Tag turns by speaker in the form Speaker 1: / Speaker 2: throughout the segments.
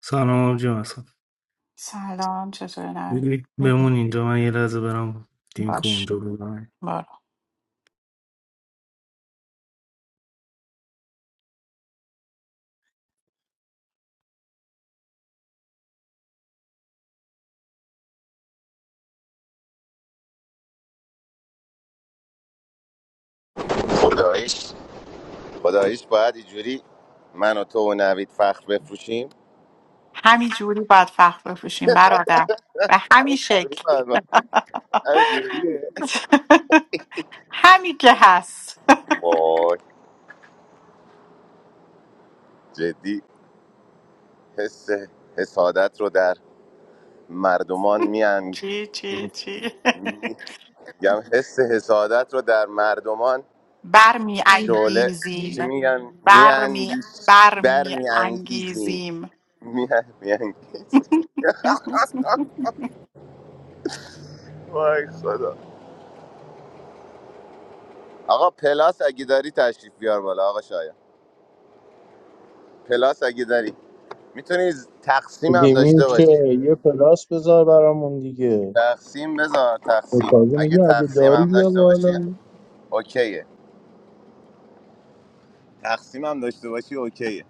Speaker 1: Salam, ab jamasat.
Speaker 2: سلام چطوری
Speaker 1: Be
Speaker 2: نمی
Speaker 1: monin, jamai iraz be ram team ko
Speaker 2: باش
Speaker 1: mon jo bolna hai.
Speaker 2: برو
Speaker 3: خدایش خداییش باید اینجوری من و تو و نوید فخر بفروشیم
Speaker 2: همین جوری باید فخ بپوشیم برادر به همین
Speaker 3: جوری
Speaker 2: شکل
Speaker 3: من همینجوریه
Speaker 2: همین که هست
Speaker 3: وای جدی حس حسادت رو در مردمان میان
Speaker 2: چی چی چی
Speaker 3: میگم حس حسادت رو در مردمان
Speaker 2: برمی
Speaker 3: شعله چی
Speaker 2: انگیزیم
Speaker 3: میگن
Speaker 2: برمی
Speaker 3: میاندیش بر
Speaker 2: برمی
Speaker 3: میاندیزیم
Speaker 2: انگیزیم
Speaker 3: میاندیزیم وای خدا آقا پلاس اگه داری تشریف بیار بالا آقا شاید پلاس اگه داری میتونی تقسیم هم
Speaker 4: دیگه
Speaker 3: داشته باشی
Speaker 4: میشه یه پلاس بذار برامون دیگه
Speaker 3: تقسیم بذار
Speaker 4: به
Speaker 3: تقسیم
Speaker 4: تازه
Speaker 3: اگه
Speaker 4: میگه اگه
Speaker 3: تقسیم
Speaker 4: داری
Speaker 3: هم
Speaker 4: بیا
Speaker 3: داشته باشی
Speaker 4: بالا
Speaker 3: اوکیه تقسیم هم داشته باشی اوکیه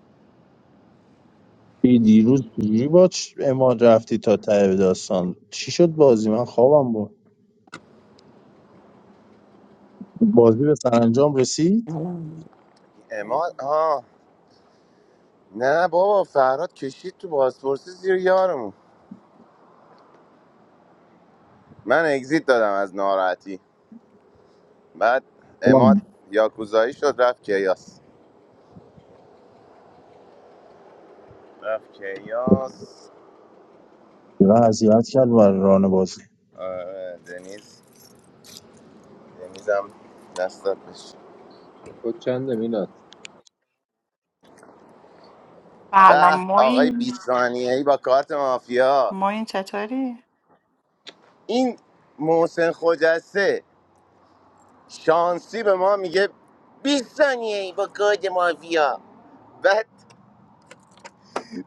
Speaker 4: بی دیروز چجوری با چ- امان رفتی تا ته داستان چی شد بازی من خوابم بود بازی به سرانجام رسید
Speaker 5: سلام
Speaker 3: اما ها نه بابا فرهاد کشید تو بازپرسی زیر یارمون من اگزیت دادم از ناراحتی بعد اماد
Speaker 4: امان
Speaker 3: یاکوزایی شد رفت کیاس رفت کیاس
Speaker 4: چقدر اذیت کرد بر ران بازی
Speaker 3: آره دنیز دنیزم دست داد بشه
Speaker 6: کد چنده میلاد
Speaker 2: سلام
Speaker 3: به آقای
Speaker 2: موین
Speaker 3: 20 ثانیه‌ای با کارت مافیا
Speaker 2: موین چطوری؟
Speaker 3: این محسن خجسته شانسی به ما میگه 20 ثانیه ای با کد مافیا بعد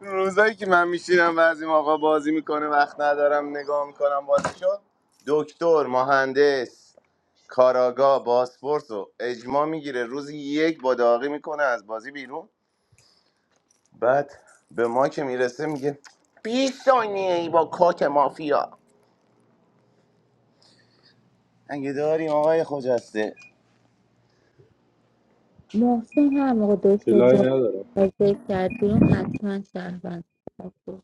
Speaker 3: روزایی که من میشینم بعضی موقع بازی میکنه وقت ندارم نگاه میکنم بازیشو دکتر مهندس کاراگا باسپورس رو اجماع میگیره روزی یک با داغی میکنه از بازی بیرون بعد به ما که میرسه میگه 20 ثانیه ای با کات مافیا اگه داریم آقای خجسته
Speaker 5: محسن هر موقع دکتر
Speaker 6: اطلاعی
Speaker 5: جان
Speaker 6: ندارم
Speaker 5: فکر کرد بیرون حتما شهروند بود.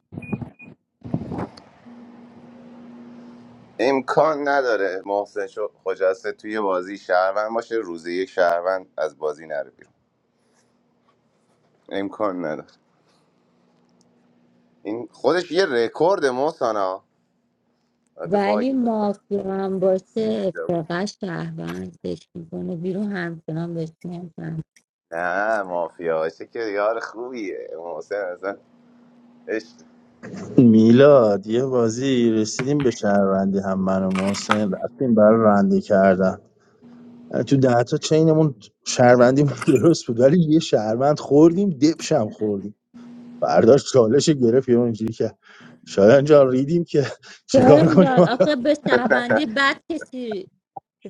Speaker 3: امکان نداره محسن شو- خجسته توی بازی شهروند باشه روز یک شهروند از بازی نره بیرون امکان نداره این خودش یه رکورد محسن البته باگ
Speaker 5: ولی
Speaker 3: فکر کنم
Speaker 5: مافیا هم باشه
Speaker 3: جواب.
Speaker 5: اتفاقا شهروندش میکنه بیرون همچنان بهش نمیتن
Speaker 3: نه مافیا باشه که یار خوبیه محسن اصلا عشق.
Speaker 4: میلاد یه بازی رسیدیم به شهروندی هم من و محسن رفتیم برای رنده کردن تو ده تا چینمون شهروندی درست بود ولی یه شهروند خوردیم دبشم خوردیم برداشت چالش گرفت یه اونجوری که شایان جان ریدیم که چیکار
Speaker 5: شاهین
Speaker 4: کنیم
Speaker 5: جان
Speaker 4: حالا
Speaker 5: آخه به شهروندی بد کسی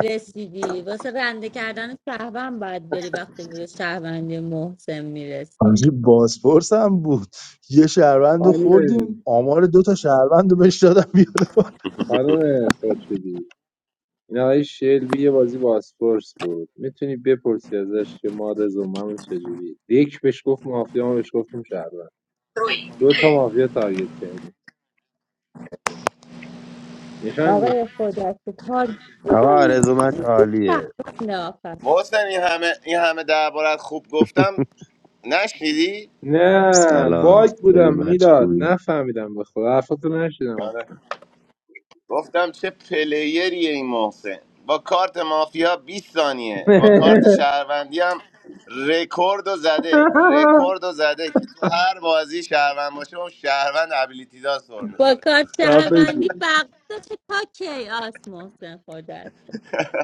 Speaker 5: رسیدی واسه رنده کردن شهروند باید بری وقتی به شهروندی محسن میرسی
Speaker 4: همجوری بازپرس هم بود یه شهروند رو
Speaker 6: خانم
Speaker 4: خوردیم آمار دو تا شهروند رو بهش دادم بیاره پایین.
Speaker 6: خانم خورشیدی این آقای شلبی یه بازی باسپورس بود میتونی بپرسی ازش که ما رزوممون چجوری یک بهش گفت مافیا ما بهش گفتیم شهروند دو تا مافیا تارگت کردیم نشان ده.
Speaker 5: آقای خودت کار
Speaker 7: آقا
Speaker 5: میکنی
Speaker 7: آرزومت عالیه.
Speaker 5: شهروند آخر
Speaker 3: محسن این همه این همه دربارت خوب گفتم نشنیدی
Speaker 6: نه
Speaker 7: سلام،
Speaker 6: باگ بودم
Speaker 7: داریم بچه
Speaker 6: میلاد
Speaker 7: خوبی؟
Speaker 6: نفهمیدم به خدا حرفاتو نشیدم
Speaker 3: آره. گفتم چه پلیریه این محسن با کارت مافیا 20 ثانیه با کارت شهروندی هم رکورد و زده رکورد و زده که تو هر بازی شهروند باشه اون شهروند ابیلیتی دار سر
Speaker 5: با
Speaker 3: میخوره
Speaker 5: کار
Speaker 6: صفحه
Speaker 5: شهروندی
Speaker 6: بود.
Speaker 5: وقتش تا کیاس محسن خورده است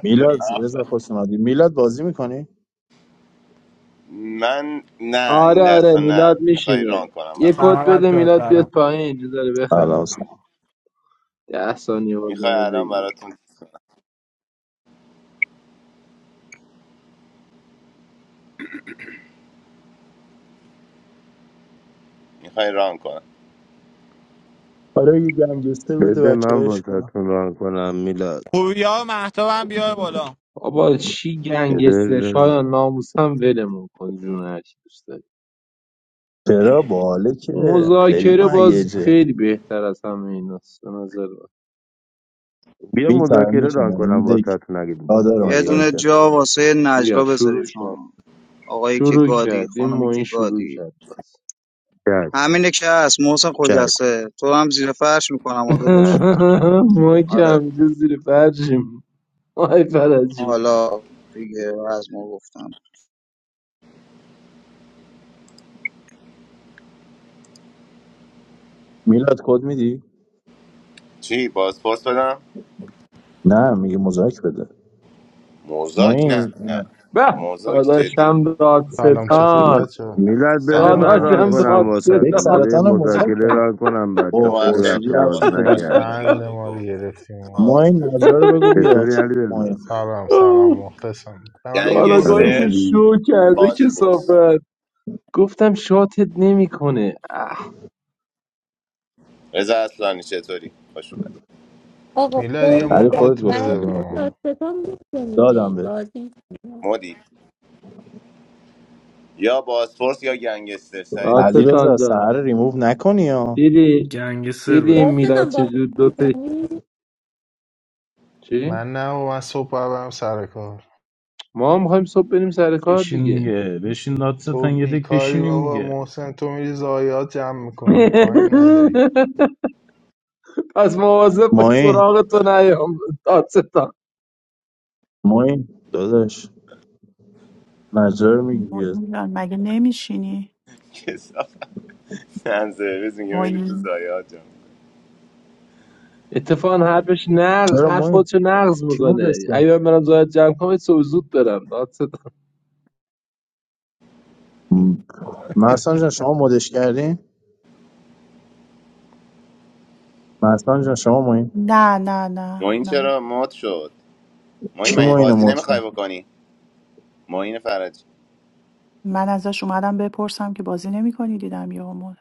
Speaker 4: میلاد رضا خوش اومدی میلاد بازی میکنی
Speaker 3: من نه
Speaker 6: آره
Speaker 3: این
Speaker 6: آره
Speaker 3: دستا نه
Speaker 6: میلاد
Speaker 3: میخوای
Speaker 6: میشینه
Speaker 3: ران کنم
Speaker 6: یه
Speaker 3: برات
Speaker 6: کد
Speaker 8: سلام
Speaker 6: بده
Speaker 8: بچه
Speaker 6: میلاد بیاد
Speaker 8: سلام
Speaker 6: پایین بذاره بخند
Speaker 4: سلام
Speaker 6: ده ثانیه باز
Speaker 3: میخوای
Speaker 6: منو
Speaker 3: الان
Speaker 6: بگیر
Speaker 3: براتون میخوای ران کنم
Speaker 4: آره یه گنگستر بده
Speaker 7: بده من
Speaker 4: بچه‌هاش کنم
Speaker 7: واسهتون ران کنم میلاد.
Speaker 8: پوریا و مهتاب هم بیار بالا
Speaker 6: بابا چی
Speaker 7: بده
Speaker 6: گنگستر
Speaker 7: رضا
Speaker 6: شایان ناموس هم ولمون کن جون هر چی دوست داری
Speaker 4: چرا باله که خیلی
Speaker 6: مذاکره باز
Speaker 4: مهیجه
Speaker 6: خیلی بهتر از همه ایناست به نظر من
Speaker 7: بیا
Speaker 4: میتونه
Speaker 7: مذاکره
Speaker 4: میتونه
Speaker 7: ران
Speaker 4: این
Speaker 7: کنم
Speaker 4: دک
Speaker 7: واسهتون اگه
Speaker 4: آ، داره
Speaker 9: یه
Speaker 7: پایه.
Speaker 9: دونه
Speaker 4: مذاکره
Speaker 9: جا واسه
Speaker 6: بیا
Speaker 9: نجلا بذارید
Speaker 6: شروع کرد
Speaker 9: ها آقایی که
Speaker 6: شروع
Speaker 9: گادی
Speaker 6: کرد این
Speaker 9: خانمی که
Speaker 6: موین شروع
Speaker 9: گادی
Speaker 6: کرد باز
Speaker 7: چش
Speaker 9: همینه که هست محسن
Speaker 7: چش
Speaker 9: خجسته تو هم زیر فرش میکنم و داداش
Speaker 6: ما که
Speaker 9: آره
Speaker 6: همینجا زیر فرشیم آی فرجی
Speaker 9: حالا دیگه از ما گفتم
Speaker 4: میلاد کد میدی
Speaker 3: چی بازپرس بدم
Speaker 4: نه میگه مذاکره بده ما
Speaker 3: موزاک نه
Speaker 4: این
Speaker 3: نه
Speaker 4: اه،
Speaker 6: به
Speaker 3: موزاک جدی
Speaker 6: داداشم
Speaker 10: سلام چطورید
Speaker 6: دادستان
Speaker 10: بچه ها؟
Speaker 7: میلاد،
Speaker 3: نه
Speaker 7: بده
Speaker 10: سلام
Speaker 7: من ران
Speaker 6: داداشم
Speaker 7: کنم
Speaker 10: مخلصم
Speaker 4: یک
Speaker 10: خوبید
Speaker 7: واسهتون.
Speaker 6: دادستان
Speaker 7: بده یه
Speaker 4: سرطان
Speaker 7: مذاکره
Speaker 4: مذاکره
Speaker 7: ران کنم، بچه
Speaker 4: اوه
Speaker 3: شما
Speaker 7: خیلی
Speaker 3: خیلی
Speaker 7: وقت
Speaker 4: خورشیدی
Speaker 7: باز
Speaker 4: رفتی
Speaker 3: حواسم باشه
Speaker 4: پدرم
Speaker 3: به
Speaker 7: نکردم.
Speaker 10: قند ما رو
Speaker 3: دیالوگو و
Speaker 10: گرفتیم
Speaker 3: آه.
Speaker 4: ما این نجلا رو بگو بیاد
Speaker 7: چطوری علی رضا؟
Speaker 4: ماین
Speaker 10: سلام سلام مخلصم به من یه مد
Speaker 3: گنگستر
Speaker 10: میدی
Speaker 6: کاراگاهیش
Speaker 7: سلام،
Speaker 6: شو کرده
Speaker 3: باسپورس
Speaker 6: که گفتم شاتت نمیکنه اه
Speaker 3: رضا اصلانی چطوری خوش اومد
Speaker 5: آقا
Speaker 10: میلاد یه
Speaker 5: خیلی
Speaker 4: علی
Speaker 5: بد.
Speaker 10: مد
Speaker 4: خودت گفتی
Speaker 5: برای
Speaker 10: بده
Speaker 4: دیگه
Speaker 10: به
Speaker 5: چی
Speaker 4: ما دادم
Speaker 10: ما
Speaker 5: داستان
Speaker 4: دادم
Speaker 5: میکنیم
Speaker 4: بهت
Speaker 5: بازی می‌کنیم؟
Speaker 3: مودی یا باسپورس یا گنگستر سری
Speaker 4: علی
Speaker 3: تصمیم می‌گیری
Speaker 4: رضا
Speaker 6: دادستان
Speaker 4: سهر
Speaker 6: جان
Speaker 4: رو ریموو نکنی ها
Speaker 6: دیدی
Speaker 1: Gangster
Speaker 6: دیدی این میلاد
Speaker 5: داستان بازی
Speaker 6: چجور دوتا
Speaker 5: میکنیم
Speaker 6: چی؟
Speaker 10: من نه و من صبح باید برم سر کار
Speaker 6: ما هم میخوایم صبح بریم سر کار
Speaker 11: بشین
Speaker 6: دیگه
Speaker 11: دیگه بشین
Speaker 10: تو
Speaker 11: دادستان یه دک
Speaker 10: بیکاری
Speaker 11: بشینیم
Speaker 10: بابا
Speaker 11: دیگه
Speaker 10: محسن تو میری زایات جمع میکنی تایم نداری
Speaker 6: پس مواظب باش
Speaker 4: ماین
Speaker 6: سراغ تو نیام دادستان
Speaker 4: ماین داداش نجلا رو میگی بیاد
Speaker 2: موین جان، مگه نمیشینی؟
Speaker 3: که کثافت سرویس میگه میری تو
Speaker 2: موین
Speaker 3: زایات جان
Speaker 6: اتفاقا حرفش نقض
Speaker 4: چرا
Speaker 6: حرف
Speaker 4: ماین
Speaker 6: خودشو نقض
Speaker 4: کی
Speaker 6: میکنه
Speaker 4: مدش کرد
Speaker 6: اگه من برم زاید جمع کنم صبح زود برم دادستان
Speaker 4: م، محسن جان شما مدش کردین محسن جان شما ماین
Speaker 2: نه نه نه
Speaker 3: ما این
Speaker 2: نه
Speaker 3: چرا مات شد ما این
Speaker 4: کی
Speaker 3: من این
Speaker 4: ماین رو
Speaker 3: بازی
Speaker 4: مد
Speaker 3: نمیخوای
Speaker 4: کرد
Speaker 3: بکنی ما این فرج
Speaker 2: من ازش اومدم بپرسم که بازی نمیکنی دیدم یهو مود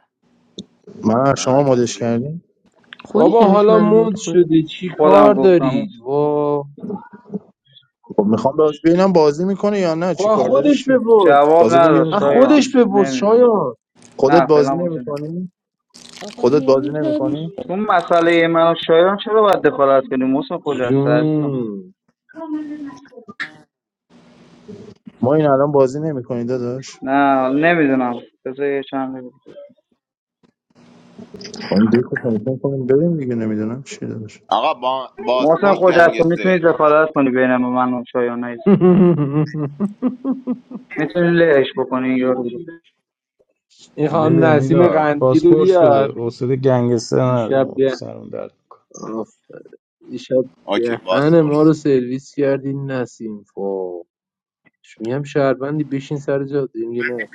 Speaker 4: من شما
Speaker 3: محمد
Speaker 4: مدش
Speaker 3: چطوری
Speaker 4: کردین
Speaker 12: خودش
Speaker 6: بابا
Speaker 12: نوشت
Speaker 6: حالا
Speaker 12: منو مد
Speaker 6: موند
Speaker 12: کن
Speaker 6: شدی چی
Speaker 9: خودم
Speaker 6: کار
Speaker 9: گفتم
Speaker 6: دارید وا
Speaker 4: خب میخوام باز ببینم بازی میکنه یا نه
Speaker 6: خب
Speaker 4: چی
Speaker 6: از
Speaker 4: کار داری
Speaker 6: خودش
Speaker 4: چی
Speaker 6: بپرس
Speaker 9: جواب
Speaker 4: تازه گفت یه
Speaker 9: نداد
Speaker 6: از
Speaker 4: روز نه.
Speaker 9: شایان
Speaker 6: خودش بپرس
Speaker 9: نمیدونم
Speaker 6: شایان
Speaker 4: خودت
Speaker 9: نه فعلا
Speaker 4: بازی
Speaker 9: بازی نمی‌کنم.
Speaker 4: نمیکنی
Speaker 5: آقا
Speaker 4: خودت بازی
Speaker 5: نمیذاری
Speaker 4: نمیکنی
Speaker 9: تو مسئله من و شایان چرا باید دخالت کنیم محسن خجسته عزیزم
Speaker 6: جون
Speaker 4: ما این الان بازی نمیکنید داداش
Speaker 9: نه نمیدونم بذار یه چند دقیقه.
Speaker 4: خانم دکو تایید کنیم بریم دیگه نمیدونم چی داداش
Speaker 3: آقا با
Speaker 9: محسن
Speaker 3: باسپورس
Speaker 9: خجسته میتونی
Speaker 3: گنگستر
Speaker 9: دخالت کنی بین من و شایان میتونی لهش بکنی یا
Speaker 6: این خانم
Speaker 11: بده
Speaker 6: نسیم
Speaker 11: میلاد
Speaker 6: قندگی رو
Speaker 11: پاسپورت
Speaker 6: بیار
Speaker 11: بده حوصله گنگستر
Speaker 6: دیشب
Speaker 11: نداریم
Speaker 6: ده
Speaker 11: سرم درد میکنه
Speaker 6: آف. دیشب
Speaker 3: اوکی
Speaker 6: دهن ما
Speaker 3: باسپورس
Speaker 6: رو سرویس کردی نسیم فاش میگم شهروندی بشین سر جات میگه نه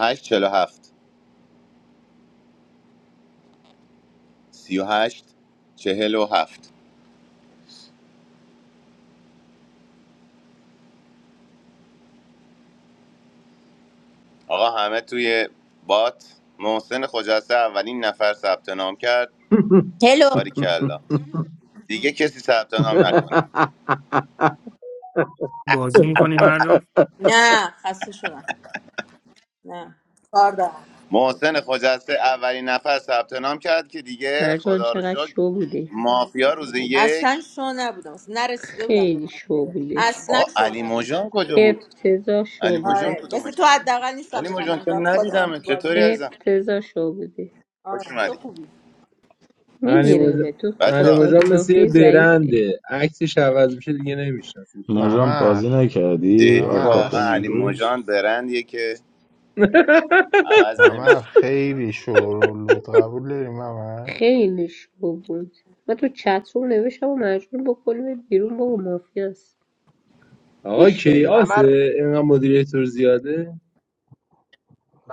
Speaker 3: هشت چهل و هفت. سی و هشت چهل و هفت. آقا همه توی بات محسن خجسته اولین نفر ثبت نام کرد
Speaker 13: هلو
Speaker 3: باریکلا دیگه کسی ثبت نام نکنه
Speaker 1: bozim kani madjo?
Speaker 13: نه خسته شدم نه کار دارم
Speaker 3: محسن خجسته اولین نفر ثبت نام کرد که دیگه
Speaker 12: مرجان
Speaker 3: خدا رو
Speaker 12: چقدر
Speaker 3: شکر
Speaker 12: شو بوده.
Speaker 3: مافیا روز
Speaker 13: اصلا
Speaker 3: یک
Speaker 13: شو نبودم اصلا نرسیده بودم به
Speaker 12: خیلی شو
Speaker 13: مافیا
Speaker 12: بودی
Speaker 13: اصلا
Speaker 3: آقا
Speaker 13: شو
Speaker 3: علی
Speaker 13: نبودم
Speaker 3: موجان کجا بود
Speaker 12: افتضاح شو
Speaker 3: علی موجان
Speaker 12: بودی
Speaker 13: آره مثل
Speaker 3: کدومش
Speaker 13: تو
Speaker 3: بود؟
Speaker 13: حداقل نیستم
Speaker 3: علی
Speaker 13: بگم
Speaker 3: موجان
Speaker 13: من
Speaker 3: تو
Speaker 13: گاد خودم
Speaker 3: ندیدم
Speaker 13: تو بازی
Speaker 3: چطوری عزیزم
Speaker 12: افتضاح شو بودی
Speaker 3: خوش
Speaker 13: آره تو
Speaker 3: اومدی
Speaker 13: خوبی
Speaker 6: علی
Speaker 1: Salam,
Speaker 6: مجا-
Speaker 12: میگیرم تو
Speaker 3: بچه
Speaker 12: با
Speaker 6: علی
Speaker 3: ها
Speaker 12: کارت
Speaker 6: مجان مثل یه
Speaker 12: مافیا ضعیفه
Speaker 6: برنده عکسش عوض میشه دیگه نمیشناسیش میدونم
Speaker 11: مرجان
Speaker 10: ممر
Speaker 11: بازی نکردی
Speaker 3: جدی
Speaker 11: آل
Speaker 10: ممر
Speaker 3: واقعا
Speaker 11: کاپون
Speaker 3: علی
Speaker 10: هستی؟
Speaker 11: امروز
Speaker 3: موجان برندیه که عوض
Speaker 10: ممر
Speaker 3: نمیشه
Speaker 10: خیلی شور بود قبول داری ممر؟
Speaker 12: خیلی شو بود من تو چت روم نوشتم و مجبور بکنیم بیرون بابا مافیاست
Speaker 6: آقا
Speaker 12: گوش نمیده
Speaker 14: ممر
Speaker 6: کیاسه اینقدر مدیریتور زیاده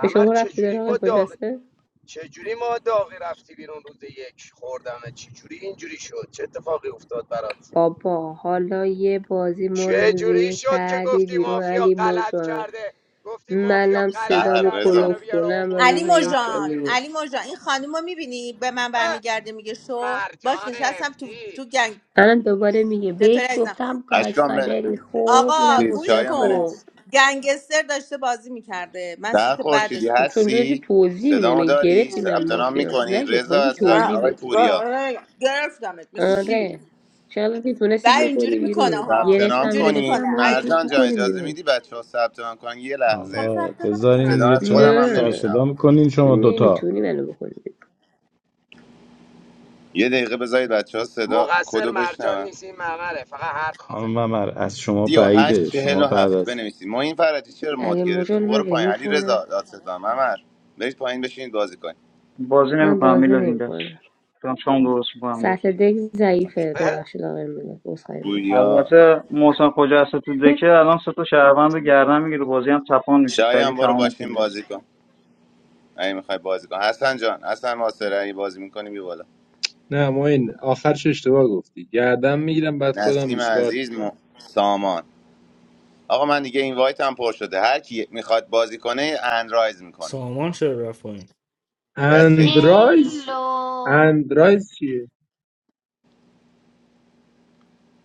Speaker 12: به شما ربطی داره
Speaker 14: چجوری
Speaker 12: آقای
Speaker 14: ما داغ
Speaker 12: خجسته
Speaker 14: چجوری ما داغی رفتی بیرون روز یک خوردمه چجوری اینجوری شد چه اتفاقی افتاد برات
Speaker 12: بابا حالا یه بازی ما رو
Speaker 14: چه
Speaker 12: روزه
Speaker 14: جوری
Speaker 12: یه
Speaker 14: شد که
Speaker 12: کردی
Speaker 14: گفتی
Speaker 12: بیرون
Speaker 14: مافیا
Speaker 12: علی
Speaker 14: غلط
Speaker 12: موجان
Speaker 14: کرده گفتی مافیا
Speaker 12: منم
Speaker 14: غلط
Speaker 3: در
Speaker 12: صدامو
Speaker 14: کرده
Speaker 3: رضا
Speaker 14: منو
Speaker 12: کلوف
Speaker 14: بیار
Speaker 12: کنم و
Speaker 13: علی
Speaker 12: روزه
Speaker 14: آوردمت
Speaker 12: یک
Speaker 14: کردمت
Speaker 12: کنم
Speaker 13: موجان
Speaker 12: بیرون
Speaker 14: بیرون
Speaker 13: علی موجان این خانم رو میبینی به من
Speaker 14: اه،
Speaker 13: برمیگرده میگه شو باش
Speaker 14: مرجان
Speaker 13: نشستم تو
Speaker 14: افتی
Speaker 13: تو گنگ
Speaker 12: الان دوباره میگه
Speaker 13: چطوری
Speaker 12: بهش
Speaker 13: عزیزم
Speaker 12: گفتم گاد
Speaker 3: اشکام
Speaker 12: فادری
Speaker 3: بن...
Speaker 12: خوب
Speaker 13: آقا
Speaker 12: اینم
Speaker 3: چیز،
Speaker 13: گوش
Speaker 12: گفته
Speaker 3: شایان
Speaker 13: کن
Speaker 12: خوب
Speaker 3: بنویس
Speaker 13: گنگستر داشته بازی میکرده من
Speaker 3: در
Speaker 13: سیت بعدش
Speaker 3: خورشیدی
Speaker 12: چون
Speaker 13: بودم
Speaker 12: اونجا داشتی
Speaker 3: هستی
Speaker 12: توضیح میده
Speaker 3: صدامو
Speaker 12: من
Speaker 3: داری
Speaker 12: گرفتی من
Speaker 3: ثبت نام
Speaker 12: مافیا
Speaker 3: میکنی
Speaker 12: نگرفت
Speaker 3: رضا
Speaker 12: خواستی
Speaker 3: اصلانی
Speaker 12: توضیح
Speaker 3: آقای
Speaker 12: بدی
Speaker 3: پوریا
Speaker 13: نه گرفتمت مثل شیر
Speaker 12: آره چرا که
Speaker 13: و
Speaker 12: تونستی
Speaker 13: اینجوری
Speaker 12: بکنی
Speaker 13: میکنه
Speaker 12: بیرون
Speaker 3: ثبت
Speaker 13: ها
Speaker 3: نام
Speaker 12: گرفتم
Speaker 13: اینجوری
Speaker 12: گرفتم
Speaker 3: کنید
Speaker 13: میکنه
Speaker 12: مهم
Speaker 13: علی
Speaker 12: نیست بیا
Speaker 3: مرجان
Speaker 13: مرجان
Speaker 3: جان
Speaker 12: بکنی
Speaker 3: اجازه
Speaker 12: بیرون
Speaker 3: میدی بچه ها ثبت نام کنن یه
Speaker 13: خب
Speaker 3: لحظه
Speaker 11: آقا
Speaker 13: ثبت نام
Speaker 11: بذارین
Speaker 13: کنم
Speaker 3: صدا
Speaker 11: دیگه
Speaker 3: از
Speaker 11: چقدر
Speaker 3: خودم هم
Speaker 11: سر
Speaker 12: نه
Speaker 11: صدا
Speaker 3: نمیشنوم
Speaker 11: میکنین
Speaker 12: تو
Speaker 11: شما دوتا
Speaker 12: نمیتونی منو بکنی بیرون
Speaker 3: یه دقیقه بذارید بچه ها صدا
Speaker 14: مقصر
Speaker 3: کدو
Speaker 14: مرجان
Speaker 3: بشنون
Speaker 14: نیست این ممره فقط حرف
Speaker 11: خانم
Speaker 14: میزنه
Speaker 11: ممر از شما
Speaker 3: سی و هشت
Speaker 11: بعیده
Speaker 3: چهل
Speaker 11: شما
Speaker 3: و
Speaker 11: بعد
Speaker 3: هفت
Speaker 11: از
Speaker 3: بنویسید ما این فرجی چرا مد
Speaker 12: اگه
Speaker 3: گرفتی
Speaker 12: مجال من
Speaker 3: برو پایین
Speaker 12: ریموف
Speaker 3: علی رضا
Speaker 12: کنم
Speaker 3: دادستان ممر برید پایین بشینید بازی کنید
Speaker 9: بازی
Speaker 12: من
Speaker 9: نمیکنم
Speaker 12: بازی
Speaker 9: میلاد اینجاست
Speaker 12: نمیکنم
Speaker 9: دارم شام درست میکنم روز
Speaker 12: سطح دک ضعیفه ببخشید آقای میلاد عذرخواهی میکنم.
Speaker 3: گویا
Speaker 9: البته محسن خجسته تو دکه الان سه تا شهروند رو گردن میگیره بازی هم تپان میشه سریع
Speaker 3: شایان برو
Speaker 9: تمام
Speaker 3: باشین
Speaker 9: میشه
Speaker 3: بازی کن اگه میخوای بازی کن حسن جان حسن ماسره اگه بازی میکنی بی بالا
Speaker 6: نه معین آخرش اشتباه گفتی گردم میگیرم بعد خودم
Speaker 3: نسیم
Speaker 6: دیسکارد
Speaker 3: عزیز
Speaker 6: میکنم
Speaker 3: م... سامان آقا من دیگه این وایت هم پر شده هر کی میخواد بازی کنه اندرایز میکنه
Speaker 1: salam, sir Rafay.
Speaker 3: That's it
Speaker 6: اندرایز
Speaker 15: هلو
Speaker 6: اندرایز چیه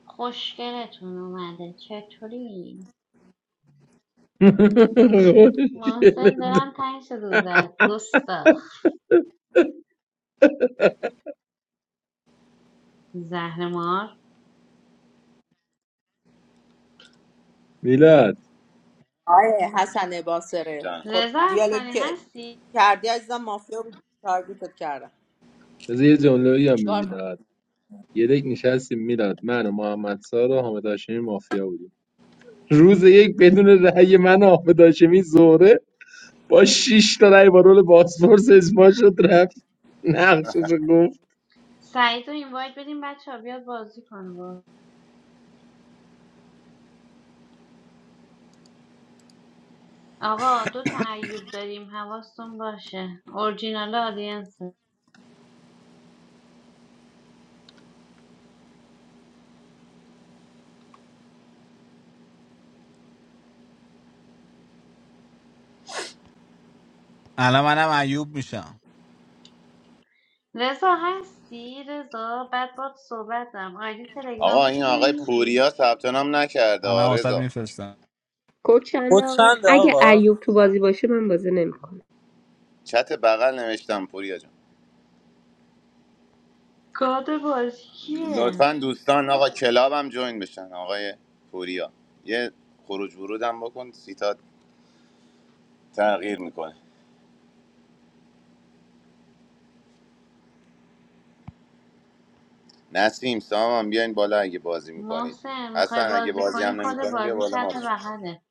Speaker 15: خوشگلتون اومده چطوری؟ محسن دلم تنگ شده بود برات. گستاخ زهر
Speaker 6: میلاد
Speaker 13: آیه حسن باسره
Speaker 3: جان
Speaker 13: خب
Speaker 15: رضا
Speaker 13: دیالوگ
Speaker 15: اصلانی
Speaker 13: که
Speaker 15: هستی؟
Speaker 13: کردی عزیزم مافیا بود تارگتت کردم
Speaker 6: بذار یه جمله بگم به
Speaker 13: چیکار کنم؟
Speaker 6: میلاد یه دک نشستیم میلاد من و محمد سار و حامد هاشمی مافیا بودیم روز یک بدون رأی من و حامد هاشمی زهره با 6 تا رأی با رول پاسپورت اجماع شد رفت نقشش رو گفت
Speaker 15: سعید رو این باید بدیم بچه ها بیاد بازی کن با آقا دو تا ایوب داریم حواستون باشه اورجینال آدینس
Speaker 8: الان منم عیوب میشم
Speaker 15: رضا هستی؟ رضا بعد باد صحبت دارم آیدی
Speaker 3: آقا
Speaker 15: تلگرام
Speaker 3: این
Speaker 15: تو بهم
Speaker 3: آقای
Speaker 15: میدی؟
Speaker 3: پوریا ثبت نام نکرده
Speaker 8: الان
Speaker 3: آ،
Speaker 8: واسه
Speaker 3: رضا
Speaker 8: میفرستم
Speaker 12: کد چنده
Speaker 16: خود
Speaker 12: آقا
Speaker 16: چنده
Speaker 12: اگه
Speaker 16: آقا
Speaker 12: ایوب تو بازی باشه من بازی نمیکنم
Speaker 3: چت بغل نوشتم پوریا جان
Speaker 15: گاد بازی کیه؟
Speaker 3: لطفا دوستان آقا کلاب هم جوین بشن آقای پوریا یه خروج ورود هم بکن سیتا تغییر میکنه نسیم سام هم بیاین بالا اگه بازی میکنید
Speaker 15: محسن میخوای
Speaker 3: حسن اگه
Speaker 15: بازی
Speaker 3: بازی
Speaker 15: کنی
Speaker 3: هم
Speaker 15: کد
Speaker 3: نمیکنیم بیا
Speaker 15: بازی
Speaker 3: بالا
Speaker 15: چپ
Speaker 3: ما
Speaker 15: بغله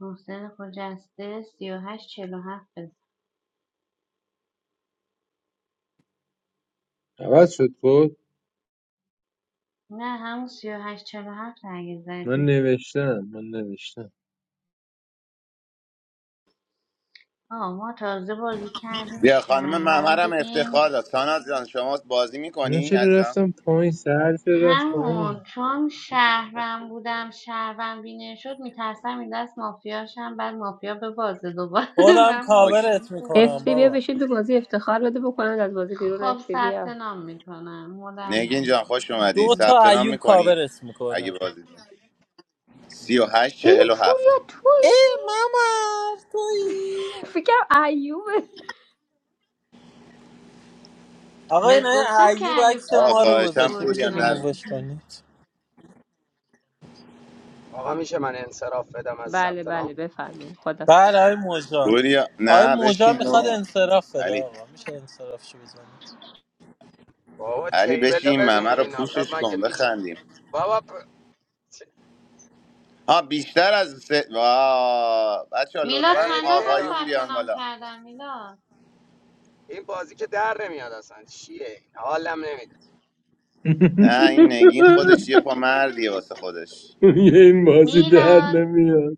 Speaker 15: محسن خجسته سی و هشت چل هفت بزن
Speaker 6: عوض شد بود
Speaker 15: نه همون سی و هشت چل هفت اگه
Speaker 6: من
Speaker 15: زدی
Speaker 6: نوشتم من نوشتم
Speaker 15: آه ما تازه بازی کردیم
Speaker 3: بیا خانم
Speaker 15: شهرون
Speaker 3: ممرم
Speaker 15: بودیم
Speaker 3: افتخار داد ساناز جان شما بازی
Speaker 6: اینا
Speaker 3: میکنی
Speaker 6: چرا
Speaker 3: عزیزم
Speaker 6: رفتم پایین سهر چرا رفت پایین
Speaker 15: همون چون شهرون بودم شهرون بینه شد میترسم این دست مافیاشم بعد مافیا به بازه دوباره
Speaker 16: خودم
Speaker 15: من
Speaker 3: اوکی
Speaker 15: مافیایم
Speaker 16: کاورت
Speaker 15: خوب
Speaker 16: میکنم
Speaker 15: نیست
Speaker 12: افتی بیا
Speaker 16: بابا
Speaker 12: بشین تو بازی افتخار بده بکنن از بازی بیرون
Speaker 15: خب
Speaker 12: افتی
Speaker 15: ثبت
Speaker 12: بیا
Speaker 15: نام میکنم مدم
Speaker 3: نگین جان
Speaker 15: نکن
Speaker 3: خوش اومدی
Speaker 16: دو
Speaker 3: ثبت
Speaker 16: تا
Speaker 3: نام
Speaker 16: ایوب
Speaker 3: میکنی
Speaker 16: کاورت
Speaker 3: اگه
Speaker 16: میکنه
Speaker 3: بازی سی و هشت
Speaker 12: ای
Speaker 3: چهل و هفت
Speaker 12: پوریا
Speaker 16: ای
Speaker 12: تویی
Speaker 16: ماما توی
Speaker 12: فکرم ایوبه
Speaker 16: آقا این
Speaker 15: بهت گفتم که
Speaker 16: ایوب
Speaker 15: ایوب
Speaker 16: عکس
Speaker 15: تو
Speaker 3: آه
Speaker 16: ما رو
Speaker 15: آدینس
Speaker 3: خواهشم
Speaker 16: گذاشته میشه
Speaker 3: پوریا نه
Speaker 15: اورجیناله
Speaker 16: ریمووش کنید
Speaker 14: آقا میشه من انصراف بدم از
Speaker 12: بله
Speaker 14: ثبت
Speaker 12: بله
Speaker 14: نام
Speaker 12: بفرمایید خدا
Speaker 16: بله آقای موجان
Speaker 3: پوریا
Speaker 16: آقای
Speaker 3: نه
Speaker 16: موجان
Speaker 3: بشین
Speaker 16: میخواد
Speaker 3: بابا
Speaker 16: انصراف بده
Speaker 3: علی
Speaker 16: آقا میشه انصرافشو بزنید
Speaker 14: بابا
Speaker 3: علی
Speaker 14: تیبلو
Speaker 3: بشین این ممه رو
Speaker 14: ببین آخه
Speaker 3: پوشش
Speaker 14: مگه
Speaker 3: کن
Speaker 14: میشه
Speaker 3: بخندیم
Speaker 14: بابا پ...
Speaker 3: ها بیشتر از سه بچه ها
Speaker 15: میلاد
Speaker 3: لطفا
Speaker 14: خیلی
Speaker 15: چند نفر
Speaker 14: تعداد
Speaker 3: آقایون
Speaker 15: ثبت
Speaker 3: بیان
Speaker 15: نام
Speaker 3: بالا
Speaker 15: کردن میلاد
Speaker 14: این بازی که در نمیاد اصلا چیه حالم نمیده
Speaker 3: نه این نگین خودش یه پا مردیه واسه خودش
Speaker 6: یه این بازی در
Speaker 15: میلاد
Speaker 6: نمیاد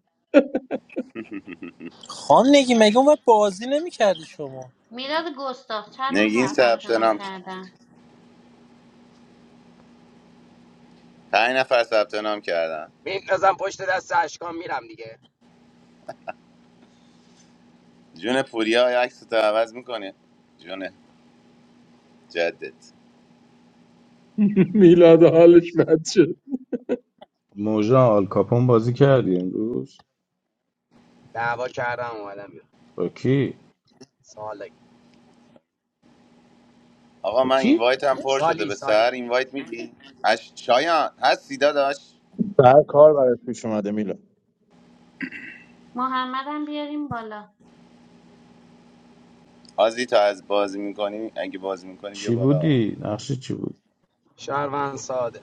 Speaker 16: خان نگی مگه اون وقت بازی نمیکردی شما
Speaker 15: میلاد گستاخ چند نفر
Speaker 3: نگین
Speaker 17: تپان
Speaker 15: ثبت
Speaker 3: ثبت
Speaker 17: شد
Speaker 15: نام
Speaker 17: با
Speaker 3: نام کرد.
Speaker 17: اجازت
Speaker 15: کردن
Speaker 3: پنج نفر ثبت نام کردن
Speaker 14: میندازم پشت دست اشکام میرم دیگه
Speaker 3: جون پوریا عکس تو عوض میکنه جون جدت
Speaker 6: میلاد حالش بد شد
Speaker 11: موجان آل کاپون بازی کردی امروز
Speaker 14: دعوا کردم اومدم بیرون
Speaker 11: با کی
Speaker 14: سالی
Speaker 3: آقا
Speaker 11: با
Speaker 3: من
Speaker 11: کی
Speaker 3: اینوایت هم پر شده
Speaker 14: سالی
Speaker 3: به سر
Speaker 14: سالی
Speaker 3: اینوایت میدی اش شایان هستی داداش
Speaker 4: سر کار برات پیش اومده میلاد
Speaker 15: محمدم بیاریم بالا
Speaker 3: آزی تا از بازی میکنی اگه بازی میکنی بیا
Speaker 11: چی
Speaker 3: بالا
Speaker 11: بودی نقشه چی بود
Speaker 14: شهروند ساده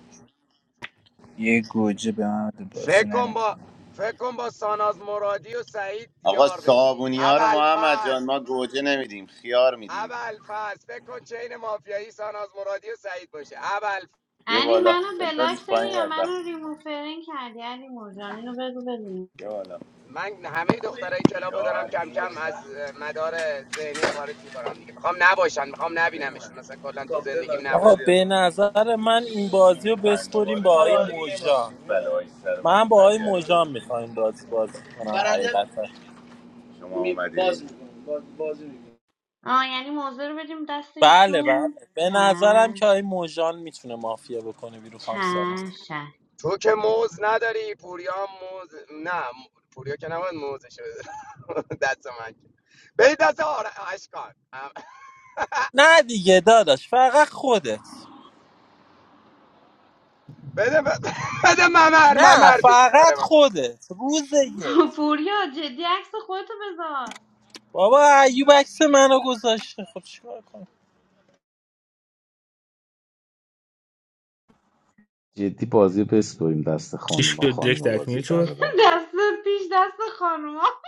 Speaker 18: Yeh gojja bana the
Speaker 14: فکر
Speaker 18: personam
Speaker 14: کن با
Speaker 18: ekhono.
Speaker 14: فکر کن با ساناز مرادی و سعید
Speaker 3: آقا
Speaker 14: یار بشی
Speaker 3: صابونی ها رو
Speaker 14: اول
Speaker 3: محمد جان
Speaker 14: فاز
Speaker 3: ما گوجه نمیدیم خیار میدیم
Speaker 14: اول فاز فکر کن چین مافیایی ساناز مرادی و سعید باشه اول
Speaker 3: بیا
Speaker 15: علی
Speaker 3: بالا
Speaker 15: منو
Speaker 3: بذاریش
Speaker 15: بلاک داری
Speaker 3: پایین
Speaker 15: یا منو
Speaker 3: بدبخت.
Speaker 15: ریموف فرین کردی علی مرجان اینو بگو بدون
Speaker 3: بیا بالا
Speaker 14: من همه دخترای کلابا
Speaker 3: یا
Speaker 14: دارم کم
Speaker 3: علی
Speaker 14: کم از مدار ذهنیم خارج میکنم دیگه میخوام نباشن میخوام نبینمشون اصلا کلا تو زندگیم
Speaker 16: آقا
Speaker 14: نباشن
Speaker 16: به نظر من این
Speaker 3: چی
Speaker 16: بازی رو
Speaker 3: میخواین
Speaker 16: بسپریم
Speaker 3: دوباره
Speaker 16: با آقای
Speaker 3: دوباره
Speaker 16: موجان
Speaker 3: بلایی سر من
Speaker 16: من با
Speaker 3: میخواین
Speaker 16: آقای
Speaker 3: بیارید
Speaker 16: موجان میخوایم بازی بازی کنم حقیقتا
Speaker 3: شما اومدید بازی می‌کنم. باز- بازی می‌کنم.
Speaker 15: آه یعنی موضوع رو بدیم دست
Speaker 16: بله
Speaker 15: ایشون
Speaker 16: بله به نظرم که
Speaker 15: چش
Speaker 16: آقای موژان میتونه مافیا بکنه بیرو خام سانوس
Speaker 15: چش
Speaker 14: تو که موز نداری پوریا هم موز نه پوریا که نباید موزش بده دست من که بده دست آر... اشکان
Speaker 16: نه دیگه داداش فقط خودت
Speaker 14: بده بده ممر
Speaker 16: نه
Speaker 14: ممر دوست داره
Speaker 16: فقط
Speaker 14: من.
Speaker 16: خودت روز یک
Speaker 15: پوریا جدی عکس خودتو بذار
Speaker 16: بابا ایوب عکس منو گذاشته خب چیکار کنم
Speaker 11: جدی بازی پس کنیم دست
Speaker 1: Chis
Speaker 11: خانوما
Speaker 1: ko dek
Speaker 11: خانوما
Speaker 1: tak
Speaker 11: بازی
Speaker 1: mila?
Speaker 11: درارن
Speaker 15: دست پیش دست خانوما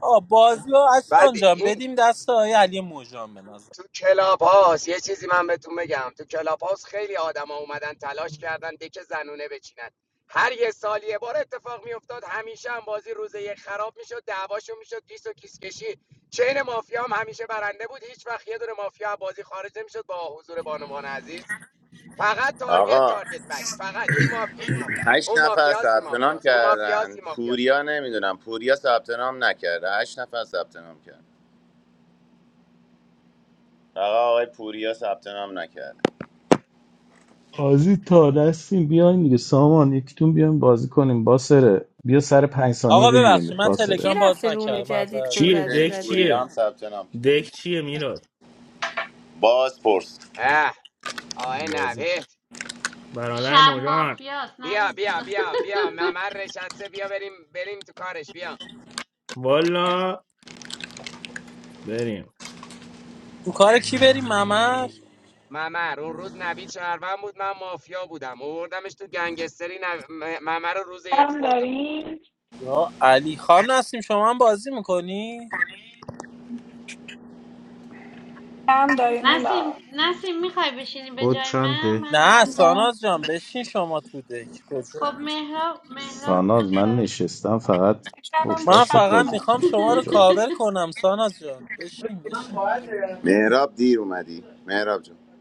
Speaker 16: آ بازی رو
Speaker 14: بعد
Speaker 16: اشکان جان
Speaker 14: این
Speaker 16: بدیم دست آقای علی موژان به نظر
Speaker 14: تو کلاب هاست یه چیزی من بهتون بگم تو کلاب هاست خیلی آدما اومدن تلاش کردن دک زنونه بچینن هر یه سال یه بار اتفاق میافتاد همیشه هم بازی روز یک خراب میشد دعواشون میشد کیس و کیس کشی چین مافیا هم همیشه برنده بود هیچ وقت یه دونه مافیا بازی خارج نمیشد با حضور بانوان عزیز فقط تارگت
Speaker 3: آقا
Speaker 14: تارگت بک فقط این مافیا اون مافیا
Speaker 3: هشت
Speaker 14: اون
Speaker 3: نفر
Speaker 14: مافیاست این
Speaker 3: ثبت نام
Speaker 14: مافیاست اون مافیاست
Speaker 3: کردن
Speaker 14: این مافیاست
Speaker 3: پوریا نمیدونم پوریا ثبت نام نکرده هشت نفر ثبت نام کرد فقط آقای پوریا ثبت نام نکرده.
Speaker 11: بازی تا دستیم بیاین دیگه سامان یکیتون بیاین بازی کنیم باسره بیا سر پنج ثانیه
Speaker 16: آقا
Speaker 11: بگیریم
Speaker 16: ببخشید من
Speaker 12: کی
Speaker 11: باسره
Speaker 16: تلگرام باز
Speaker 12: رفته روم
Speaker 16: نکردم
Speaker 12: جدید
Speaker 16: معذرت
Speaker 1: Chie
Speaker 12: گذر
Speaker 3: اوکی
Speaker 1: dek
Speaker 12: زده
Speaker 1: chie
Speaker 3: پوریا هم ثبت نام کرد
Speaker 1: dek chie mila?
Speaker 3: باز پرس
Speaker 14: اه آه
Speaker 1: Bozim.
Speaker 14: نوید
Speaker 1: Baradar
Speaker 15: شب
Speaker 1: madjo?
Speaker 15: مافیاست
Speaker 14: بیا
Speaker 15: نوید
Speaker 14: بیا
Speaker 15: جون
Speaker 14: بیا بیا ممر نشسته بیا بریم بریم تو کارش بیا
Speaker 1: Walla, bari.
Speaker 16: تو کار کی بریم ممر
Speaker 14: ممر اون روز نوید شهروند بود من مافیا بودم اووردمش تو گنگستری نو... م- ممر رو روز یک
Speaker 19: Kem
Speaker 14: خوردم
Speaker 19: daryem?
Speaker 16: یا علی خام نسیم شما هم بازی میکنی
Speaker 19: Kem daryem ila?
Speaker 15: نسیم نسیم میخوای بشینی به
Speaker 20: کد
Speaker 15: جای من
Speaker 20: چنده؟
Speaker 15: من
Speaker 16: نه
Speaker 15: ثبت
Speaker 19: Kya?
Speaker 15: نام
Speaker 16: ساناز جان بشین شما تو دک کجا
Speaker 15: خب مهراب مهراب
Speaker 11: ساناز
Speaker 15: دوست
Speaker 11: من
Speaker 15: داره
Speaker 11: نشستم فقط
Speaker 19: Karam
Speaker 11: پشت
Speaker 16: من
Speaker 11: دستت
Speaker 19: kem
Speaker 16: فقط
Speaker 19: da?
Speaker 11: بازی
Speaker 16: میخوام
Speaker 11: کنم
Speaker 16: شما رو
Speaker 11: کجا
Speaker 16: کاور کنم ساناز جان بشین بشین
Speaker 3: مهراب دیر اومدی مهراب جون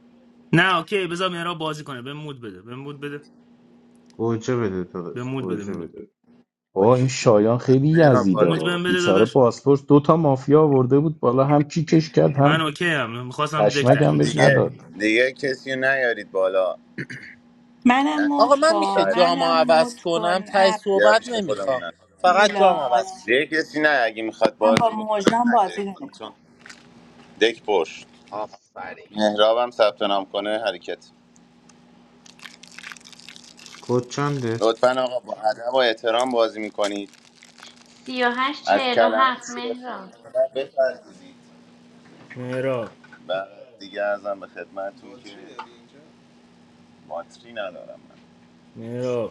Speaker 1: Na okay, biza mera bozim koi. Be mood bade. Be mood bade.
Speaker 20: گوجه بده
Speaker 1: Be
Speaker 20: داداش
Speaker 1: mood bade
Speaker 20: گوجه
Speaker 1: mila.
Speaker 20: بده
Speaker 11: با
Speaker 3: اوکی
Speaker 11: این شایان
Speaker 3: پس
Speaker 11: خیلی
Speaker 3: مهراب
Speaker 11: یزیده
Speaker 3: بازی
Speaker 1: Mood
Speaker 3: کن
Speaker 11: ها
Speaker 1: bade bade
Speaker 11: بیچاره
Speaker 1: todasho.
Speaker 11: پاسپورت دو تا مافیا آورده بود بالا هم کیکش کرد
Speaker 1: Main
Speaker 11: هم
Speaker 1: okay ham. Muxas ham dek
Speaker 11: پشمک
Speaker 1: taki
Speaker 3: بچه‌ها
Speaker 11: هم بهش
Speaker 1: besh mila.
Speaker 3: دیگه
Speaker 11: نداد
Speaker 3: دیگه کسی رو نیارید بالا نسیم
Speaker 16: آقا
Speaker 3: بیا
Speaker 16: من
Speaker 21: Mehnamutko,
Speaker 16: میشه
Speaker 3: بالا ازم
Speaker 16: جام عوض کنم
Speaker 21: Mehnamutkon,
Speaker 16: تای
Speaker 21: Ab
Speaker 3: بیا
Speaker 16: صحبت
Speaker 3: پیش خودمون
Speaker 16: نمیخوام
Speaker 3: نسیم
Speaker 16: فقط جام
Speaker 21: Milad.
Speaker 16: عوض شه
Speaker 3: دیگه کسی نه اگه میخواد
Speaker 21: I'm
Speaker 3: بازی
Speaker 21: with
Speaker 3: بکنن
Speaker 21: my friends
Speaker 3: نیارید بالا
Speaker 21: playing.
Speaker 3: چون دک پرش
Speaker 14: آفرین
Speaker 3: مهراب هم ثبت نام کنه حرکت
Speaker 20: کد چنده؟
Speaker 3: لطفا آقا با ادب و احترام بازی میکنید
Speaker 15: سی و هشت
Speaker 3: از
Speaker 15: چهل و
Speaker 3: کلمه
Speaker 15: هفت
Speaker 3: شوخی
Speaker 15: مهراب
Speaker 3: بپرهیزید
Speaker 1: Mera,
Speaker 3: و دیگه ازم به خدمتتون که باتری ندارم من
Speaker 1: mera.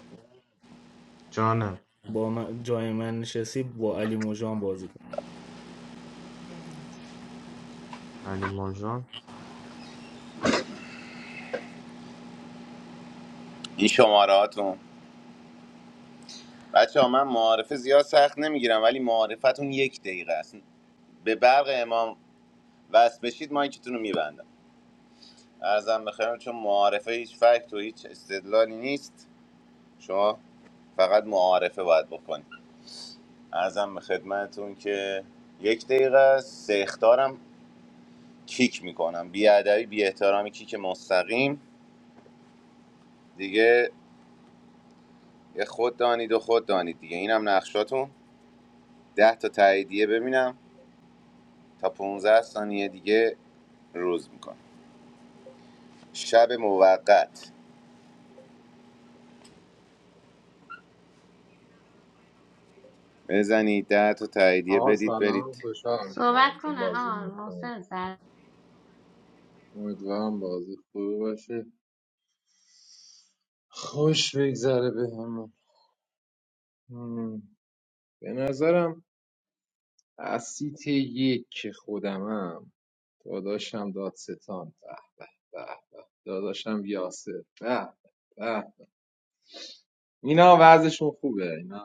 Speaker 20: جانم
Speaker 1: با من جای من نشستی با علی موجان بازی کن
Speaker 20: علی ماجان
Speaker 3: این شماره هاتون بچه ها، من معارفه زیاد سخت نمیگیرم ولی معارفتون یک دقیقه است به برق امام وصل بشید مایکتون رو میبندم ارزم بخیرم چون معارفه هیچ فکت و هیچ استدلالی نیست شما فقط معارفه باید بکنید ارزم به خدمتتون که یک دقیقه است سه اخطارم کیک میکنم بی ادبی بی احترامی کیک مستقیم دیگه یه خود دانید و خود دانید دیگه اینم نقشاتون ده تا تاییدیه ببینم تا 15 ثانیه دیگه روز میکنم شب موقت بزنید ده تا تاییدیه
Speaker 6: آقا
Speaker 3: بدید
Speaker 6: سلام
Speaker 3: برید
Speaker 6: خوشحالم که
Speaker 15: صحبت
Speaker 6: باهاتون
Speaker 15: کنه
Speaker 6: بازی
Speaker 15: آه
Speaker 6: میکنم
Speaker 15: محسن سر
Speaker 6: امیدوارم بازی خوبی باشه خوش بگذره به همه به نظرم از سیت یک که خودمم داداشم دادستان به به به داداشم یاسر به به اینا وضعشون خوبه اینا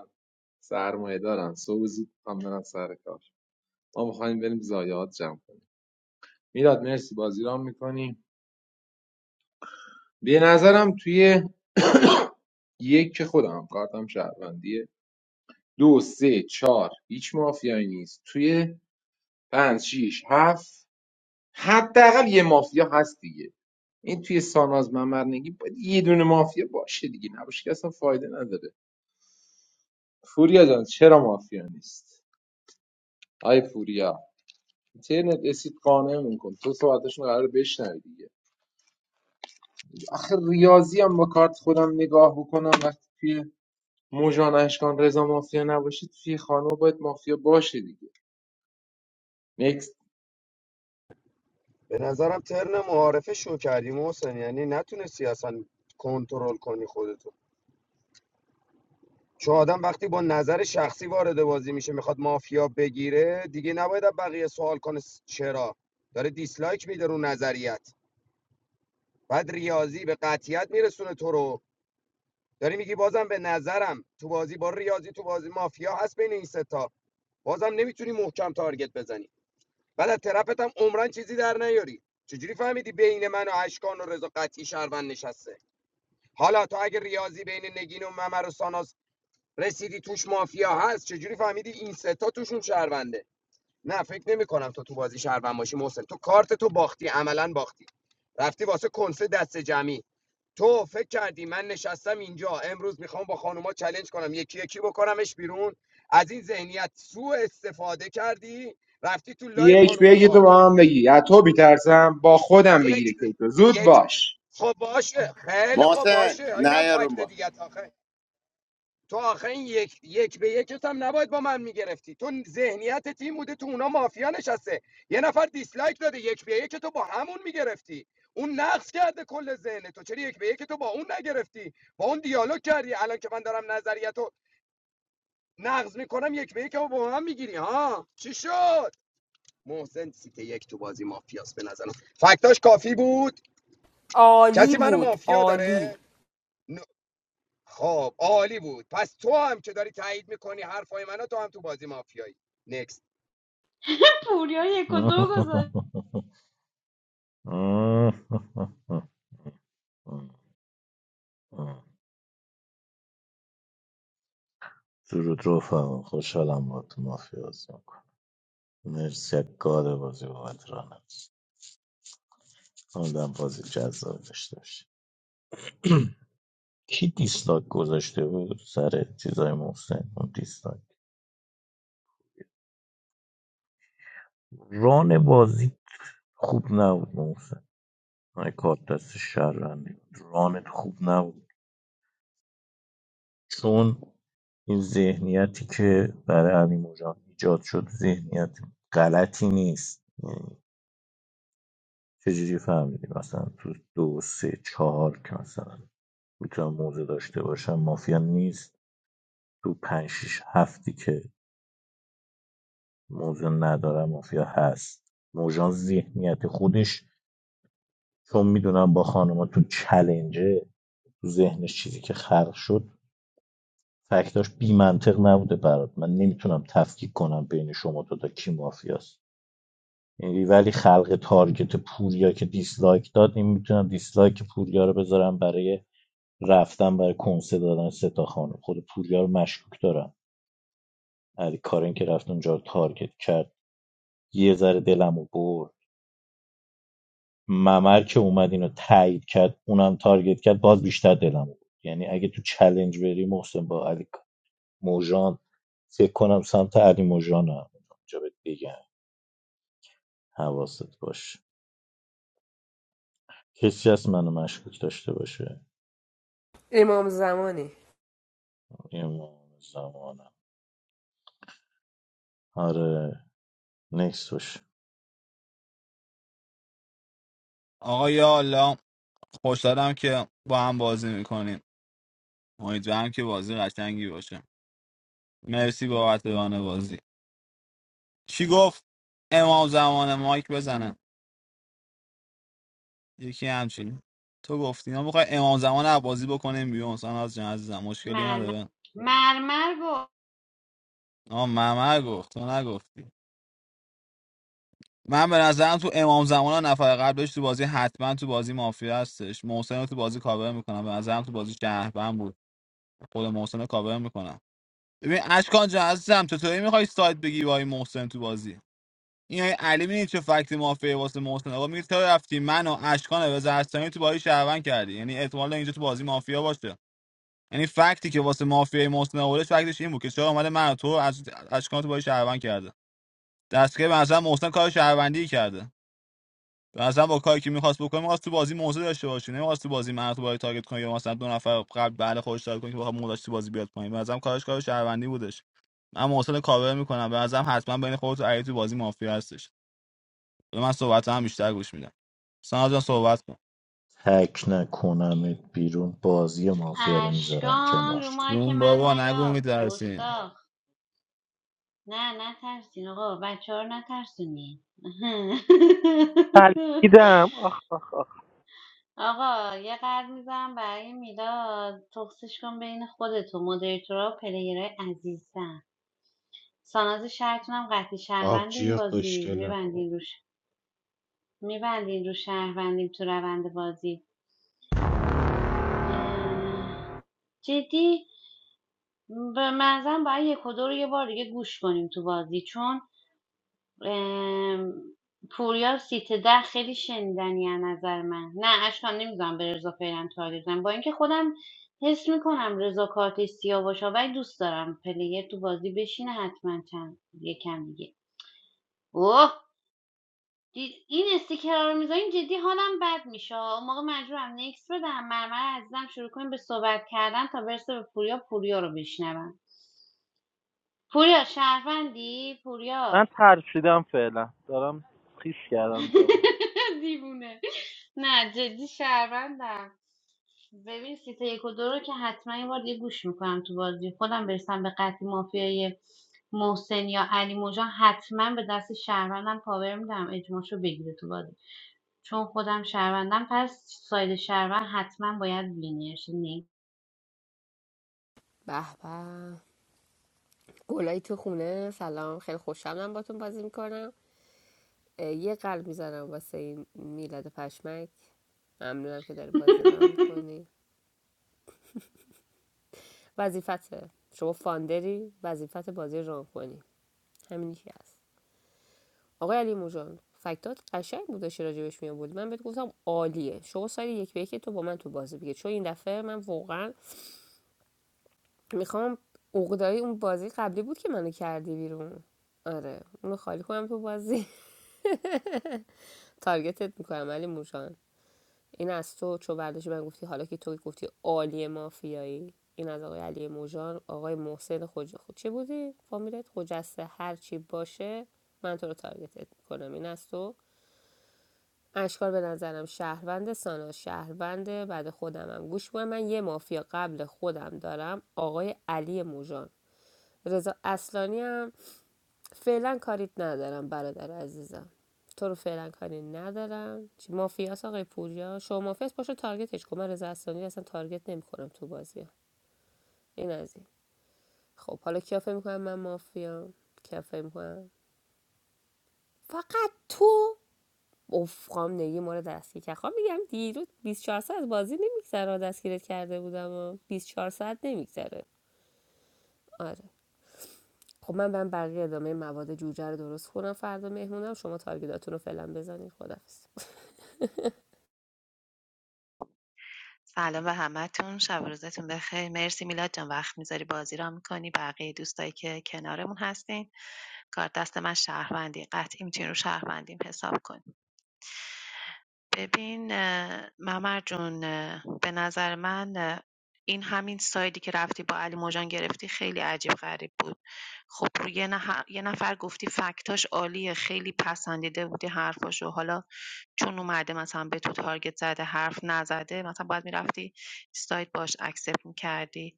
Speaker 6: سرمایه دارن صبح زود هم برن سر کار ما میخوایم بریم ضایعات جمع کنیم میلاد مرسی بازی رام میکنیم به نظرم توی یک که خودم کارتم شهروندیه دو سه چهار هیچ مافیایی نیست توی پنج شیش هفت حداقل یه مافیا هست دیگه این توی ساناز ممرنگی باید یه دونه مافیا باشه دیگه نباشه که اصلا فایده نداره فوریا جان چرا مافیا نیست آی فوریا ترنت اسید قانع میکن تو صحبتشون قرار بشنوی دیگه آخه ریاضی هم با کارت خودم نگاه بکنم وقتی توی مژان اشکان رضا مافیا نباشید توی خانم باید مافیا باشه دیگه نکست
Speaker 14: به نظرم ترن معارفه شو کردی محسن یعنی نتونستی اصلا کنترل کنی خودتو چون آدم وقتی با نظر شخصی وارد بازی میشه میخواد مافیا بگیره دیگه نباید از بقیه سوال کنه س- چرا داره دیسلایک میده رو نظریت بعد ریاضی به قطیت میرسونه تو رو داری میگی بازم به نظرم تو بازی با ریاضی تو بازی مافیا هست بین این ستا بازم نمیتونی محکم تارگت بزنی بعد از ترپت هم عمرن چیزی در نیاری چجوری فهمیدی بین من و اشکان و رضا قطعی شهروند نشسته حالا تو اگه ریاضی بین نگین و ممر و ساناس رسیدی توش مافیا هست چجوری فهمیدی این ستا توشون شهرونده نه فکر نمی کنم تو تو بازی شهروند باشی محسن تو کارت تو باختی عملا باختی رفتی واسه کنسه دست جمعی تو فکر کردی من نشستم اینجا امروز میخوام با خانوما چالش کنم یکی یکی بکنمش بیرون از این ذهنیت سوء استفاده کردی رفتی تو لای
Speaker 6: یک به
Speaker 14: خانوما
Speaker 6: تو
Speaker 14: تارگت
Speaker 6: با هم
Speaker 14: زدی
Speaker 6: بگی از تو میترسم با خودم بگیری
Speaker 14: یک
Speaker 6: که
Speaker 14: به
Speaker 6: تو زود
Speaker 14: یک
Speaker 6: باش
Speaker 14: خب باشه خیلی خب
Speaker 3: محسن
Speaker 14: باشه اینم
Speaker 3: نه رو
Speaker 14: فکت
Speaker 3: با
Speaker 14: دیگه آخه تو آخه این یک, یک به یکت هم نباید با من میگرفتی تو ذهنیت تیم بوده تو اونا مافیا نشسته یه نفر دیسلایک داده یک به یک تو با همون میگرفتی اون نقص کرده کل ذهن تو چرا یک به یک تو با اون نگرفتی با اون دیالوگ کردی الان که من دارم نظریتو نقض میکنم یک به یک رو با هم میگیری ها چی شد محسن سیت یک تو بازی مافیاست به نظرم فکتاش کافی بود
Speaker 12: عالی
Speaker 14: کسی منو
Speaker 12: بود
Speaker 14: مافیا
Speaker 12: عالی
Speaker 14: داره نه. خب عالی بود پس تو هم که داری تایید میکنی حرفای منو تو هم تو بازی مافیایی نکست
Speaker 15: پوریا یک و دو گذاشت
Speaker 11: درود رفقا خوشحالم با تو مافیا بازی میکنم مرسی از گاد بازی بابت رانه آدم بازی جذاب داشته باشه کی دیسلاک گذاشته بود سر چیزای محسن اون دیسلاک بازی نبود محسن من کارت شهروندی بود. رانت خوب نبود چون این ذهنیتی که برای علی مجان ایجاد شد ذهنیت غلطی نیست چجوری فهمیدی مثلا تو دو سه چهار که مثلا میتونم موزه داشته باشم مافیا نیست تو پنج شیش هفتی که موزه ندارم مافیا هست موجان ذهنیت خودش چون میدونم با خانوما تو چلنجه تو ذهنش چیزی که خلق شد فکتاش بی منطق نبوده برات من نمیتونم تفکیک کنم بین شما دو تا کی مافیاست یعنی ولی خلق تارگت پوریا که دیسلایک داد این میتونم دیسلایک پوریا رو بذارم برای رفتن برای کنسه دادن سه تا خانم خود پوریا رو مشکوک دارم علی کارن که رفت اونجا رو تارگت کرد یه ذره دلمو برد ممر که اومد اینو تایید کرد اونم تارگت کرد باز بیشتر دلم بود یعنی اگه تو چلنج بری محسن با علی موجان، فکر کنم سمت علی موژان هم اینجا بهت بگم حواست باشه هیچ
Speaker 12: امام زمانی
Speaker 11: نش
Speaker 8: آقا یا الله خوشحالم که با هم بازی میکنیم امیدوارم که بازی قشنگی باشه مرسی بابت ران بازی چی گفت امام زمان مایک بزنه یکی همچین تو گفتی ما میخوای امام زمان رو بازی بکنیم بیرون مثلا از جنازه مشکلی
Speaker 15: مرمر
Speaker 8: نداره
Speaker 15: مرمر گفت
Speaker 8: آه ممر گفت تو نگفتی من به نظرم تو امام زمان ها نفر قبلش تو بازی حتما تو بازی مافیا هستش محسن رو تو بازی کاور میکنم به نظرم تو بازی شهروند بود خود محسن رو کاور میکنم ببین اشکان جان عزیزم چطوری میخوای سایت بگی با این محسن تو بازی این های علی میدید چه فکت مافیا واسه محسن آقا میگه تو رفتی من و اشکان و زرستانی تو بازی شهروند کردی یعنی احتمال داره اینجا تو بازی مافیا باشه یعنی فکتی که واسه مافیای محسن آوردش فکتش این بود که چرا اومده من و تو رو از اشکان تو بازی شهروند کرده دستگاه به نظر محسن کار شهروندی کرده مثلا با کاری که میخواست بکنه میخواست تو بازی موزه داشته باشه نمیخواست تو بازی من تو بازی تارگت کنه یا مثلا دو نفر قبل بله خودش تارگت کنه که بخواد موزش تو بازی بیاد پایین به نظرم کارش کار شهروندی بودش من محسن رو کاور میکنم به نظرم حتما بین خودت و علی تو بازی مافیا هستش به من صحبت هم بیشتر گوش میدم سانا جان صحبت کن
Speaker 11: تک نکنمت بیرون بازی مافیا رو میذارم
Speaker 15: اشکان
Speaker 11: کنار
Speaker 15: رو مایی که
Speaker 8: جون
Speaker 15: من
Speaker 8: بابا نگو
Speaker 15: نیا
Speaker 8: میترسین
Speaker 15: گستاخ نه نه ترسین آقا بچه ها رو نترسونی
Speaker 16: ترکیدم آخ
Speaker 15: آقا یه قلب میزنم برای میلاد تخصیش کن بین خودت و مدیریتورا و پلیرهای عزیزم ساناز شهرتونم قطعی شهروند این
Speaker 20: آبجی
Speaker 15: بازی
Speaker 20: خوشگله
Speaker 15: میبندین روش میبندین رو شهروندیم تو روند بازی اه، جدی به منظرم باید یک و دو رو یه بار دیگه گوش کنیم تو بازی چون ام، پوریا سیت ده خیلی شنیدنی از نظر من نه اشکان نمیدونم به رضا فعلا تارگت بزنم. با اینکه خودم حس میکنم رضا کارت سیاه باشه ولی دوست دارم پلیر تو بازی بشینه حتما چند یکم دیگه اوه دید این استیکرا رو میذارین جدی حالم بد میشه اون موقع مجبورم نکس بدم مرمر عزیزم شروع کنیم به صحبت کردن تا برسه به پوریا پوریا رو بشنوم پوریا شهروندی پوریا
Speaker 16: من ترشیدم فعلا دارم خیش کردم جو
Speaker 15: دیوونه نه جدی شهروندم ببین سیت یک و دو رو که حتما یه بار یه گوش میکنم تو بازی خودم برسم به قطعی مافیای محسن یا علی موجان حتما به دست شهروندم پاور میدم اجماعشو بگیره تو بازی چون خودم شهروندم پس ساید شهروند حتما باید وینرش نی
Speaker 12: به به گلایی تو خونه سلام خیلی خوشحالم باتون بازی میکنم یه قلب میزنم واسه این میلاد پشمک ممنونم که داری بازی ران میکنی وظیفته شما فاندری وظیفت بازی ران کنی همین یکی هست آقای علی موجان فکتات قشنگ بود داشتی راجبش می آوردی من بهت گفتم عالیه شما سال یک به یک تو با من تو بازی بگیر چون این دفعه من واقعا میخوام عقدای اون بازی قبلی بود که منو کردی بیرون آره اونو خالی کنم تو بازی تارگتت میکنم علی موجان این از تو چو برداشتی من گفتی حالا که تو گفتی عالیه مافیایی این از آقای علی موجان آقای محسن خوج خود چی بودی فامیلت خجسته هر چی باشه من تو رو تارگتت میکنم این از تو اشکان به نظرم شهروند سانا شهروند بعد خودمم گوش کن من یه مافیا قبل خودم دارم آقای علی موژان رضا اصلانی هم فعلا کاریت ندارم برادر عزیزم تو رو فعلا کاری ندارم چی مافیاس آقای پوریا شما مافیاس باشه تارگتش کن من رضا اصلانی اصلا تارگت نمیکنم تو بازی این از این خب حالا کیا فکر میکنم من مافیا کیا فکر میکنم فقط تو اوفقام نگی ما رو دستگیر کرد خب میگم دیروز 24 ساعت از بازی نمیگذره دستگیرت کرده بودم و 24 ساعت نمیگذره آره خب من برم بقیه ادامه مواد جوجه رو درست کنم فردا مهمونم شما تارگیداتون رو فعلا بزنید خدافظ
Speaker 17: سلام به همتون شب و روزتون بخیر مرسی میلاد جان وقت میذاری بازی را میکنی بقیه دوستایی که کنارمون هستین کار دست من شهروندی قطعی میتونی رو شهروندیم حساب کنی ببین اه، ممر جون به نظر من این همین سایدی که رفتی با علی موجان گرفتی خیلی عجیب غریب بود خب رو یه, نح- یه نفر گفتی فکتاش عالیه خیلی پسندیده بودی حرفاشو حالا چون اومده مثلا به تو تارگت زده حرف نزده مثلا باید میرفتی ساید باش اکسپت میکردی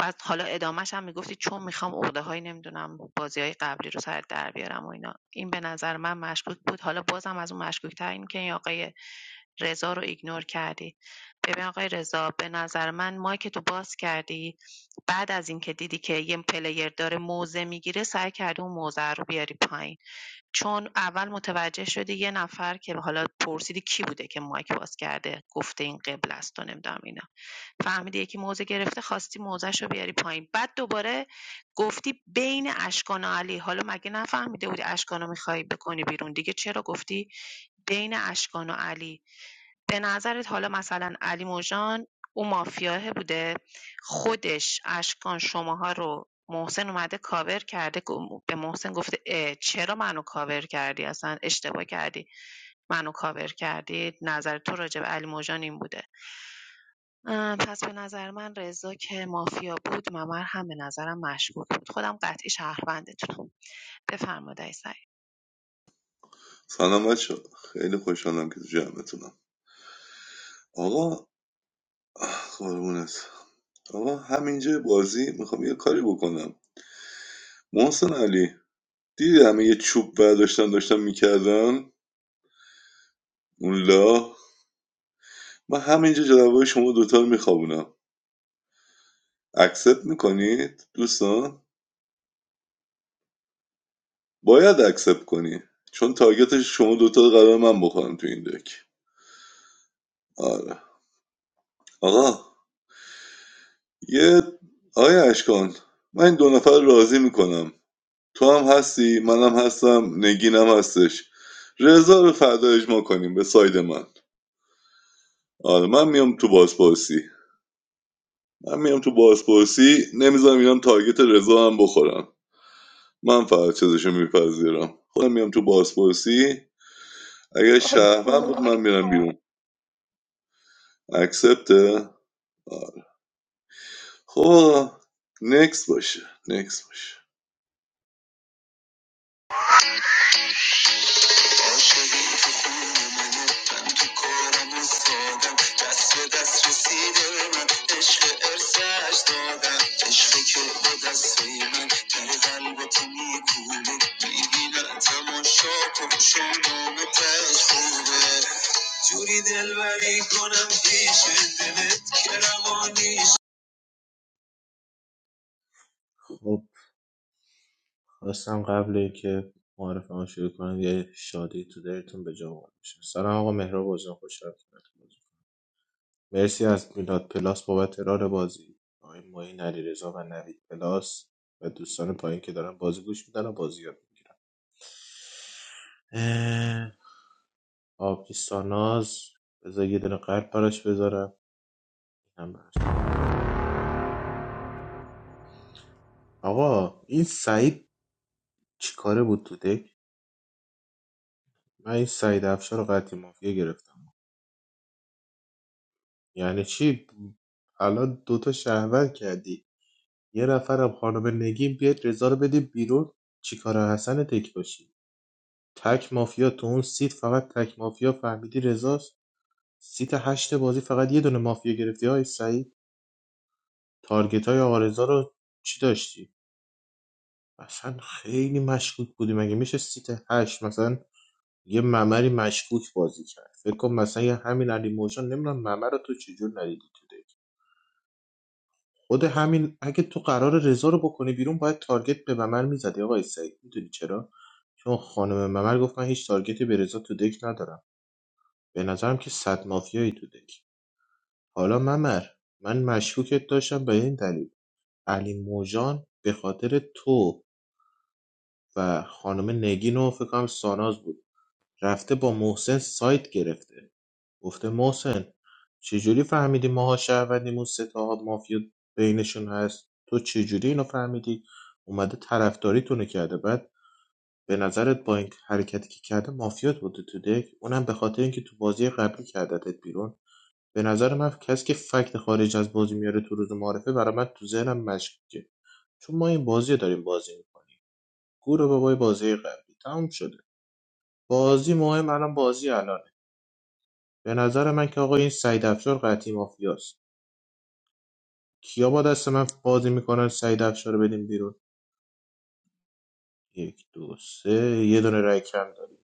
Speaker 17: بعد حالا ادامهش هم میگفتی چون میخوام عقده های نمیدونم بازی های قبلی رو سر در بیارم و اینا این به نظر من مشکوک بود حالا بازم از اون مشکوک تر این که این آقای رضا رو ایگنور کردی ببین آقای رضا به نظر من مایک تو باز کردی بعد از اینکه دیدی که یه پلیر داره موزه میگیره سعی کردی اون موزه رو بیاری پایین چون اول متوجه شدی یه نفر که حالا پرسیدی کی بوده که مایک باز کرده گفته این قبل است و نمیدونم اینا فهمیدی یکی موزه گرفته خواستی موزهش رو بیاری پایین بعد دوباره گفتی بین اشکان و علی حالا مگه نفهمیده بودی اشکان رو میخوای بکنی بیرون دیگه چرا گفتی بین اشکان و علی به نظرت حالا مثلا علی موجان او مافیاه بوده خودش اشکان شماها رو محسن اومده کاور کرده گم- به محسن گفته اه، چرا منو کاور کردی اصلا اشتباه کردی منو کاور کردی نظر تو راجع به علی موجان این بوده پس به نظر من رضا که مافیا بود ممر هم به نظرم مشکوک بود خودم قطعی شهروندتونم بفرمایید ای سعید
Speaker 22: سلام بچه خیلی خوشحالم که تو جمعتونم آقا آه، قربونت آقا همینجا بازی میخوام یه کاری بکنم محسن علی دیدی همه یه چوب برداشتن داشتن میکردن اون لا من همینجا جلوی شما دوتا رو میخوابونم اکسپت میکنید دوستان باید اکسپت کنی چون تارگت شما دوتا رو قرار من بخورم تو این دک آره آقا یه آیا اشکان من این دو نفر رو راضی میکنم تو هم هستی منم هستم نگینم هستش رضا رو فردا اجماع کنیم به ساید من آره من میام تو بازپرسی من میام تو بازپرسی نمیذارم اینم تارگت رضا هم بخورم من فقط چیزشو میپذیرم خودم میام تو بازپرسی اگه شهرون بود من میرم بیرون اکسپته خب نکس باشه نکس باشه
Speaker 20: جوری دلبری کنم پیش دلت که روانیش خب خواستم قبل که معرفه ها شروع کنم یه شادی تو دلتون به جا وارد بشه سلام آقا مهراب بازم خوشحال کنم مرسی از میلاد پلاس بابت ران بازی آقای معین علیرضا و نوید پلاس و دوستان پایین که دارن بازی گوش میدن و بازی یاد میگیرن آبی ساناز بذار یه دونه قلب براش بذارم هم براش. آقا این سعید چیکاره بود تو دک من این سعید افشار رو قطعی مافیا گرفتم یعنی چی الان دوتا شهروند کردی یه نفرم خانم نگین بیاد رضا رو بدیم بیرون چیکار حسن تک باشی تک مافیا تو اون سیت فقط تک مافیا فهمیدی رضاست سیت هشت بازی فقط یه دونه مافیا گرفتی های سعید تارگت های آرزا رو چی داشتی اصلا خیلی مشکوک بودی مگه میشه سیت هشت مثلا یه ممری مشکوک بازی کرد فکر کن مثلا یه همین علی موجان نمیدونم ممر رو تو چجور ندیدی تو دیگه. خود همین اگه تو قرار رضا رو بکنی بیرون باید تارگت به ممر میزدی آقای سعید میدونی چرا چون خانم ممر گفت من هیچ تارگتی به رضا تو دک ندارم به نظرم که صد مافیایی تو دک حالا ممر من مشکوکت داشتم به این دلیل علی موجان به خاطر تو و خانم نگین و فکر کنم ساناز بود رفته با محسن سایت گرفته گفته محسن چجوری فهمیدی ماها شهروندیم اون سه تا مافیا بینشون هست تو چجوری اینو فهمیدی اومده طرفداریتونو کرده بعد به نظرت با این حرکتی که کرده مافیات بوده تو دک اونم به خاطر اینکه تو بازی قبلی کردتت بیرون به نظر من کسی که فکت خارج از بازی میاره تو روز معرفه برای من تو ذهنم مشکوکه چون ما این بازی رو داریم بازی میکنیم گور بابای بازی قبلی تموم شده بازی مهم الان بازی الانه به نظر من که آقا این سعید افشار قطعی مافیاست کیا با دست من بازی میکنن سعید افشار رو بدیم بیرون یک دو سه یه دونه رای کم داریم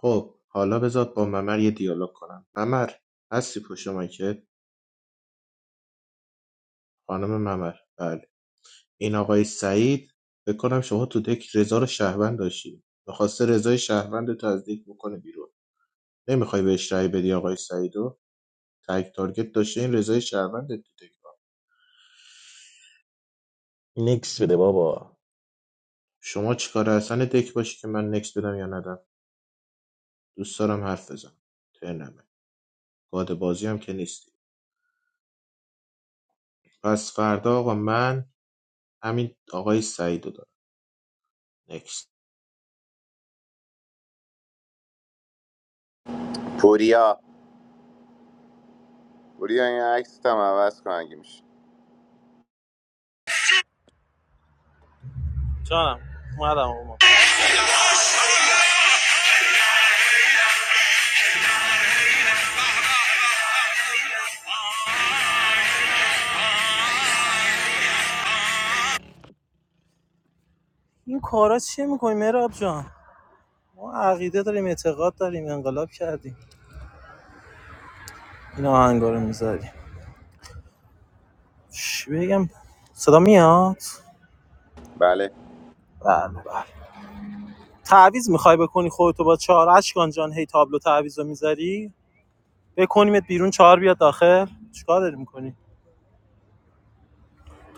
Speaker 20: خب حالا بذار با ممر یه دیالوگ کنم ممر هستی پشت مایکت خانم ممر بله این آقای سعید فکر کنم شما تو دک رضا رو شهروند داشتی میخواسته رضای شهروند رو تزدیک بکنه بیرون نمیخوای بهش رای بدی آقای سعیدو تک تارگت داشته این رضای شهروند تو دک
Speaker 11: نکس بده بابا
Speaker 20: شما چیکار اصلا دک باشی که من نکس بدم یا ندم دوست دارم حرف بزنم ترنمه. گاد بازی هم که نیستی پس فردا آقا من همین آقای سعید رو دارم نکست
Speaker 3: پوریا پوریا این عکس هم عوض کن اگه میشه
Speaker 16: جانم اومدم اومد این کارا چیه میکنی مراب جان ما عقیده داریم اعتقاد داریم انقلاب کردیم این آهنگا رو میذاریم چی بگم صدا میاد
Speaker 3: بله
Speaker 16: بله بله تعویض میخوای بکنی خودتو با چهار اشکان جان هی تابلو تعویضو میذاری بکنیمت بیرون چهار بیاد داخل چیکار داری میکنی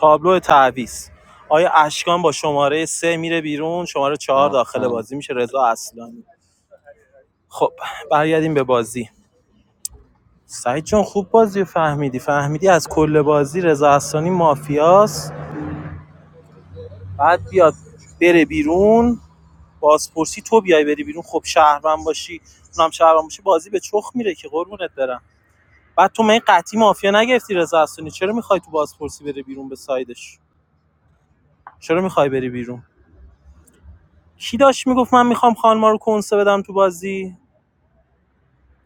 Speaker 16: تابلو تعویض آیا اشکان با شماره سه میره بیرون شماره چهار داخل
Speaker 8: آم.
Speaker 16: بازی میشه رضا اصلانی خب برگردیم به بازی سعید جان خوب بازی فهمیدی فهمیدی از کل بازی رضا اصلانی مافیاست بعد بیاد بره بیرون بازپرسی تو بیای بری بیرون خب شهروند باشی اونم شهروند باشی بازی به چخ میره که قربونت برم بعد تو می قطعی مافیا نگرفتی رضا اصلانی چرا میخوای تو بازپرسی بره بیرون به سایدش چرا میخوای بری بیرون کی داشت میگفت من میخوام خانما رو کنسه بدم تو بازی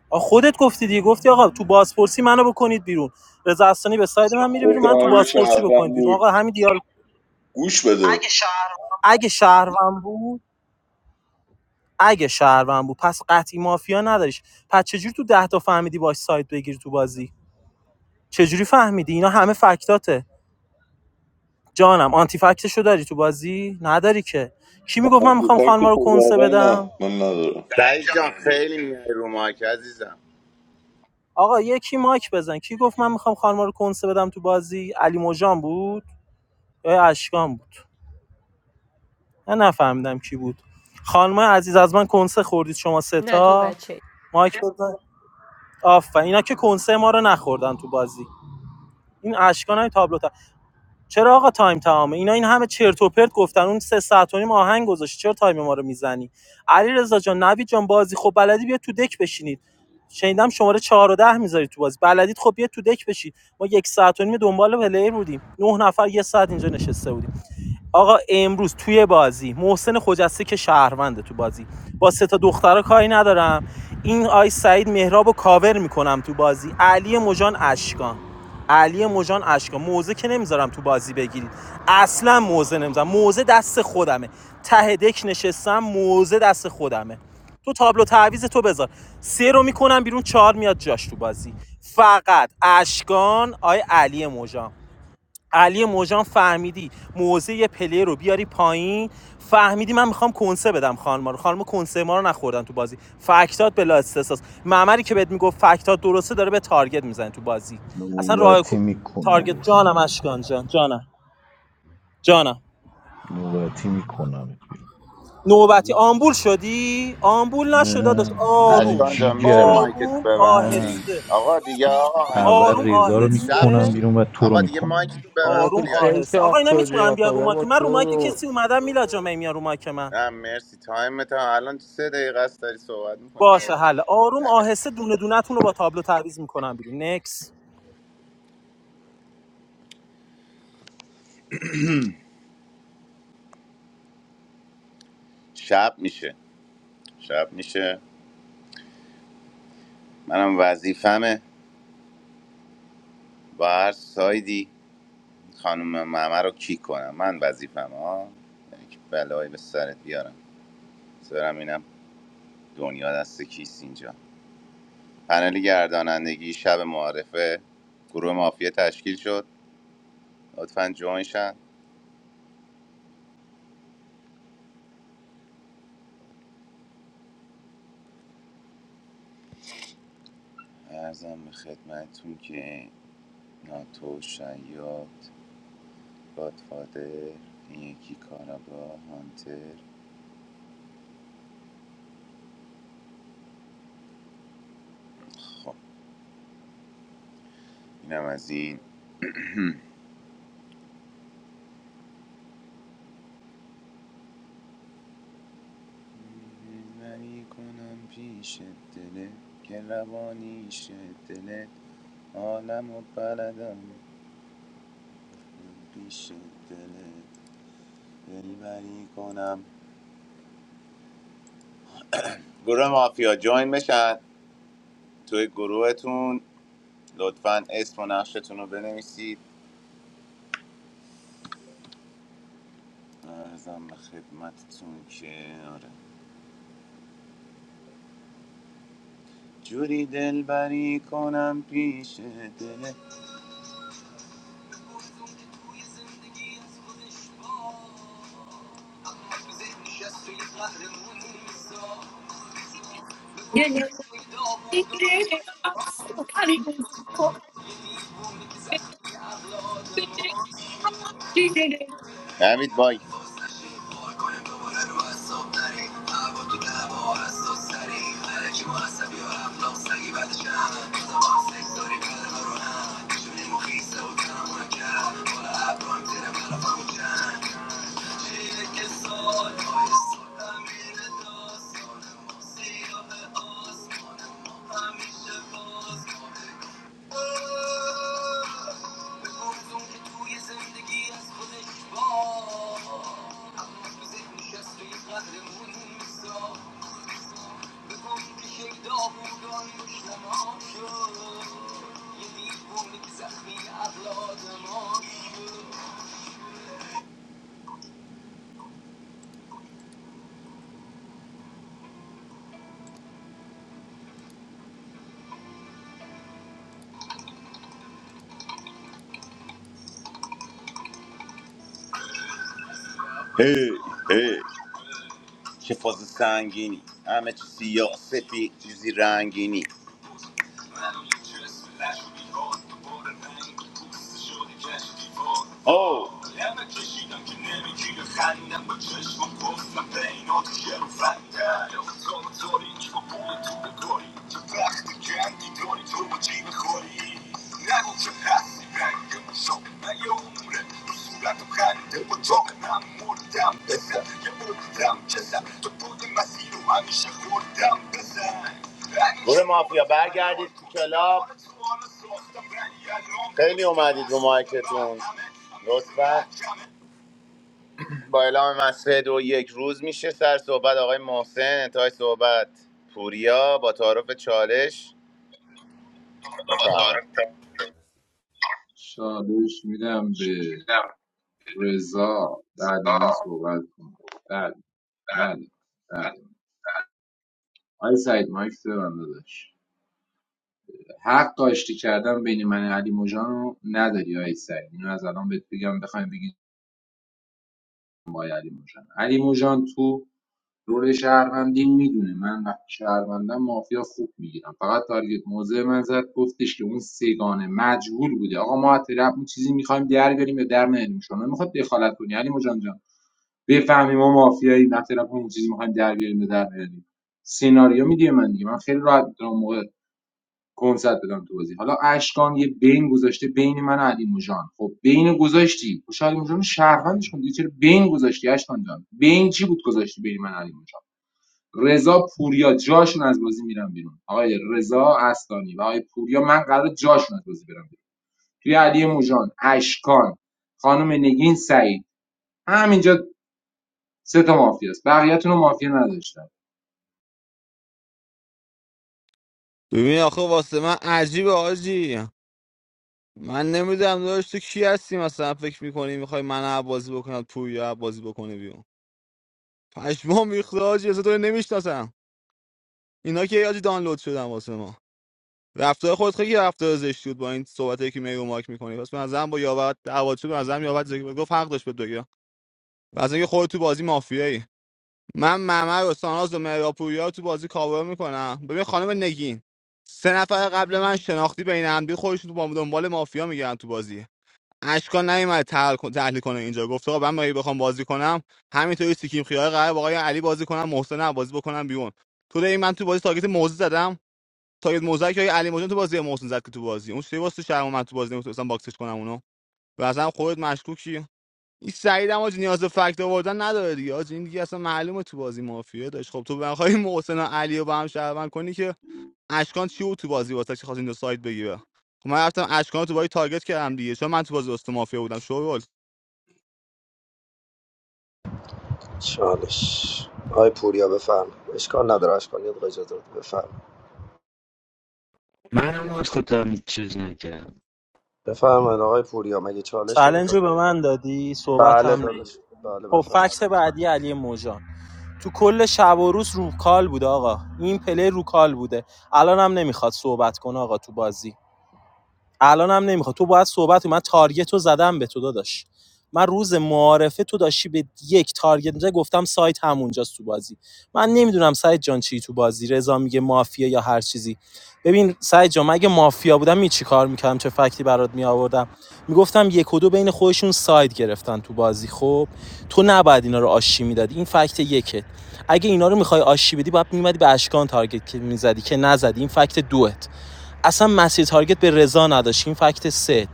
Speaker 16: آ خودت گفتی دیگه گفتی آقا تو بازپرسی منو بکنید بیرون رضا اصلانی به ساید من میره بیرون
Speaker 22: گفتم
Speaker 16: من تو
Speaker 22: اگه
Speaker 16: بازپرسی
Speaker 22: شهرون
Speaker 16: بکنید بیرون
Speaker 22: بود
Speaker 16: آقا همین دیال
Speaker 22: گوش بده اگه شهرون
Speaker 16: اگه شهروند بود اگه شهروند بود پس قطعی مافیا نداریش پس چجوری تو ده تا فهمیدی باش ساید بگیری تو بازی چجوری فهمیدی اینا همه فکتاته جانم آنتی فکتشو داری تو بازی نداری که کی میگفت
Speaker 22: من
Speaker 16: من
Speaker 22: تو
Speaker 16: میخوام خانما
Speaker 22: فکت
Speaker 16: رو کنسه
Speaker 22: خداوند نه
Speaker 16: بدم
Speaker 22: من ندارم
Speaker 3: سعید جان خیلی میای رو مایک عزیزم
Speaker 16: آقا یکی مایک بزن کی گفت من میخوام خانما رو کنسه بدم تو بازی علی موجان بود یا اشکان بود من نفهمیدم کی بود خانم عزیز از من کنسه خوردید شما
Speaker 12: نه تو
Speaker 16: ستا
Speaker 12: بچه
Speaker 16: مایک بزن آفرین اینا که کنسه ما رو نخوردن تو بازی این اشکان های تابلو چرا آقا تایم تمامه اینا این همه چرت و پرت گفتن اون سه ساعت و نیم آهنگ گذاشت چرا تایم ما رو میزنی علیرضا جان نوید جان بازی خب بلدی بیا تو دک بشینید شنیدم شماره 4 و 10 میذاری تو بازی بلدید خب بیا تو دک بشید ما یک ساعت و نیم دنبال پلیر بودیم نه نفر یه ساعت اینجا نشسته بودیم آقا امروز توی بازی محسن خجسته که شهرونده تو بازی با سه تا دخترا کاری ندارم این آی سعید مهرابو کاور میکنم تو بازی علی مجان اشکان علی مجان اشکان موزه که نمیذارم تو بازی بگیرید اصلا موزه نمیذارم موزه دست خودمه ته دک نشستم موزه دست خودمه تو تابلو تعویز تو بذار سه رو میکنم بیرون چهار میاد جاش تو بازی فقط اشکان آی علی مژان علی موجان فهمیدی موزه یه پلیر رو بیاری پایین فهمیدی من میخوام کنسه بدم خانما رو خانم کنسه ما رو نخوردن تو بازی فکتات بلا استساس معمری که بهت میگفت فکتات درسته داره به تارگت میزنه تو بازی اصلا راه کو-
Speaker 11: نوبتی
Speaker 16: تارگت
Speaker 11: میکنمتون
Speaker 16: جانم
Speaker 11: بیرون
Speaker 16: اشکان جان جانم جانم
Speaker 11: نوبتی میکنمت بیرون
Speaker 16: نوبتی آمبول شدی آمبول نشد داداش
Speaker 11: نه نه
Speaker 16: آروم
Speaker 3: اشکان جان میشه
Speaker 11: جیگرم
Speaker 3: مایکتو
Speaker 16: آروم
Speaker 11: نه
Speaker 3: ببندی
Speaker 16: آهسته
Speaker 3: آقا دیگه آقا مگه
Speaker 11: اول
Speaker 3: میشه
Speaker 16: آروم
Speaker 11: ریزا رو
Speaker 3: شب
Speaker 11: میکنم
Speaker 16: آهسته
Speaker 3: میشه
Speaker 11: بیرون و تو رو
Speaker 3: آقا دیگه
Speaker 11: میکنم
Speaker 3: مایکتو
Speaker 11: بیرون
Speaker 8: ما
Speaker 3: ببند
Speaker 8: تو
Speaker 16: آروم
Speaker 3: پوریا جان
Speaker 8: کی
Speaker 16: آهسته
Speaker 8: شاخ
Speaker 16: آقا اینا
Speaker 8: شدی
Speaker 16: میتونن
Speaker 8: آخه
Speaker 16: بیان رو مایک
Speaker 8: بابا
Speaker 16: من رو مایک کسی اومدم میلا جامعه میان رو مایک من
Speaker 3: نه مرسی تایم تا الان سه دقیقه است داری صحبت میکنی
Speaker 16: باشه حل آروم آهسته دونه دونتون رو با تابلو تعویض میکنم بیرون نکس
Speaker 3: شب میشه شب میشه منم وظیفمه با هر سایدی خانم ممه رو کی کنم من وظیفم ها یعنی که بلایی به سرت بیارم سرم اینم دنیا دست کیست اینجا پنل گردانندگی شب معارفه گروه مافیا تشکیل شد لطفا جوین شن ارزم به خدمتتون که ناتو شیاد گادفادر این یکی کاراگاه هانتر خب اینم از این وری کنم پیش دلت که روانیش دلت عالم و بلدم پیش دلت دلبری کنم گروه مافیا جوین بشن توی گروهتون لطفا اسم و نقشتون رو بنویسید ارزم به خدمتتون که آره جوری دلبری کنم پیش دلت حمید بای Hey hey. که فاز سنگینی همه چی سیاه سفید چیزی رنگینی او که نمیگیره خندم با چشم و گفتم بینات شروفنده افتان داری که با پول تو بکاری که وقتی گندی داری تو با جیب خوری نگو که هستی رنگ مشابه من یه عمره تو صورت و خنده و من مردم بزن یه مردم کسم تو بود مسیر رو همیشه خوردم بزن گروه مافیا برگردید تو کلاب خیلی اومدید رو مایکتون لطفا با اعلام مصرع دو یک روز میشه سر صحبت آقای محسن انتهای صحبت پوریا با تعارف چالش بفرمایید
Speaker 6: چالش میدم به رضا بعد من صحبت کنم بله بله بله آی سعید مایک تو بنده داشت. حق آشتی کردن بین من و علی موجان رو نداری آی سعید اینو از الان بهت بگم بخوایم بگید با علی موجان علی موجان تو رول شهروندی میدونه من وقتی شهروندم مافیا خوب میگیرم فقط تارگت موضع من زد گفتش که اون سگانه مجهول بوده آقا ما اطلاع چیزی میخوایم در بریم یا در نیاریم شما میخواد دخالت کنی علی موجان جان بفهمی ما مافیایی نه طرف اون چیزی میخوایم در بیاریم یا در نیاریم سیناریو میدی من دیگه من خیلی راحت میتونم موقع کنسرت بدم تو بازی حالا اشکان یه بین گذاشته بین من و علی موجان خب بین گذاشتی خب شاید موجان رو شهروندش کن دیگه چرا بین گذاشتی اشکان جان بین چی بود گذاشتی بین من و علی موجان رضا پوریا جاشون از بازی میرم بیرون آقای رضا استانی و آقای پوریا من قرار جاشون از بازی برم بیرون توی علی موجان اشکان خانم نگین سعید همینجا سه تا مافیاست بقیه‌تون رو مافیا نداشتم
Speaker 8: ببین آخه واسه من عجیبه آجی من نمیدونم داشت تو کی هستی مثلا فکر میکنی میخوای من بازی بکنم تو یا بازی بکنه بیرون پشمام ریخته حاجی اصلا تو رو نمیشناسم اینا که یادی دانلود شدن واسه ما رفتار خود خیلی رفتار زشت بود با این صحبتایی که می رو ماک میکنی پس من با یاوت دعوا شد من یاوت زگی گفت حق داشت به دوگیا واسه اینکه خودت تو بازی مافیایی من ممر و ساناز و مهراپوریا رو تو بازی کاور میکنم ببین خانم نگین سه نفر قبل من شناختی بین هم دیگه خودشون تو با دنبال مافیا میگردن تو بازی اشکان نیومد تحلیل کن- تحلیل کنه اینجا گفته آقا من اگه بخوام بازی کنم همینطوری سیکیم خیاره قرار با آقای علی بازی کنم محسن هم بازی بکنم بیرون تو این من تو بازی تاگت موزه زدم تاگت موزه که آقای علی مجان تو بازی محسن زد که تو بازی اون سری واسه شرم من تو بازی نمیتونستم باکسش کنم اونو و اصلا خودت مشکوکی این سعید هم حاجی نیاز به فکت آوردن نداره دیگه حاجی این دیگه اصلا معلومه تو بازی مافیا داشت خب تو بخوای محسن و علی رو با هم شهروند کنی که اشکان چی بود تو بازی واسه چی خواست این دو سایت بگیره خب من رفتم اشکان رو تو بازی تارگت کردم دیگه چون من تو بازی دوست مافیا بودم شورول
Speaker 14: چالش آقای پوریا بفرم اشکال نداره اشکال نیست آقای اجازه بده بفرم
Speaker 23: منم از خودم هیچ چیز نکردم
Speaker 14: بفرمایید آقای پوریا مگه چالش
Speaker 16: چلنج
Speaker 14: نمیخواد
Speaker 16: رو به من دادی صحبت
Speaker 14: بله
Speaker 16: هم نگی
Speaker 14: داداش بله
Speaker 16: خب
Speaker 14: بفرم
Speaker 16: فکت بعدی علی موجان تو کل شب و روز روکال بود آقا این پلی روکال بوده الان هم نمیخواد صحبت کنه آقا تو بازی الانم نمیخواد تو باید صحبت من تارگت رو زدم به تو داداش من روز معارفه تو داشتی به یک تارگت میزدی گفتم سایت همونجاست تو بازی من نمیدونم سعید جان چی تو بازی رضا میگه مافیا یا هر چیزی ببین سعید جان من اگه مافیا بودم می چی کار میکردم چه فکتی برات می آوردم میگفتم یک و دو بین خودشون ساید گرفتن تو بازی خب تو نباید اینا رو آشی میدادی این فکت یکت. اگه اینا رو میخوای آشی بدی باید میمدی به اشکان تارگت میزدی که نزدی این فکت دوت اصلا مسیر تارگت به رضا نداشت این فکت سه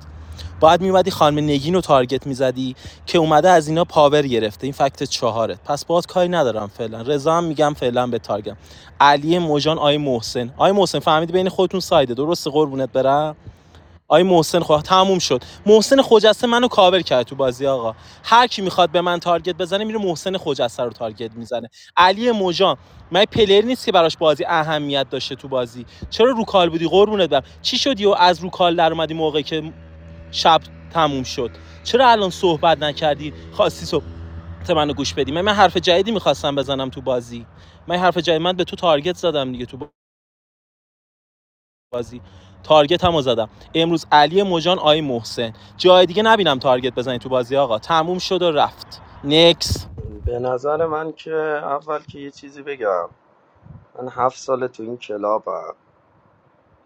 Speaker 16: بعد میومدی خانم نگین رو تارگت میزدی که اومده از اینا پاور گرفته این فکت چهارت پس باز کاری ندارم فعلا رضا هم میگم فعلا به تارگم علی موجان آی محسن آی محسن فهمید بین خودتون سایده درست قربونت برم آی محسن خدا تموم شد محسن خجسته منو کاور کرد تو بازی آقا هر کی میخواد به من تارگت بزنه میره محسن خجسته رو تارگت میزنه علی موجان من پلر نیست که براش بازی اهمیت داشته تو بازی چرا رو کال بودی قربونت برم چی شدی و از رو کال در اومدی موقعی که شب تموم شد چرا الان صحبت نکردی خواستی صحبت منو گوش بدی من, من حرف جدیدی میخواستم بزنم تو بازی من حرف جدید من به تو تارگت زدم دیگه تو بازی تارگت هم رو زدم امروز علی مجان آی محسن جای دیگه نبینم تارگت بزنی تو بازی آقا تموم شد و رفت نکس
Speaker 14: به نظر من که اول که یه چیزی بگم من هفت ساله تو این کلابم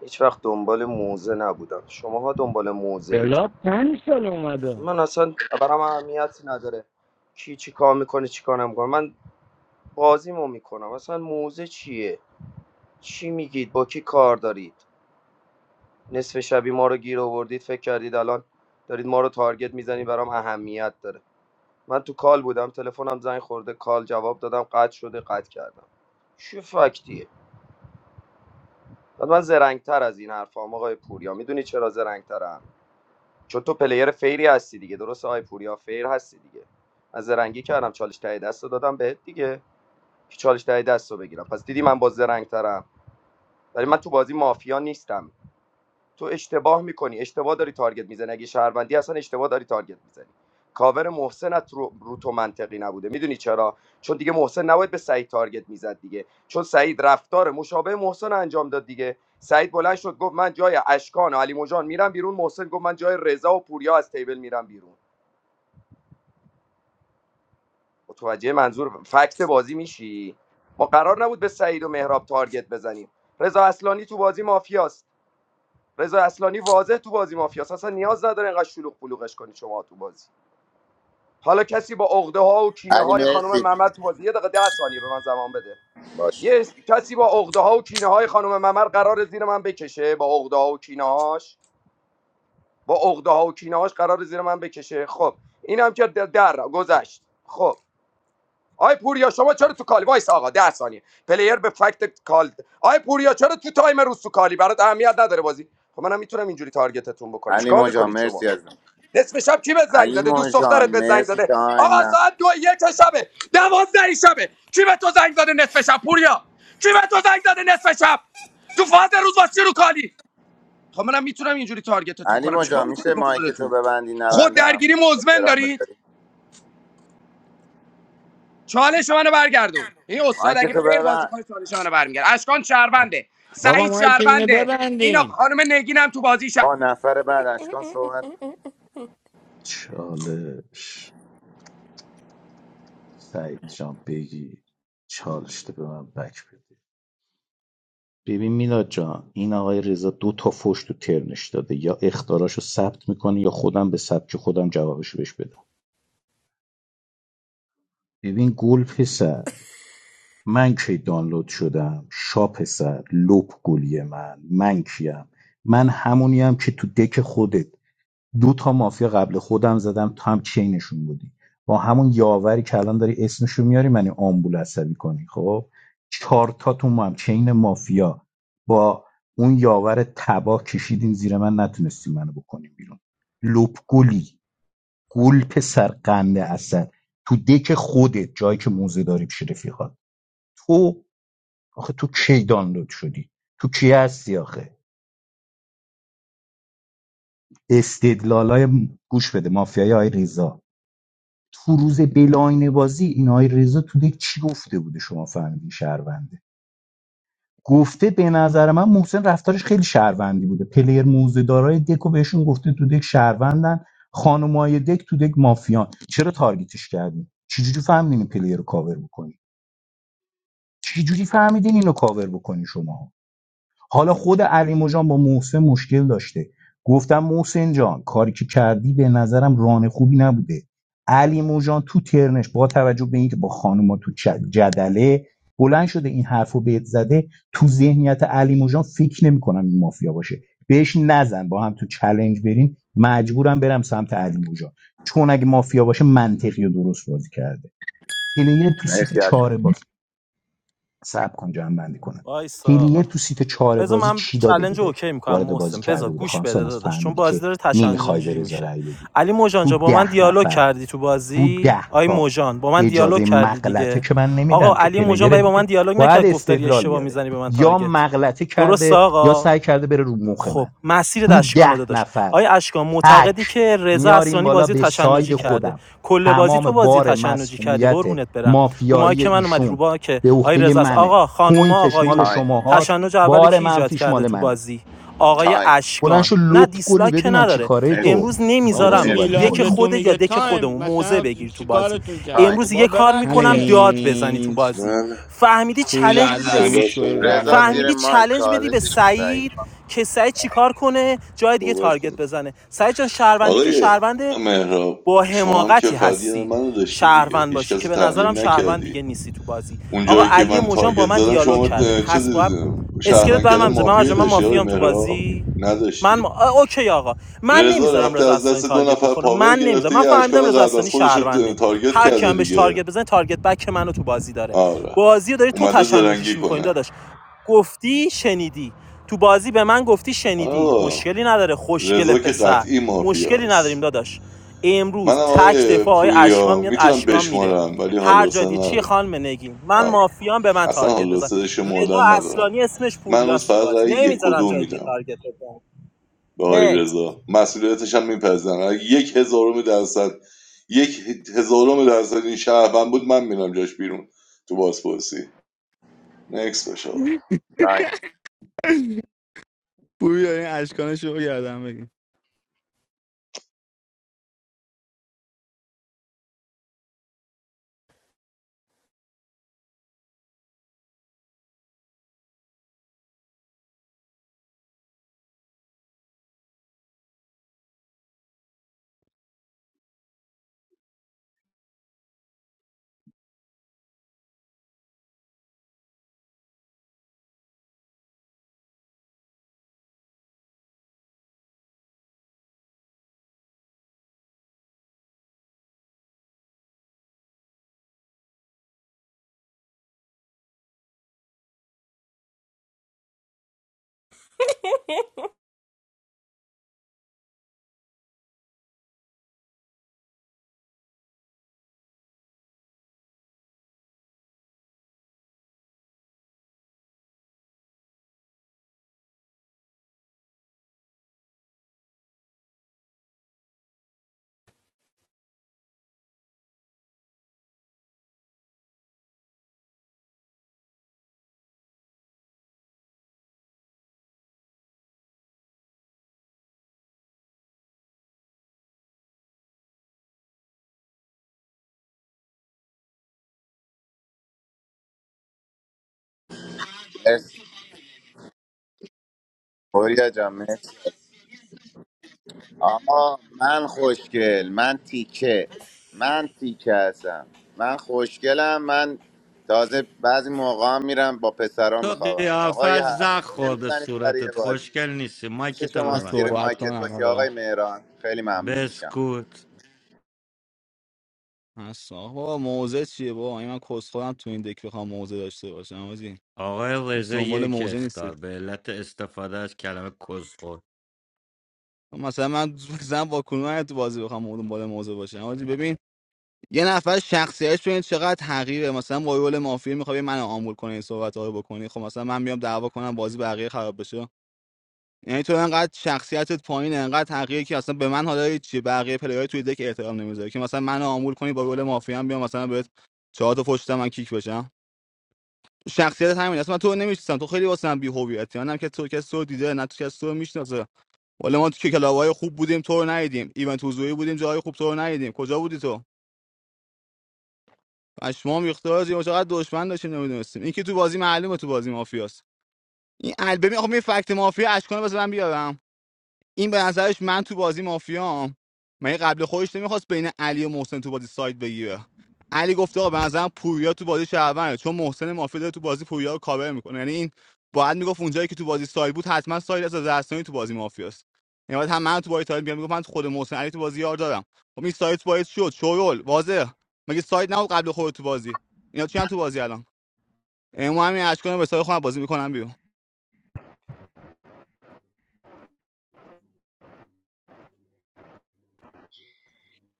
Speaker 14: هیچ وقت دنبال موزه نبودم شماها دنبال موزه اید
Speaker 23: بلا پنج سال اومده
Speaker 14: من اصلا برام اهمیتی نداره کی چی کار میکنه چی کار نمیکنه من بازیمو میکنم اصلا موزه چیه چی میگید با کی کار دارید نصف شبی ما رو گیر آوردید فکر کردید الان دارید ما رو تارگت میزنید برام اهمیت داره من تو کال بودم تلفنم زنگ خورده کال جواب دادم قطع شده قطع کردم چه فکتیه بعد من زرنگتر از این حرفام آقای پوریا میدونی چرا زرنگترم چون تو پلیر فیری هستی دیگه درسته؟ آقای پوریا فیر هستی دیگه از زرنگی کردم چالش تای دست رو دادم بهت دیگه که چالش تای دست رو بگیرم پس دیدی من با زرنگترم ولی من تو بازی مافیا نیستم تو اشتباه میکنی اشتباه داری تارگت میزنی اگه شهروندی اصلا اشتباه داری تارگت میزنی کاور محسنت رو, رو تو منطقی نبوده میدونی چرا چون دیگه محسن نباید به سعید تارگت میزد دیگه چون سعید رفتار مشابه محسن انجام داد دیگه سعید بلند شد گفت من جای اشکان و علی مجان میرم بیرون محسن گفت من جای رضا و پوریا از تیبل میرم بیرون متوجه منظور فکت بازی میشی ما قرار نبود به سعید و مهراب تارگت بزنیم رضا اصلانی تو بازی مافیاست رضا اصلانی واضح تو بازی مافیاس اصلا نیاز نداره اینقدر شلوغ پلوغش کنی شما تو بازی حالا کسی با عقده ها و کینه
Speaker 3: علی
Speaker 14: های خانم
Speaker 3: مرسی
Speaker 14: ممر تو بازی یه دقیقه ده ثانیه به من زمان بده
Speaker 3: باش
Speaker 14: یه کسی با عقده ها و کینه های خانم ممر قرار زیر من بکشه با عقده ها و کینه هاش با عقده ها و کینه هاش قرار زیر من بکشه خب اینم که در در گذشت خب آی پوریا شما چرا تو کالی وایس آقا ده ثانیه پلیر به فکت کال آی پوریا چرا تو تایم روز تو کالی برات اهمیت نداره بازی خب منم میتونم اینجوری تارگتتون بکنم
Speaker 3: علی
Speaker 14: چیکار
Speaker 3: مجان
Speaker 14: میکنید شما
Speaker 3: مرسی از
Speaker 14: نصف شب کی به زنگ
Speaker 3: علی
Speaker 14: زده دوست
Speaker 3: مجان
Speaker 14: دخترت به زنگ
Speaker 3: مرسی
Speaker 14: زده
Speaker 3: تایم
Speaker 14: آقا
Speaker 3: نه
Speaker 14: ساعت دو یک شبه دوازده شبه کی به تو زنگ زده نصف شب پوریا کی به تو زنگ زده نصف شب تو فاز روز واسه رو کالی خب منم میتونم اینجوری تارگتتون
Speaker 3: علی
Speaker 14: کنم چیکار
Speaker 3: مجان میشه
Speaker 14: میکنید با
Speaker 3: مایک تو
Speaker 14: خودتون
Speaker 3: ببندی
Speaker 14: خود
Speaker 3: نبندم
Speaker 14: درگیری مزمن
Speaker 3: احترام
Speaker 14: دارید
Speaker 3: بذاری
Speaker 14: چالش منو برگردون این استاد
Speaker 3: مایک
Speaker 14: اگه
Speaker 3: تو
Speaker 14: فیر بازی
Speaker 3: ببند
Speaker 14: کنه چالش منو برمیگرد اشکان شهرونده
Speaker 23: بابا
Speaker 14: سعید
Speaker 23: ما که اینه
Speaker 14: شهرونده این آقا-
Speaker 23: ببندین
Speaker 14: خانم نگینم تو بازی شهر
Speaker 3: آ نفر بعد اشکان صحبت
Speaker 11: چالش سعید جان بگی چالش تو به من بک بده ببین میلاد جان این آقای رضا دو تا فوش تو ترنش داده یا اختاراشو ثبت میکنه یا خودم به سبک خودم جوابشو بهش بدم ببین گل پسر من کی دانلود شدم شا پسر لپ گلی من من کیم من همونیم که تو دک خودت دو تا مافیا قبل خودم زدم تو هم چینشون بودی با همون یاوری که الان داری اسمشو میاری من آمبول عصبی کنی خب چهار تا تو هم چین مافیا با اون یاور تبا کشیدین زیر من نتونستی منو بکنیم بیرون لپ گلی گل پسر قنده اصل تو دک خودت جایی که موزه داری پیش رفیقات تو آخه تو کی دانلود شدی تو کی هستی آخه استدلالای گوش بده مافیای آی ریزا تو روز بلاین بازی این آقای رضا تو دک چی گفت گوجان تو ترنش با توجه به اینکه با خانوما تو چ- جدله بلند شده این حرفو رو بهت زده تو ذهنیت علی موجان فکر نمیکنم این مافیا باشه بهش نزن با هم تو چلنج برین مجبورم برم سمت علی موجان چون اگه مافیا باشه منطقی و درست بازی کرده پلیر تو سیت
Speaker 3: مرسی اشکان
Speaker 11: چهار صبر کن جمع بندی کنم
Speaker 16: وایسا آقا
Speaker 11: هیلیر تو سیت چهار
Speaker 16: بذار
Speaker 11: بازی
Speaker 16: من
Speaker 11: چی داده
Speaker 16: چلنج رو
Speaker 11: بوده
Speaker 16: اوکی میکنم
Speaker 11: وارد بازی
Speaker 16: محسن بذار
Speaker 11: کرده بوده
Speaker 16: گوش بده
Speaker 11: خامسان از
Speaker 16: داداش چون
Speaker 11: فهمیدی
Speaker 16: بازی
Speaker 11: که
Speaker 16: داره
Speaker 11: نمیخوای به
Speaker 16: تشنجونجی
Speaker 11: رضا
Speaker 16: میشه
Speaker 11: رأی بدی
Speaker 16: علی مجان
Speaker 11: تو
Speaker 16: جا با من
Speaker 11: ده
Speaker 16: دیالوگ
Speaker 11: نفر
Speaker 16: کردی تو
Speaker 11: تو
Speaker 16: بازی
Speaker 11: ده
Speaker 16: آی
Speaker 11: تا
Speaker 16: مجان با من دیالوگ
Speaker 11: اجازه
Speaker 16: کردی
Speaker 11: مغلطه
Speaker 16: دیگه
Speaker 11: که من
Speaker 16: آقا
Speaker 11: نمیدم که
Speaker 16: علی مجان
Speaker 11: پلیر
Speaker 16: برای با من
Speaker 11: دیگه
Speaker 16: دیالوگ
Speaker 11: باید
Speaker 16: نکرد گفت داری
Speaker 11: استدلال
Speaker 16: اشتباه
Speaker 11: بیاره
Speaker 16: میزنی به من
Speaker 11: یا
Speaker 16: تارگت
Speaker 11: مغلطه
Speaker 16: درست
Speaker 11: کرده یا
Speaker 16: آقا
Speaker 11: سعی کرده بره رو مخ
Speaker 16: خب
Speaker 11: من
Speaker 16: مسیر
Speaker 11: تو
Speaker 16: اشکانه
Speaker 11: ده
Speaker 16: داداش
Speaker 11: نفر
Speaker 16: آیا اشکان
Speaker 11: تک
Speaker 16: معتقدی که رضا
Speaker 11: میاریم
Speaker 16: اسرانی
Speaker 11: بالا
Speaker 16: بازی
Speaker 11: به
Speaker 16: تشنجی
Speaker 11: ساید
Speaker 16: کرده
Speaker 11: خودم
Speaker 16: کل بازی
Speaker 11: تمام
Speaker 16: تو بازی
Speaker 11: بار
Speaker 16: تشنجی کردی
Speaker 11: مسئولیت
Speaker 16: قربونت برم رومایی
Speaker 11: مافیایی
Speaker 16: که من اومدی
Speaker 11: ایشون
Speaker 16: رو که
Speaker 11: به
Speaker 16: آیا
Speaker 11: عهده
Speaker 16: رضا است
Speaker 11: منه
Speaker 16: آقا خانوما
Speaker 11: پوینتش مال
Speaker 16: آقایون
Speaker 3: تایم
Speaker 11: شما هاست
Speaker 16: تشنج اول
Speaker 11: بار
Speaker 16: کی ایجاد
Speaker 11: منفیش
Speaker 16: کرده
Speaker 11: مال
Speaker 16: تو
Speaker 11: منه
Speaker 16: بازی آقای
Speaker 3: تایم
Speaker 11: بلند
Speaker 16: اشکان نه
Speaker 11: شو، کل
Speaker 16: دیسلایک که نداره
Speaker 3: مرسی
Speaker 11: تو
Speaker 16: امروز
Speaker 11: این مدلی
Speaker 23: آقا
Speaker 16: نمیذارم
Speaker 11: صحبت
Speaker 16: تو
Speaker 3: مرسی
Speaker 23: میلاد
Speaker 11: میکنی.
Speaker 16: دک
Speaker 23: به تو
Speaker 16: خودت یا
Speaker 23: میگه
Speaker 16: دک
Speaker 23: تایم
Speaker 16: خودمون موزه
Speaker 23: مثلا
Speaker 16: بگیری تو
Speaker 23: چی
Speaker 16: بازی
Speaker 23: کارتون کرده
Speaker 3: تایم
Speaker 23: خب
Speaker 16: امروز
Speaker 23: بابا
Speaker 16: یه کار
Speaker 23: ببند
Speaker 16: میکنم
Speaker 23: دیگه
Speaker 16: داد بزنی تو
Speaker 8: چلنج
Speaker 16: بازی
Speaker 22: من
Speaker 16: فهمیدی
Speaker 8: پوری
Speaker 16: چالش بدی
Speaker 8: از زمین
Speaker 16: بس
Speaker 22: صحبت
Speaker 8: شوی
Speaker 22: کنم
Speaker 3: رضا
Speaker 8: گردم بگی
Speaker 3: زیر
Speaker 16: فهمیدی
Speaker 3: مایک
Speaker 16: چالش بدی به
Speaker 3: چالشش رو سعید
Speaker 16: سعید که سعید چیکار کنه جای دیگه
Speaker 22: صحبت
Speaker 16: تارگت
Speaker 22: کنم
Speaker 16: بزنه سعید جان شهروندی که
Speaker 22: آقای
Speaker 16: شهروند
Speaker 22: مهراب
Speaker 16: با
Speaker 22: شما هم که
Speaker 16: حماقتی
Speaker 22: فقط یه
Speaker 16: هستی
Speaker 22: منو داشتی دیگه
Speaker 16: شهروند
Speaker 22: هیچ
Speaker 16: باشی
Speaker 22: کس
Speaker 16: که
Speaker 22: رو
Speaker 16: به نظرم
Speaker 22: تحلیل
Speaker 16: شهروند
Speaker 22: نکردی
Speaker 16: دیگه نیستی تو بازی
Speaker 22: اون
Speaker 16: آقا
Speaker 22: جایی که
Speaker 16: علی
Speaker 22: من
Speaker 16: موجان
Speaker 22: تارگت
Speaker 16: با من
Speaker 22: زدم
Speaker 16: دیالوگ
Speaker 22: شما
Speaker 16: کرده
Speaker 22: اه، چه
Speaker 16: پس باید اسکلت
Speaker 22: شهروند کردم
Speaker 16: برام میذاره. من
Speaker 22: مافیایی
Speaker 16: مرجان من
Speaker 22: داشتی آقای
Speaker 16: مافیام تو
Speaker 22: مهراب
Speaker 16: بازی من
Speaker 22: نداشتی
Speaker 16: ما... آ، اوکی آقا من
Speaker 22: رضا
Speaker 16: نمیذارم
Speaker 22: رفته
Speaker 16: رضا
Speaker 22: از
Speaker 16: اصلانی
Speaker 22: دست دو
Speaker 16: تارگت
Speaker 22: نفر
Speaker 16: بخوره
Speaker 22: پاور
Speaker 16: من نمیذارم
Speaker 22: گرفته
Speaker 16: من
Speaker 22: یه
Speaker 16: فهمیدم
Speaker 22: اشکال
Speaker 16: رضا
Speaker 22: قبل از
Speaker 16: اصلانی
Speaker 22: خودش رو
Speaker 16: شهرونده
Speaker 22: تارگت
Speaker 16: هر کی
Speaker 22: کرده
Speaker 16: هم بهش
Speaker 22: دیگه
Speaker 16: تارگت بزنه تارگت بک منو تو بازی داره
Speaker 22: آره
Speaker 16: بازی رو داری تو
Speaker 22: اومده زرنگی
Speaker 16: تشنجیش میکنی
Speaker 22: کنه
Speaker 16: داداش گفتی شنیدی تو بازی به من گفتی شنیدی
Speaker 22: آه
Speaker 16: مشکلی نداره خوشگل
Speaker 22: رضا که
Speaker 16: پسر
Speaker 22: قطعی
Speaker 16: مشکلی
Speaker 22: مافیاست
Speaker 16: نداریم داداش
Speaker 22: منم
Speaker 16: امروز تک
Speaker 22: آقای
Speaker 16: دفاع های اشکان
Speaker 22: پویا
Speaker 16: میاد
Speaker 22: میتونم
Speaker 16: اشکان میره
Speaker 22: بشمارم ولی حال و
Speaker 16: هر جا
Speaker 22: حوصله
Speaker 16: دیگه چی
Speaker 22: ندارم
Speaker 16: خانم نگین من
Speaker 22: آره
Speaker 16: مافیام به من
Speaker 22: اصلا
Speaker 16: تارگت
Speaker 22: حال و
Speaker 16: بزن
Speaker 22: حوصله
Speaker 16: رضا
Speaker 22: شمردن ندارم
Speaker 16: اصلانی اسمش
Speaker 22: من امروز
Speaker 16: پوریاس تو
Speaker 22: فقط
Speaker 16: بازی
Speaker 22: رأی یک و
Speaker 16: نمیذارم
Speaker 22: دو
Speaker 16: جای دیگه
Speaker 22: میدم
Speaker 16: تارگت بزن
Speaker 22: به آقای
Speaker 16: نکس
Speaker 22: رضا مسئولیتش هم میپذیرم یک هزارم درصد یک هزارم درصد این شهروند بود من میرم جاش بیرون تو بازپرسی نکس باشه آقا.
Speaker 3: تایم
Speaker 8: پوری این اشکان شو گردم بگی
Speaker 3: مرسی. بوریا جان مرسی آقا من خوشگل من تیکه من تیکه هستم من خوشگلم من تازه بعضی موقع هم میرم با پسرا
Speaker 23: تو
Speaker 3: میخوابم آقا
Speaker 23: قیافت
Speaker 3: یه حرفا
Speaker 23: زخ
Speaker 3: چیه
Speaker 23: خورده
Speaker 3: میزنید سر یه
Speaker 23: صورتت
Speaker 3: بازی
Speaker 23: خوشگل نیستی مایک
Speaker 3: میشه
Speaker 23: تو
Speaker 8: من
Speaker 3: شما
Speaker 23: ببند
Speaker 3: زیر
Speaker 8: صحبت
Speaker 3: مایکت
Speaker 8: کنم
Speaker 3: باشی
Speaker 8: آقا
Speaker 3: آقای مهران خیلی ممنون میشم
Speaker 23: بسکوت
Speaker 8: اصلا آقا موزه چیه بابا این من کس خودم تو این دک بخوام موزه داشته باشم آجی
Speaker 23: آقای
Speaker 8: نیست
Speaker 23: رضا
Speaker 8: دنبال
Speaker 23: یک
Speaker 8: موزه نیست
Speaker 23: اختار به علت استفاده از کلمه کسخور
Speaker 8: مثلا من مثلا با کلون تو بازی بخوام اون بالا موضوع باشه حاجی ببین یه نفر شخصیتش ببین چقدر تغییره مثلا با رول مافیا میخوای من آمول کنه این صحبت رو بکنی خب مثلا من بیام دعوا کنم بازی بقیه خراب بشه یعنی تو انقدر شخصیتت پایینه انقدر تغییری که اصلا به من حالا هیچ چی بقیه پلیرهای توی دک احترام نمیذاره که مثلا من آمول کنی با رول مافیا هم بیام مثلا بهت چهار تا پشت من کیک بشم شخصیت همین اصلا من تو نمیشناسم تو خیلی واسه من بی‌هویتی منم که تو کس تو دیده نه تو کس تو رو ولی ما که کلاوهای خوب بودیم تو رو ندیدیم ایونت حضوری بودیم جاهای خوب تو رو ندیدیم کجا بودی تو پشمام ریخته آجی ما چقدر دشمن داشتیم نمیدونستیم این که تو بازی معلومه تو بازی مافیاست این البمی آخه می فکت مافیا اشکانه بس من بیارم این به نظرش من تو بازی مافیام من قبل خودش نمیخواست بین علی و محسن تو بازی ساید بگیره علی گفته آقا به نظرم پوریا تو بازی شهرونه چون محسن مافیا داره تو بازی پوریا رو کاور میکنه یعنی این باید میگفت اونجایی که تو بازی ساید بود حتما ساید از زرستانی تو بازی مافیاست یعنی باید هم من تو بازی تاید بیام میگفت من تو خود محسن علی تو بازی یار دارم خب این ساید باید شد شورول واضح مگه ساید نبود قبل خود تو بازی اینا چی هم تو بازی الان امام همین اشکانو به ساید خودم بازی میکنم بیرون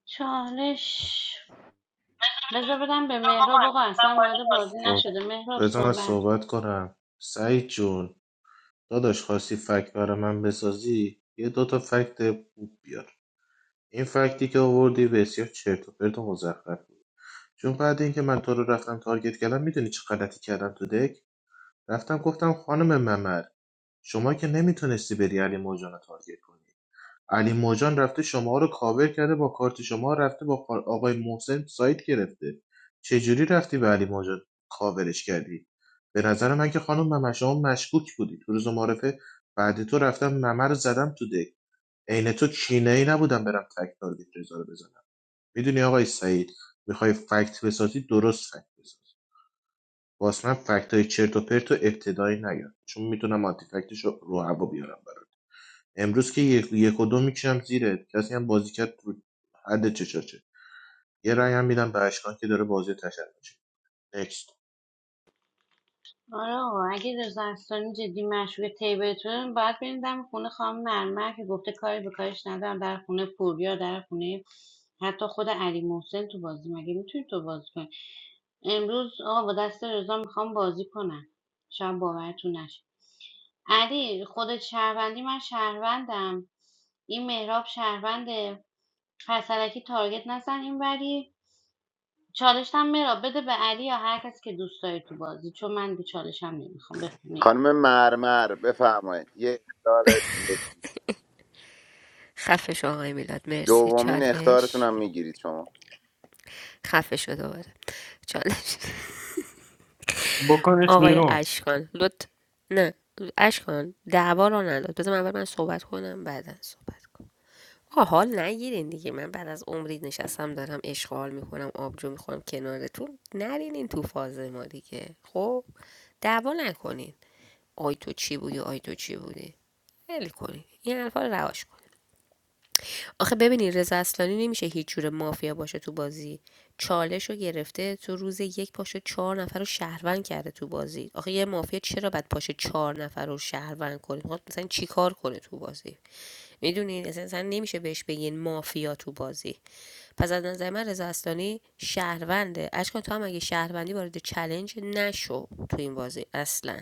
Speaker 15: چالش بذار بدم به مهراب آقا اصلا وارد بازی
Speaker 20: خب
Speaker 15: نشده مهراب
Speaker 20: بذار من
Speaker 15: صحبت
Speaker 20: صحبت کنم سعید جون داداش خواستی فکت برای من بسازی یه دوتا فکت خوب بیار این فکتی که آوردی بسیار چرت و پرت و مزخرف بود چون بعد اینکه من تو رو رفتم تارگت کردم میدونی چه غلطی کردم تو دک رفتم گفتم خانم ممر شما که نمیتونستی بری علی موجان رو تارگت کنی علی موجان رفته شما رو کاور کرده با کارت شما رفته با کار- آقای محسن سایت گرفته چجوری رفتی به علی موجان کاورش کردی به نظر من که خانم ممه شما مشکوک بودی تو روز معرفه بعد تو رفتم ممه رو زدم تو دک عین تو چینه نبودم برم فکت تارگت رضا رو بزنم میدونی آقای سعید میخوای فکت بسازی درست فکت بساز واسه من فکت های چرت و پرت و ابتدایی نیاد چون میتونم آنتی فکتش رو رو هوا بیارم امروز که یک, یک و دو میکشم زیره کسی هم بازی کرد رو حد چشاشه یه رأی هم میدم به اشکان که داره بازی تشن میشه نکست
Speaker 15: آره آقا اگه رضا اصلانی جدی مشروع تیبلتون باید بریم دم خونه خانم مرمر که گفته کاری به کارش ندارم در خونه پوریا در خونه حتی خود علی محسن تو بازی مگه میتونی تو بازی کنی امروز آقا با دست رضا میخوام بازی کنم شاید باورتون نشه علی خودت شهروندی من شهروندم این مهراب شهرونده پسرکی تارگت نزن این وری چالشتم مرا بده به علی یا هر کس که دوست داری تو بازی چون من دیگه چالشم نمیخوام بفهمی.
Speaker 3: خانم مرمر بفرمایید یه اختار جدی
Speaker 12: خفه شو آقای میلاد مرسی
Speaker 3: دومین اختارتون
Speaker 12: چالش
Speaker 3: هم میگیرید شما
Speaker 12: خفش شو دوباره چالش
Speaker 1: بکنش
Speaker 12: آقای
Speaker 1: بیرون
Speaker 12: اشکان لط نه اشکان دعوا رو نداد بذار من اول من صحبت کنم بعدن صحبت کنم آقا حال نگیرین دیگه من بعد از عمری نشستم دارم اشغال میکنم آبجو میخورم کنارتون نرین این تو فاز ما دیگه خب دعوا نکنین آی تو چی بودی آی تو چی بودی ول کنین این حرفا رو رواش کن آخه ببینین رضا اصلانی نمیشه هیچ جور مافیا باشه تو بازی چالش رو گرفته تو روز یک پاشو چهار نفر رو شهروند کرده تو بازی آخه یه مافیا چرا بعد پاشه چهار نفر رو شهروند کنه خب مثلا چیکار کنه تو بازی میدونین اصلا اصلا نمیشه بهش بگین مافیا تو بازی پس از نظر من رضا اصلانی شهرونده اشکان تو هم اگه شهروندی وارد چلنج نشو تو این بازی اصلا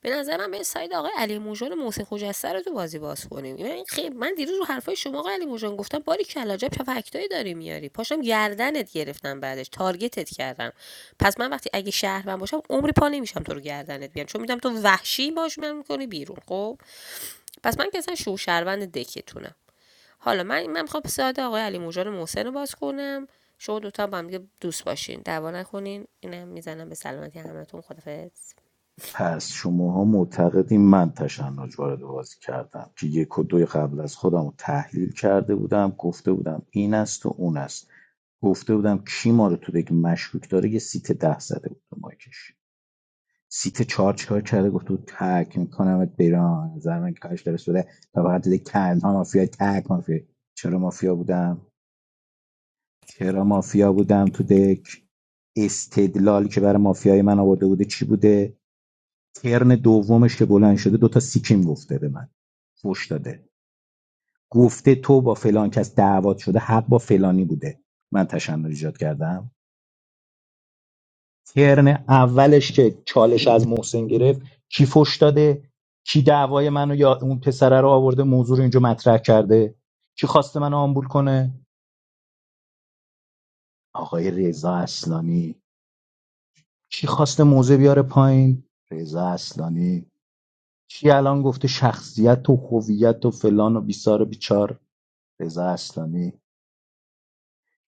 Speaker 12: به نظر من به ساید آقای علی موجان و محسن خجسته رو تو بازی باز کنیم یعنی این خیلی من دیروز رو حرفای شما آقای علی موجان گفتم باری کلا جب چه فکتایی داری میاری پاشم گردنت گرفتم بعدش تارگتت کردم پس من وقتی اگه شهروند باشم عمری پا نمیشم تو رو گردنت بیام چون میدم تو وحشی باش من میکنی بیرون خب پس من که اصلا شو شهروند دکتونم حالا من من میخوام ساده آقای علی موجان محسن رو باز کنم شما دوتا هم با هم دیگه دوست باشین دعوا نکنین اینم میزنم به سلامتی همتون خدافظ
Speaker 11: پس شماها معتقدین من تشنج وارد بازی کردم که یک و دوی قبل از خودم رو تحلیل کرده بودم گفته بودم این است و اون است گفته بودم کی ما رو تو دیگه مشکوک داره یه سیت ده زده بود به مایکش سیت چهار چیکار کرده گفت بود تک میکنمت بیرون نظر من که کارش درست بوده و فقط دیگه تنها مافیا تک مافیا چرا مافیا بودم چرا مافیا بودم یک استدلالی که برای مافیای من آورده بوده چی بوده ترن دومش که بلند شده دوتا سیکیم گفته به من فوش داده گفته تو با فلان کس دعوات شده حق با فلانی بوده من تشنج ایجاد کردم ترن اولش که چالش از محسن گرفت کی فوش داده کی دعوای منو یا اون پسره رو آورده موضوع رو اینجا مطرح کرده کی خواسته منو آمبول کنه آقای رضا اصلانی کی خواسته موزه بیاره پایین رضا اصلانی کی الان گفته شخصیت و هویت و فلان و بیسار و بیچار رضا اصلانی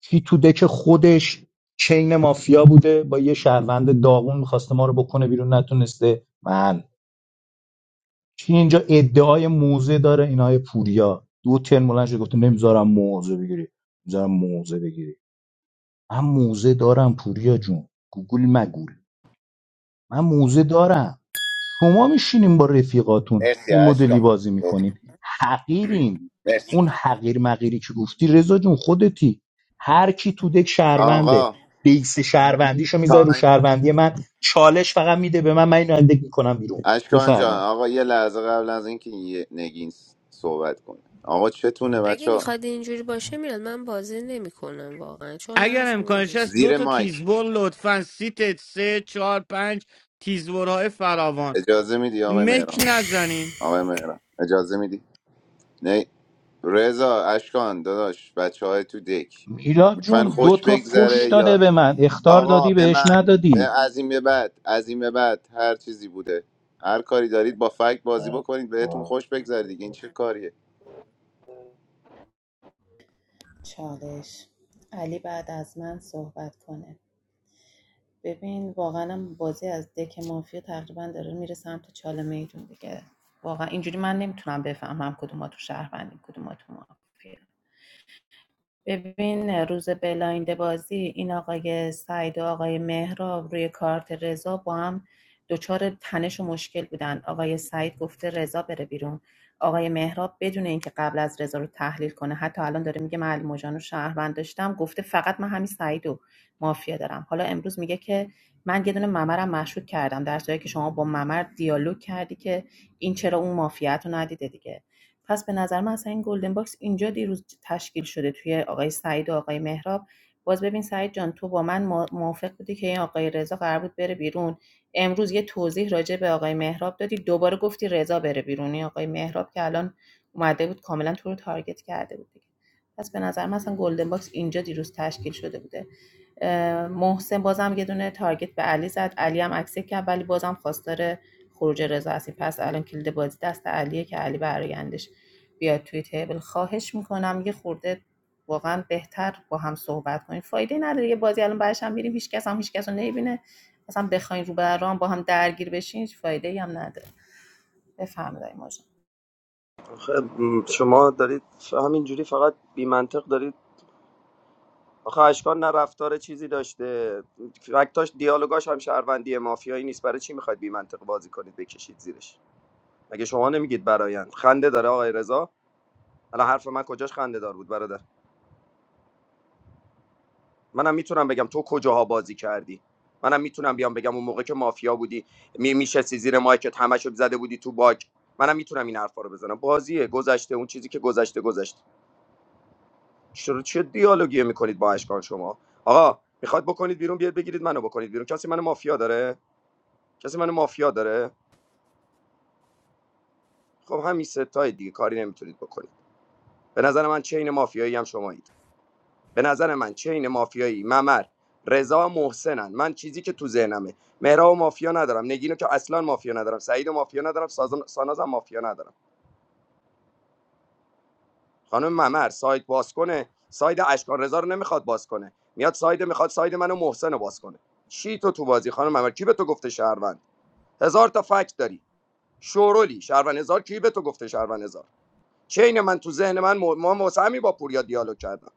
Speaker 11: کی تو دک خودش چین مافیا بوده با یه شهروند داغون میخواسته ما رو بکنه بیرون نتونسته من کی اینجا ادعای موزه داره اینای پوریا دو ترم بلند شده گفته نمیذارم موزه بگیری نمیذارم موزه بگیری من موزه دارم پوریا جون گوگل مگول من موزه دارم شما میشینین با رفیقاتون
Speaker 3: مرسی
Speaker 11: این مدلی
Speaker 3: اشکان
Speaker 11: بازی میکنین حقیرین
Speaker 3: مرسی
Speaker 11: اون حقیر مقیری که گفتی رضا جون خودتی هر کی تو دک شهرونده
Speaker 3: آقا
Speaker 11: بیس شهروندیشو میذاره رو
Speaker 3: تایم
Speaker 11: شهروندی من چالش فقط میده به من من اینو از دک میکنم بیرون
Speaker 3: اشکان جان
Speaker 11: بفرمایید
Speaker 3: آقا یه لحظه قبل از اینکه یه نگین صحبت کنه آقا چتونه
Speaker 12: اگه
Speaker 3: بچه
Speaker 12: میخواد اینجوری باشه میلاد من بازی نمیکنم واقعا چون
Speaker 23: اگر
Speaker 12: مغزم
Speaker 23: امکانش
Speaker 12: میکشه
Speaker 23: هست دو
Speaker 3: زیر
Speaker 23: تا
Speaker 3: مایک
Speaker 23: تیزبر لطفا سیت سه چهار پنج تیزبرهای فراوان
Speaker 3: اجازه میدی آقای
Speaker 23: مک
Speaker 3: مهران
Speaker 23: نزنین
Speaker 3: آقای مهران اجازه میدی نه رضا اشکان داداش بچه های تو دک
Speaker 11: میلاد
Speaker 3: میخواین
Speaker 11: جون دو
Speaker 3: خوش
Speaker 11: تا فش
Speaker 3: بگذره
Speaker 11: داده
Speaker 3: یا
Speaker 11: به من اختار
Speaker 3: آقا
Speaker 11: دادی
Speaker 3: به
Speaker 11: بهش
Speaker 3: من
Speaker 11: ندادی
Speaker 3: به از این به بعد از این به بعد هر چیزی بوده هر کاری دارید با فکت بازی بکنید بهتون خوش بگذره دیگه این چه کاریه
Speaker 17: چالش علی بعد از من صحبت کنه ببین واقعا هم بازی از دک مافیا تقریبا داره میره سمت چاله میدون دیگه واقعا اینجوری من نمیتونم بفهمم کدوماتون شهروندین کدوماتون مافیا ببین روز بلایند بازی این آقای سعید و آقای مهراب روی کارت رضا با هم دچار تنش و مشکل بودن آقای سعید گفته رضا بره بیرون آقای مهراب بدون اینکه قبل از رضا رو تحلیل کنه حتی الان داره میگه من الموجان رو شهروند داشتم گفته فقط من همین سعید و مافیا دارم حالا امروز میگه که من یه دونه ممرم مشکوک کردم در صورتی که شما با ممر دیالوگ کردی که این چرا اون مافیت رو ندیده دیگه پس به نظر من اصلا این گلدن باکس اینجا دیروز تشکیل شده توی آقای سعید و آقای مهراب باز ببین سعید جان تو با من مو- موافق بودی که این آقای رضا قرار بود بره بیرون امروز یه توضیح راجع به آقای مهراب دادی دوباره گفتی رضا بره بیرون این آقای مهراب که الان اومده بود کاملا تو رو تارگت کرده بود دیگه پس به نظر من اصلا گلدن باکس اینجا دیروز تشکیل شده بوده محسن بازم یه دونه تارگت به علی زد علی هم اکسپ کرد ولی بازم خواستار خروج رضا هستیم پس الان کلید بازی دست علیه که علی برایندش بیاید توی تیبل خواهش میکنم یه خورده واقعا بهتر با هم صحبت کنیم فایده نداره یه بازی الان برش هم میریم هیچ کس هم هیچ کس رو نمیبینه اصلا بخواین رو به رو هم با هم درگیر بشین هیچ فایده ای هم نداره بفهمید این ماجرا.
Speaker 14: آخه، م، شما دارید همینجوری فقط بی منطق دارید آخه اشکان نه رفتار چیزی داشته فکتاش دیالوگاش هم شهروندی مافیایی نیست برای چی میخواید بی منطق بازی کنید بکشید زیرش مگه شما نمیگید برایند خنده داره آقای رضا الان حرف من کجاش خنده دار بود برادر منم میتونم بگم تو کجاها بازی کردی منم میتونم بیام بگم اون موقع که مافیا بودی می میشستی زیر مایکت همشو زده بودی تو باگ منم میتونم این حرفا رو بزنم بازیه گذشته اون چیزی که گذشته گذشته چرا چه دیالوگی میکنید با اشکان شما آقا میخواد بکنید بیرون بیاد بگیرید منو بکنید بیرون کسی منو مافیا داره کسی منو مافیا داره خب همین ستای دیگه کاری نمیتونید بکنید به نظر من چین مافیایی هم شمایید به نظر من چین مافیایی ممر رضا و محسنن من چیزی که تو ذهنمه مهرا مافیا ندارم نگینو که اصلا مافیا ندارم سعید و مافیا ندارم سازن- سانازم مافیا ندارم خانم ممر ساید باز کنه ساید اشکان رضا رو نمیخواد باز کنه میاد ساید میخواد ساید منو محسن رو باز کنه چی تو تو بازی خانم ممر کی به تو گفته شهروند هزار تا فکت داری شورولی شهروند هزار کی به تو گفته شهروند هزار چه اینه من تو ذهن من م- ما واسه با پوریا دیالوگ کردم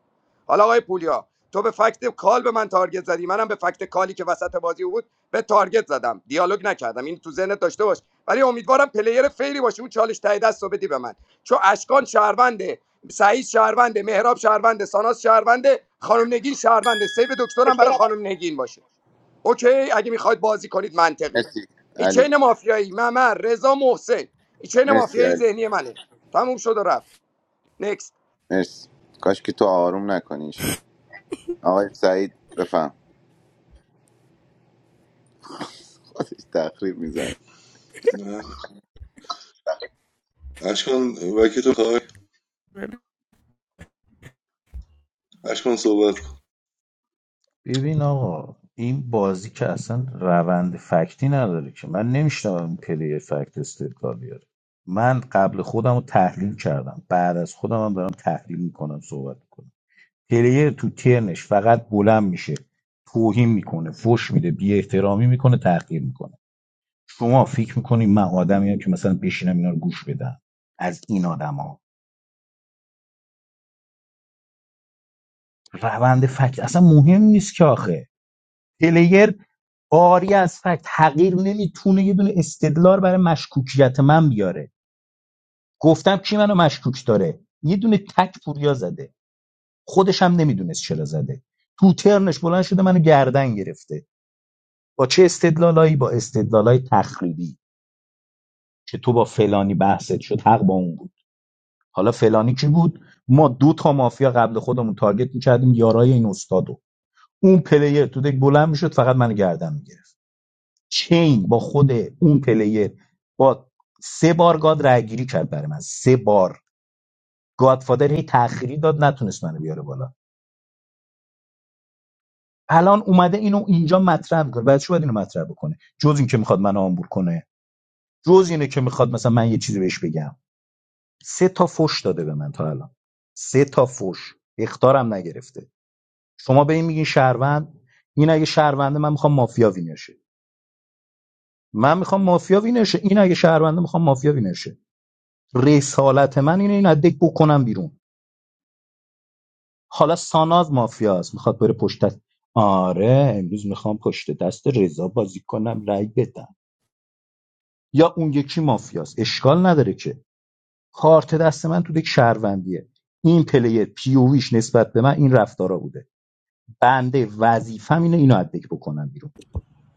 Speaker 14: حالا آقای پوریا تو به فکت کال به من تارگت زدی منم به فکت کالی که وسط بازی بود به تارگت زدم دیالوگ نکردم این تو ذهنت داشته باش ولی امیدوارم پلیر فیری باشی اون چالش ته دست بدی به من چون اشکان شهرونده سعید شهرونده مهراب شهرونده ساناس شهرونده خانم نگین شهرونده سیو دکترم برای خانم نگین باشه اوکی اگه میخواید بازی کنید منطقی
Speaker 3: مرسی
Speaker 14: این
Speaker 3: علی
Speaker 14: چین مافیایی ممر رضا محسن این چین
Speaker 3: مرسی
Speaker 14: مافیایی
Speaker 3: علی
Speaker 14: ذهنی منه تموم شد و رفت نکست
Speaker 3: مرسی کاش که تو آروم نکنی آقای سعید بفهم خودش تخریب میزنه
Speaker 22: نه. اشکان وکی تو خواهی اشکان صحبت کن
Speaker 11: ببین آقا این بازی که اصلا روند فکتی نداره که من نمیشنوم این پلیر فکت استدلال بیاره من قبل خودم رو تحلیل کردم بعد از خودم هم دارم تحلیل میکنم صحبت میکنم پلیر تو ترنش فقط بلند میشه توهین میکنه فش میده بی احترامی میکنه تحقیر میکنه شما فکر میکنی من آدمی هم که مثلا بشینم اینا رو گوش بدم از این آدما روند فکت اصلا مهم نیست که آخه پلیر آری از فکت حقیر نمیتونه یه دونه استدلال برای مشکوکیت من بیاره گفتم کی منو مشکوک داره یه دونه تک پوریا زده خودش هم نمیدونست چرا زده تو ترنش بلند شده منو گردن گرفته با چه استدلالایی با استدلالای تخریبی که تو با فلانی بحثت شد حق با اون بود حالا فلانی کی بود ما دو تا مافیا قبل خودمون تارگت میکردیم یارای این استادو اون پلیر تو دک بلند میشد فقط منو گردن میگرفت چین با خود اون پلیر با سه بار گاد رای گیری کرد برای من سه بار گادفادر هی تأخیری داد نتونست منو بیاره بالا الان اومده اینو اینجا مطرح میکنه بعد چی باید اینو مطرح بکنه جز این که میخواد منو آمبور کنه جز اینه که میخواد مثلا من یه چیزی بهش بگم سه تا فوش داده به من تا الان سه تا فوش اختارم نگرفته شما به این میگین شهروند این اگه شهرونده من میخوام مافیا وینرشه من میخوام مافیا وینرشه این اگه شهرونده میخوام مافیا وینرشه رسالت من اینه این ادک بکنم بیرون حالا ساناز مافیاست میخواد بره پشت دست آره امروز میخوام پشت دست رضا بازی کنم رای بدم یا اون یکی مافیاست اشکال نداره که کارت دست من تو دک شهروندیه این پلیر پیویش نسبت به من این رفتارا بوده بنده وظیفم اینه اینو ادک بکنم بیرون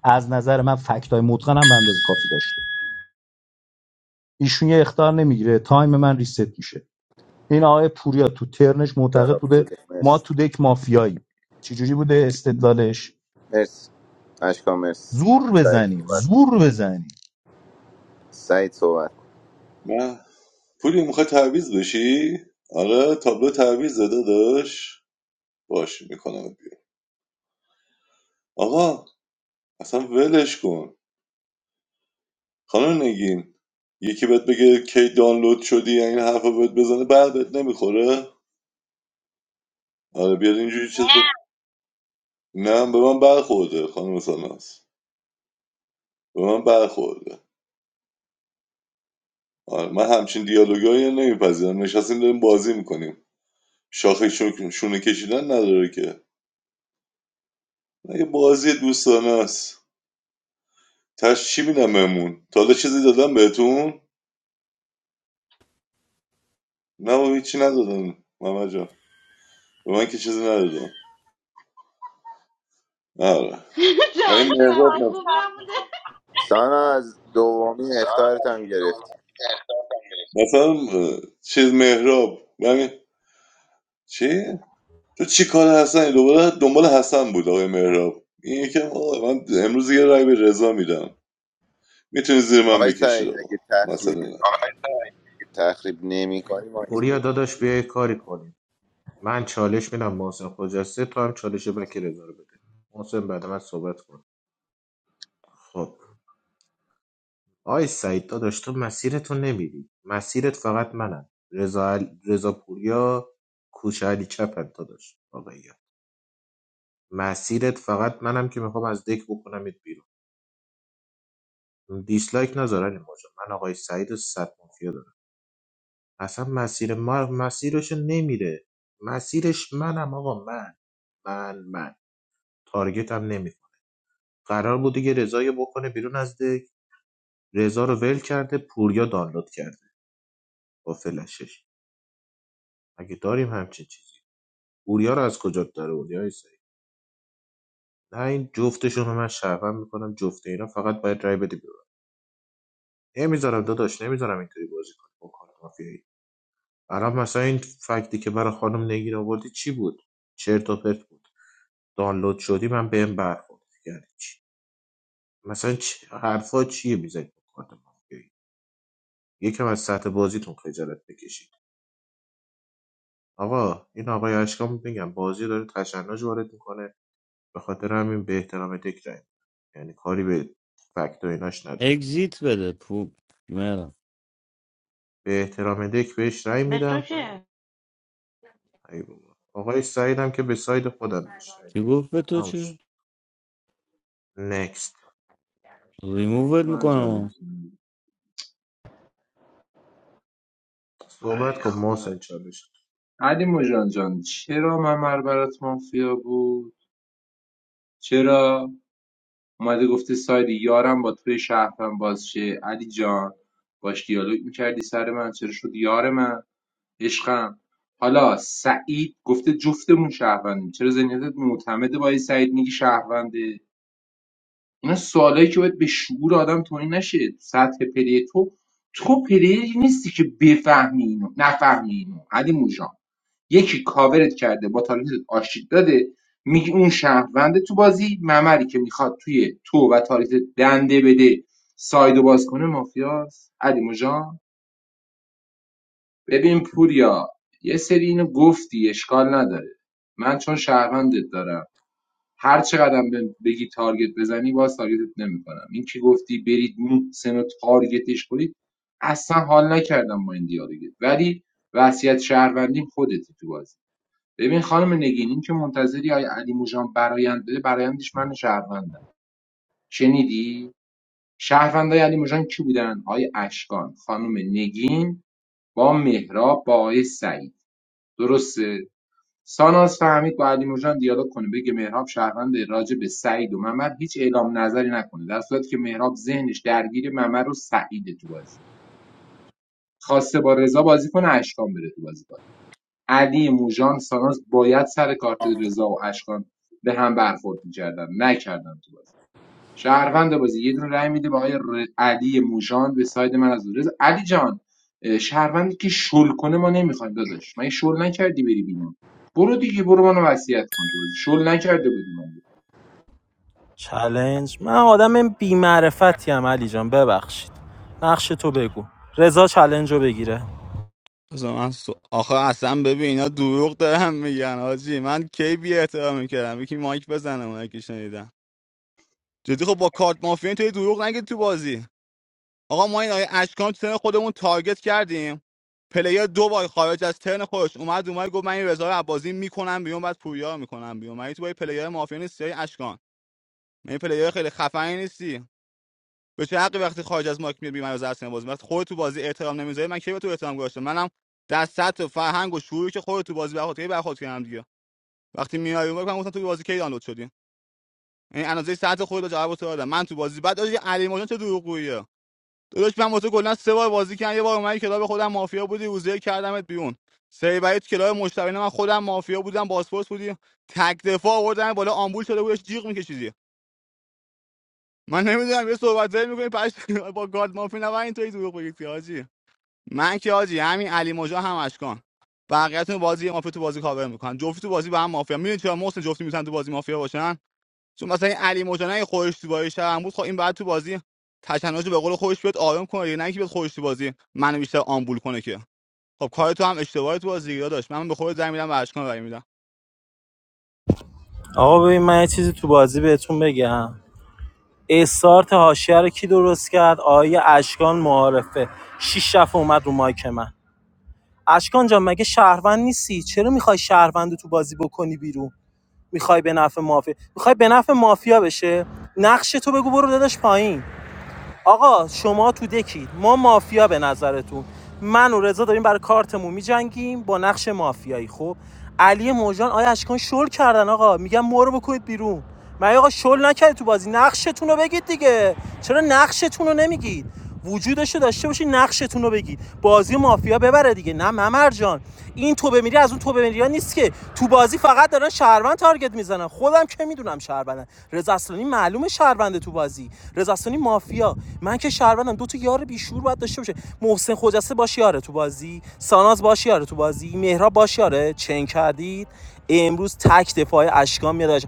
Speaker 11: از نظر من فکتای متقنم به اندازه کافی داشته ایشون یه اختار نمیگیره تایم من ریست میشه این آقای پوریا تو ترنش معتقد بوده ما
Speaker 3: مرسی
Speaker 11: تو دک مافیاییم چجوری بوده استدلالش
Speaker 3: مرسی اشکان مرسی
Speaker 11: زور
Speaker 3: آقای سعید
Speaker 11: بزنیم
Speaker 3: صحبت کن.
Speaker 11: زور بزنیم
Speaker 3: سعید صحبت کن.
Speaker 22: نه پولی میخوای تعویز بشی آره تابلو تعویز زده داشت باش میکنم بیرون آقا اصلا ولش کن خانم نگین یکی بهت بگه کی دانلود شدی یا این حرفا بهت بزنه بعدت نمیخوره آره بیاد اینجوری چیز نه گفت نه به من برخورده خانم ساناس به من برخورده آره من همچین دیالوگایی نمیپذیرم نشستیم داریم بازی میکنیم شاخه شون- شونه کشیدن نداره که مگه بازی دوستانه است تش چی میدم بهمون تا حالا چیزی دادم بهتون نه و هیچی ندادم محمد جان به من که چیزی ندادم آره و مهراب مث-
Speaker 3: سانا از دومی اختارت هم گرفتی
Speaker 22: مثلا اه، چیز مهراب یعنی چی؟ تو چی کار حسنی دوباره دنبال حسن بود آقای مهراب این که آقا من امروز یه رای به رضا میدم میتونی زیر من
Speaker 3: آقای
Speaker 22: بکشید
Speaker 3: سعید
Speaker 22: آقا
Speaker 3: اگه تخریب
Speaker 22: مثلا
Speaker 3: تخریب نمی کنی ما اینجا
Speaker 20: پوریا
Speaker 3: رو.
Speaker 20: داداش بیای کاری کنیم من چالش میدم محسن خجسته تو هم چالش بکی رضا رو بده محسن بعد من صحبت کن خب آی سعید داداش تو مسیرتو نمیدی مسیرت فقط منم رضا عل- رضا پوریا کوچه علی چپن داداش آقایی مسیرت فقط منم که میخوام از دک بکنمت بیرون دیسلایک نذار علی مرجان من آقای سعید و صد مافیا دارم اصلا مسیر ما مسیرشو نمیره مسیرش منم آقا من من من تارگت هم نمیکنه قرار بود دیگه رضا بکنه بیرون از دک رضا رو ول کرده پوریا دانلود کرده با فلشش اگه داریم همچین چیزی پوریا رو از کجا داره پوریا سعید نه این جفتشون رو من شهروند میکنم جفت اینا فقط باید رای بده بیرون نمیذارم داداش نمیذارم اینطوری بازی کنی با کارت مافیا الان مثلا این فکتی که برای خانم نگین آوردی چی بود چرت و پرت بود دانلود شدی من بهم برخورد یعنی چی مثلا چ... حرفا چیه میزنید بکنم؟ یکم از سطح بازیتون خجالت بکشید آقا این آقای اشکان میگم بازی داره تشنج وارد میکنه به خاطر همین به احترام دک رای یعنی کاری به فکت و ایناش نداره
Speaker 23: اگزیت بده پوپ مهرم
Speaker 20: به احترام دک بهش رای
Speaker 15: به تو
Speaker 20: میدم
Speaker 15: چه
Speaker 20: ای بابا. آقای سعیدم که به ساید خودم بهش رای
Speaker 23: چی
Speaker 20: میدم
Speaker 23: گفت به تو
Speaker 20: تموم
Speaker 23: چه؟
Speaker 20: شد. Next.
Speaker 23: ریمووت
Speaker 6: من
Speaker 23: میکنم
Speaker 6: جالب ای
Speaker 20: صحبت کن
Speaker 6: خدا
Speaker 20: محسن چالش
Speaker 6: علی مژان جان چرا ممر برات مافیا بود چرا اومده گفته ساید یارم با توی شهرم باز شه علی جان باش دیالوگ میکردی سر من چرا شد یار من عشقم حالا سعید گفته جفتمون شهروندیم چرا ذهنیتت معتمده با این سعید میگی شهرونده اینا سوالایی که باید به شعور آدم توهین نشه سطح پلی تو تو پلیری نیستی که بفهمی اینو نفهمی اینو علی مژان یکی کاورت کرده با تارگتت آشتید داده میگی اون شهرونده تو بازی ممری که میخواد توی تو و تاریت دنده بده سایدو باز کنه مافیاست علی جان ببین پوریا یه سری اینو گفتی اشکال نداره من چون شهروندت دارم هر چقدر بگی تارگت بزنی باز تارگتت نمیکنم این که گفتی برید محسن رو تارگتش کنید اصلا حال نکردم با این دیالوگت ولی وصیت شهروندیم خودتی تو بازی ببین خانم نگین این که منتظری آی علی موجان برایند بده برایندش من شهروندم شنیدی شهروندای علی موجان کی بودن آی اشکان خانم نگین با مهراب با آقای سعید درسته ساناز فهمید با علی موجان دیالوگ کنه بگه مهراب شهروند راجع به سعید و ممر هیچ اعلام نظری نکنه در صورتی که مهراب ذهنش درگیر ممر و سعید تو بازی خواسته با رضا بازی کنه اشکان بره تو بازی علی موژان،ساناز باید سر کارت رضا و اشکان به هم برخورد می‌کردن نکردن تو بازی شهروند بازی یه دونه رأی میده به آقای ر- علی موژان به ساید من از رضا علی جان اه، شهروندی که شل کنه ما نمیخوایم داداش من شل نکردی بری بیرون برو دیگه برو منو وصیت کن تو بازی شل نکرده بودی من
Speaker 16: چلنج من آدم بی معرفتی ام علی جان ببخشید نقش تو بگو رضا چلنج رو بگیره
Speaker 8: بذار من سو... آخه اصلا ببین اینا دروغ دارن میگن حاجی من کی بی احترام میکردم یکی مایک بزنه اونایی که شنیدم جدی خب با کارت مافیا توی دروغ نگید تو بازی آقا ما این آیه اشکان رو تو ترن خودمون تارگت کردیم پلیر دو بار خارج از ترن خودش اومد اومد گفت من این رضا رو از بازی میکنم بیرون بعد پوریا رو میکنم بیرون من تو با این پلیر مافیا نیستی های اشکان من این پلیر خیلی خفنی نیستی به چه حقی وقتی خارج از مارک میاد بی از اصلا بازی وقتی خودت تو بازی احترام نمیذاری من کی به تو احترام گذاشتم منم در سطح فرهنگ و شعوری که خودت تو بازی برخورد کردی برخورد کردم دیگه وقتی میای اون وقت من گفتم تو بازی کی دانلود شدی این اندازه سطح خودت رو جواب تو دادم من تو بازی بعد داشت علی ماجان چه دروغگوییه داداش من واسه کلا سه بار بازی کردم یه بار اومدی کلاب خودم مافیا بودی روزه کردمت بیرون سیبری تو کلاب مشتبه من خودم مافیا بودم باسپورس بودی تک دفاع آوردن بالا آمبول شده بودش جیغ میکشیدی من نمیدونم یه صحبت زایی میکنی پشت با گارد مافی نه اینطوری دروغ بگید که حاجی من که آجی همین علی مجا هم اشکان بقیه‌تون بازی مافیا تو بازی کاور میکنن جفتی تو بازی با هم مافیا میدونی چرا محسن جفتی میتونن تو بازی مافیا باشن چون مثلا این علی مجا نه خودش تو بازی شب هم بود خب این بعد تو بازی تشنج رو به قول خودش بیاد آرام کنه دیگه نه اینکه بیاد خودش تو بازی منو بیشتر آمبول کنه که خب کار تو هم اشتباهی تو بازی دیگه داداش من به خودت زنگ میدم و اشکان رای میدم
Speaker 16: آقا ببین من یه چیزی تو بازی بهتون بگم استارت حاشیه رو کی درست کرد آیه اشکان معارفه شیش دفعه اومد رو مایک من اشکان جان مگه شهروند نیستی چرا میخوای شهروند تو بازی بکنی بیرون میخوای به نفع مافیا میخوای به نفع مافیا بشه نقش تو بگو برو داداش پایین آقا شما تو دکید ما مافیا به نظرتون من و رضا داریم برای کارتمون میجنگیم با نقش مافیایی خب علی موجان آیا اشکان شل کردن آقا میگم ما رو بکنید بیرون من آقا شل نکردی تو بازی نقشتون رو بگید دیگه چرا نقشتون رو نمیگید وجودش رو داشته باشی نقشتون رو بگید بازی مافیا ببره دیگه نه ممر جان این تو بمیری از اون تو بمیری ها نیست که تو بازی فقط دارن شهروند تارگت میزنن خودم که میدونم شهروندن رضا اصلانی معلومه شهرونده تو بازی رضا اصلانی مافیا من که شهروندم دو تا یار بیشور باید داشته باشه محسن خجسته باش یاره تو بازی ساناز باش یاره تو بازی مهراب باش یاره چنگ کردید امروز تک دفاعی اشکان میاد آیا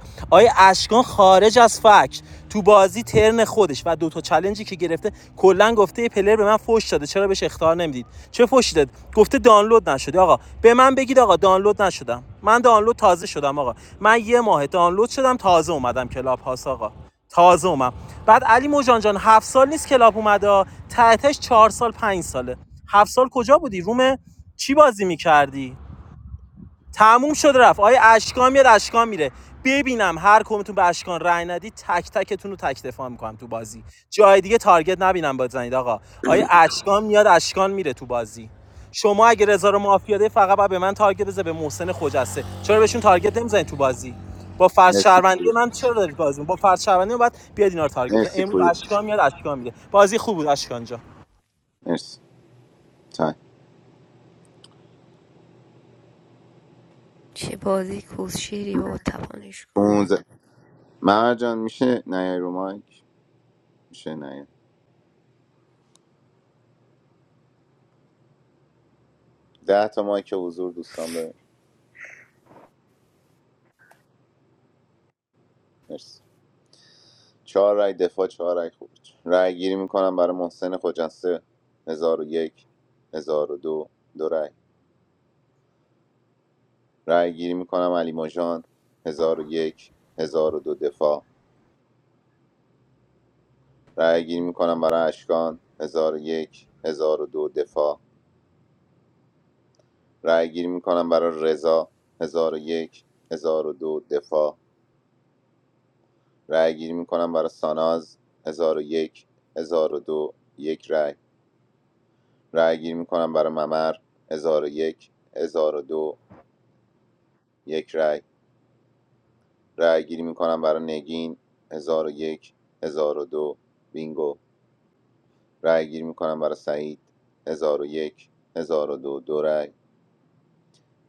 Speaker 16: اشکان خارج از فکت تو بازی ترن خودش و دوتا چلنجی که گرفته کلا گفته پلر به من فوش داده چرا بهش اختار نمیدید چه فوشی داد گفته دانلود نشده آقا به من بگید آقا دانلود نشدم من دانلود تازه شدم آقا من یه ماه دانلود شدم تازه اومدم کلاب هاس آقا تازه اومم بعد علی موجان جان هفت سال نیست کلاب اومده ها. تحتش چهار سال پنج ساله هفت سال کجا بودی روم چی بازی میکردی تموم شد رفت آیا اشکان میاد اشکان میره ببینم هر کمتون به اشکان رأی ندی تک تکتون رو تک دفاع میکنم تو بازی جای دیگه تارگت نبینم بزنید آقا آیا اشکان میاد اشکان میره تو بازی شما اگه رضا رو مافیاده فقط باید به من تارگت بزنید به محسن خجسته چرا بهشون تارگت نمیزنید تو بازی با فرض
Speaker 3: مرسی
Speaker 16: شهروندی
Speaker 3: پوری
Speaker 16: من چرا دارید بازی می‌کنید؟ با فرض شهروندی من باید بیاد اینا رو تارگت بزنید
Speaker 3: مرسی
Speaker 16: امروز
Speaker 3: پوری
Speaker 16: اشکان میاد اشکان میره بازی خوب بود اشکان جا
Speaker 3: مرسی تایم
Speaker 12: چه بازی کوز شیری بابا تپانش کن
Speaker 3: 15 مهر جان میشه نیای رو مایک میشه نیای ده تا مایک حضور دوستان ببین مرسی چهار رای دفاع چهار رای خروج رای گیری میکنم برای محسن خجسته هزار و یک هزار و دو دو رای رای گیری میکنم علی مژان هزار و یک هزار و دو دفاع رای گیری میکنم برای اشکان هزار و یک هزار و دو دفاع رای گیری میکنم برای رضا هزار و یک هزار و دو دفاع رای گیری میکنم برای ساناز هزار و یک هزار و دو یک رای رای گیری میکنم برای ممر هزار و یک هزار و دو یک رای رای گیری میکنم برای نگین هزار و یک هزار و دو بینگو رای گیری میکنم برای سعید هزار و یک هزار و دو دو رای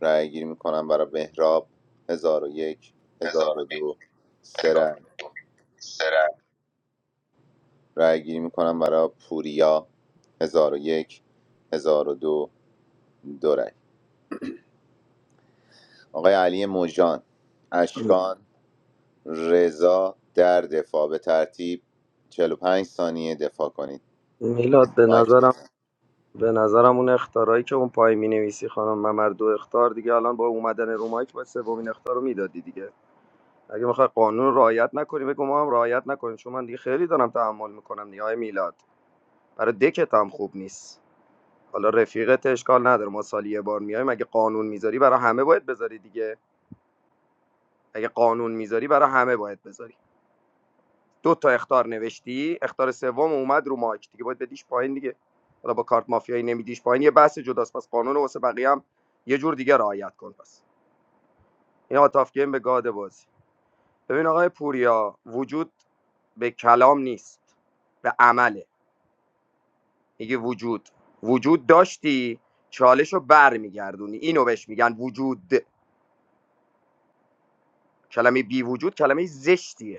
Speaker 3: رای گیری میکنم برای بهراب هزار و یک هزار و دو سه رای رای گیری میکنم برای پوریا هزار و یک هزار و دو دو رای آقای علی موجان اشکان رضا در دفاع به ترتیب چهل و پنج ثانیه دفاع کنید
Speaker 14: میلاد
Speaker 3: کسی
Speaker 14: به
Speaker 3: مایک
Speaker 14: نظرم
Speaker 3: نزنه.
Speaker 14: به نظرم اون اختارایی که اون پای می نویسی خانم ممر دو اختار دیگه الان با اومدن رو مایک باید سومین اختار رو میدادی دیگه اگه میخوای قانون رو رعایت نکنی بگو ما هم رعایت نکنیم چون من دیگه خیلی دارم تحمل میکنم دیگه آقای میلاد برای دکت هم خوب نیست حالا رفیقت اشکال نداره ما سالی یه بار میایم اگه قانون میذاری برای همه باید بذاری دیگه اگه قانون میذاری برای همه باید بذاری دو تا اختار نوشتی اختار سوم اومد رو مایک دیگه باید بدیش پایین دیگه حالا با کارت مافیایی نمیدیش پایین یه بحث جداست پس قانون رو واسه بقیه هم یه جور دیگه رعایت کن پس این آتاف گیم به گاد بازی ببین آقای پوریا وجود به کلام نیست به عمله میگه وجود وجود داشتی چالشو رو بر میگردونی اینو بهش میگن وجود کلمه بی وجود کلمه زشتیه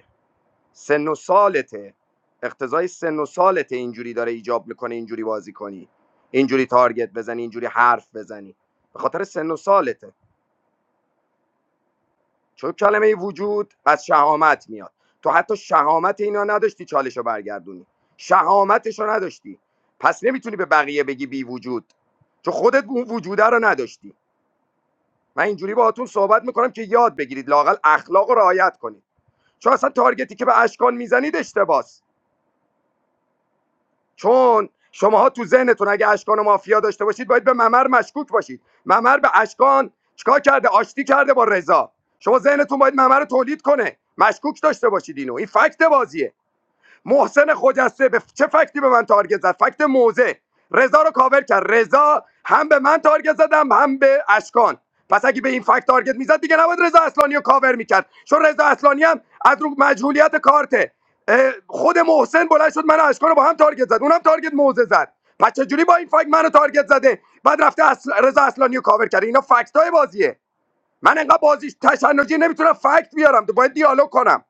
Speaker 14: سن و سالته اقتضای سن و سالته اینجوری داره ایجاب میکنه اینجوری بازی کنی اینجوری تارگت بزنی اینجوری حرف بزنی به خاطر سن و سالته چون کلمه وجود از شهامت میاد تو حتی شهامت اینا نداشتی چالشو برگردونی شهامتشو نداشتی پس نمیتونی به بقیه بگی بی وجود چون خودت اون وجوده رو نداشتی من اینجوری باهاتون صحبت میکنم که یاد بگیرید لاقل اخلاق رو رعایت کنید چون اصلا تارگتی که به اشکان میزنید اشتباس چون شماها تو ذهنتون اگه اشکان و مافیا داشته باشید باید به ممر مشکوک باشید ممر به اشکان چیکار کرده آشتی کرده با رضا شما ذهنتون باید ممر رو تولید کنه مشکوک داشته باشید اینو این فکت بازیه محسن خجسته به چه فکتی به من تارگت زد فکت موزه رضا رو کاور کرد رضا هم به من تارگت زدم هم به اشکان پس اگه به این فکت تارگت میزد دیگه نباید رضا اصلانی رو کاور میکرد چون رضا اصلانی هم از رو مجهولیت کارته خود محسن بلند شد من و اشکان رو با هم تارگت زد اونم تارگت موزه زد پس چجوری با این فکت منو تارگت زده بعد رفته اصل... رضا اصلانی رو کاور کرده اینا فکت های بازیه من انقدر بازیش تشنجی نمیتونم فکت بیارم باید دیالوگ کنم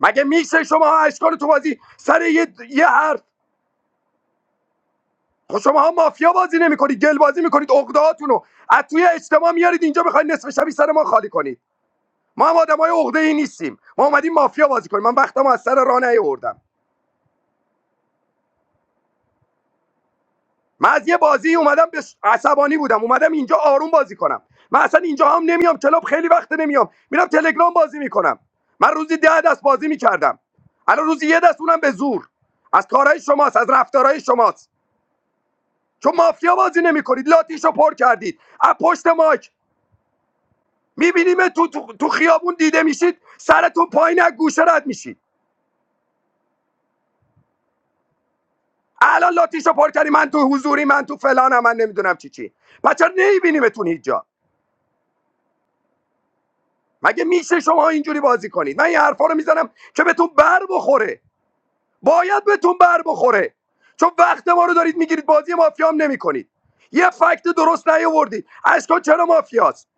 Speaker 14: مگه میشه شما اشکال تو بازی سر یه, یه حرف خب مافیا بازی نمیکنید گل بازی میکنید عقدهاتونو از توی اجتماع میارید اینجا بخواید نصف شبی سر ما خالی کنید ما هم آدمای عقده ای نیستیم ما اومدیم مافیا بازی کنیم من وقتم از سر راه نیاوردم من از یه بازی اومدم به عصبانی بودم اومدم اینجا آروم بازی کنم من اصلا اینجا هم نمیام کلاب خیلی وقت نمیام میرم تلگرام بازی میکنم من روزی ده دست بازی میکردم الان روزی یه دست اونم به زور از کارهای شماست از رفتارهای شماست چون مافیا بازی نمیکنید لاتیشو پر کردید از پشت ماک میبینیم تو, تو, تو خیابون دیده میشید سرتون پایین از گوشه رد میشید الان لاتیشو پر کردی من تو حضوری من تو فلانم من نمیدونم چی چی بچه نمیبینیمتون هیچ جا مگه میشه شما اینجوری بازی کنید من این حرفا رو میزنم که بهتون بر بخوره باید بهتون بر بخوره چون وقت ما رو دارید میگیرید بازی مافیا هم نمیکنید یه فکت درست نیاوردید اشکان چرا مافیاست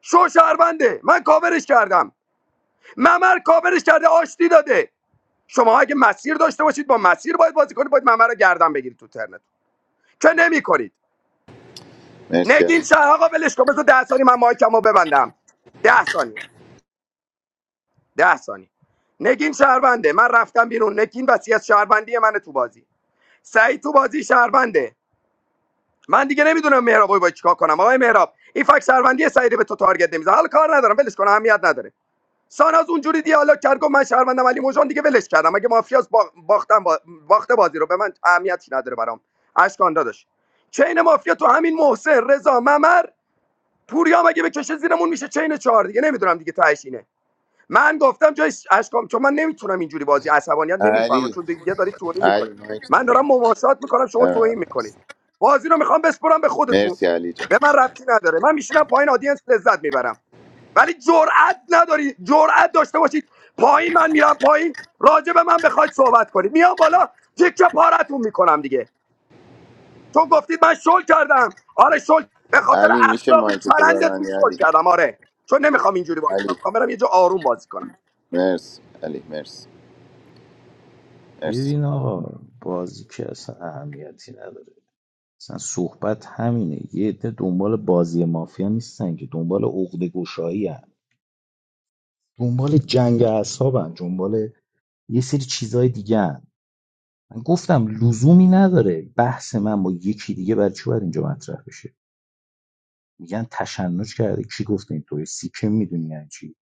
Speaker 14: شو شهرونده من کاورش کردم ممر کاورش کرده آشتی داده شما اگه مسیر داشته باشید با مسیر باید بازی کنید باید ممر رو گردن بگیرید تو ترنت که نمیکنید
Speaker 3: مرسی
Speaker 14: نگین
Speaker 3: علی
Speaker 14: شهر آقا ولش کن بذار ده ثانیه من مایکمو ببندم ده ثانیه ده ثانیه نگین شهرونده من رفتم بیرون نگین وصیت شهروندی من تو بازی سعید تو بازی شهرونده من دیگه نمیدونم مهراب باید چیکار کنم آقای مهراب این فکت شهروندی سعیده به تو تارگت نمیزنه حالا کار ندارم ولش کن اهمیت نداره ساناز اونجوری دیالوگ کرد گفت من شهروندم علی موجان دیگه ولش کردم اگه مافیاس با... باختم با... باخته بازی رو به من اهمیتی نداره برام اشکان داداش چین مافیا تو همین محسن رضا ممر پوریام اگه بکشه زیرمون میشه چین چهار دیگه نمیدونم دیگه تهش اینه من گفتم جای اشکام چون من نمیتونم اینجوری بازی عصبانیت نمیفهمم
Speaker 3: علی
Speaker 14: چون دیگه دارید توهین
Speaker 3: علی
Speaker 14: میکنید
Speaker 3: مایک تو
Speaker 14: من دارم
Speaker 3: ببند.
Speaker 14: مماسات میکنم شما
Speaker 3: اه،
Speaker 14: توهین میکنید بازی رو میخوام بسپرم به خودتون
Speaker 3: مرسی علی جان
Speaker 14: به من ربطی نداره من میشینم پایین آدینس لذت میبرم ولی جرأت نداری جرأت داشته باشید پایین من میرم پایین راجع به من بخواید صحبت کنید میام بالا تیکه پارتون میکنم دیگه چون گفتید من شل کردم آره شل به خاطر
Speaker 3: علی میشه
Speaker 14: اخلاق
Speaker 3: مایک تو
Speaker 14: چرندتون
Speaker 3: ببندی
Speaker 14: شل
Speaker 3: علی
Speaker 14: کردم آره چون نمیخوام اینجوری بازی کنم
Speaker 3: علی
Speaker 14: میخوام برم یه جا آروم بازی کنم
Speaker 3: مرسی علی مرسی مرسی
Speaker 11: ببین آقا بازی که اصلا اهمیتی نداره اصلا صحبت همینه یه عده دنبال بازی مافیا نیستن که دنبال عقده گشایی هن. دنبال جنگ اعصاب هن. دنبال یه سری چیزای دیگه هن. من گفتم لزومی نداره بحث من با یکی دیگه برای چی باید اینجا مطرح بشه میگن تشنج کرده کی گفته این توی سیکم میدونی یعنی چی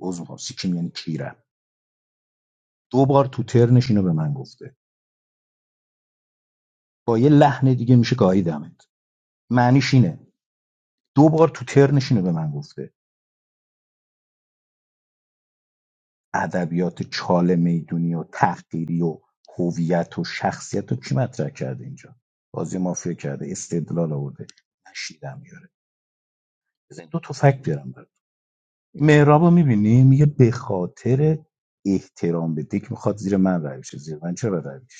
Speaker 11: عذر میخوام سیکیم یعنی کیرم دو بار تو ترنش اینو به من گفته با یه لحن دیگه میشه گاییدمت معنیش اینه دو بار تو ترنش اینو به من گفته ادبیات چاله میدونی و تحقیری و هویت و شخصیت و کی مطرح کرده اینجا بازی مافیا کرده استدلال آورده نشیدم میاره بزن دو تا فکت بیارم برات مهرابو میبینی میگه به خاطر احترام به دک میخواد زیر من رای بشه زیر من چرا رای بشه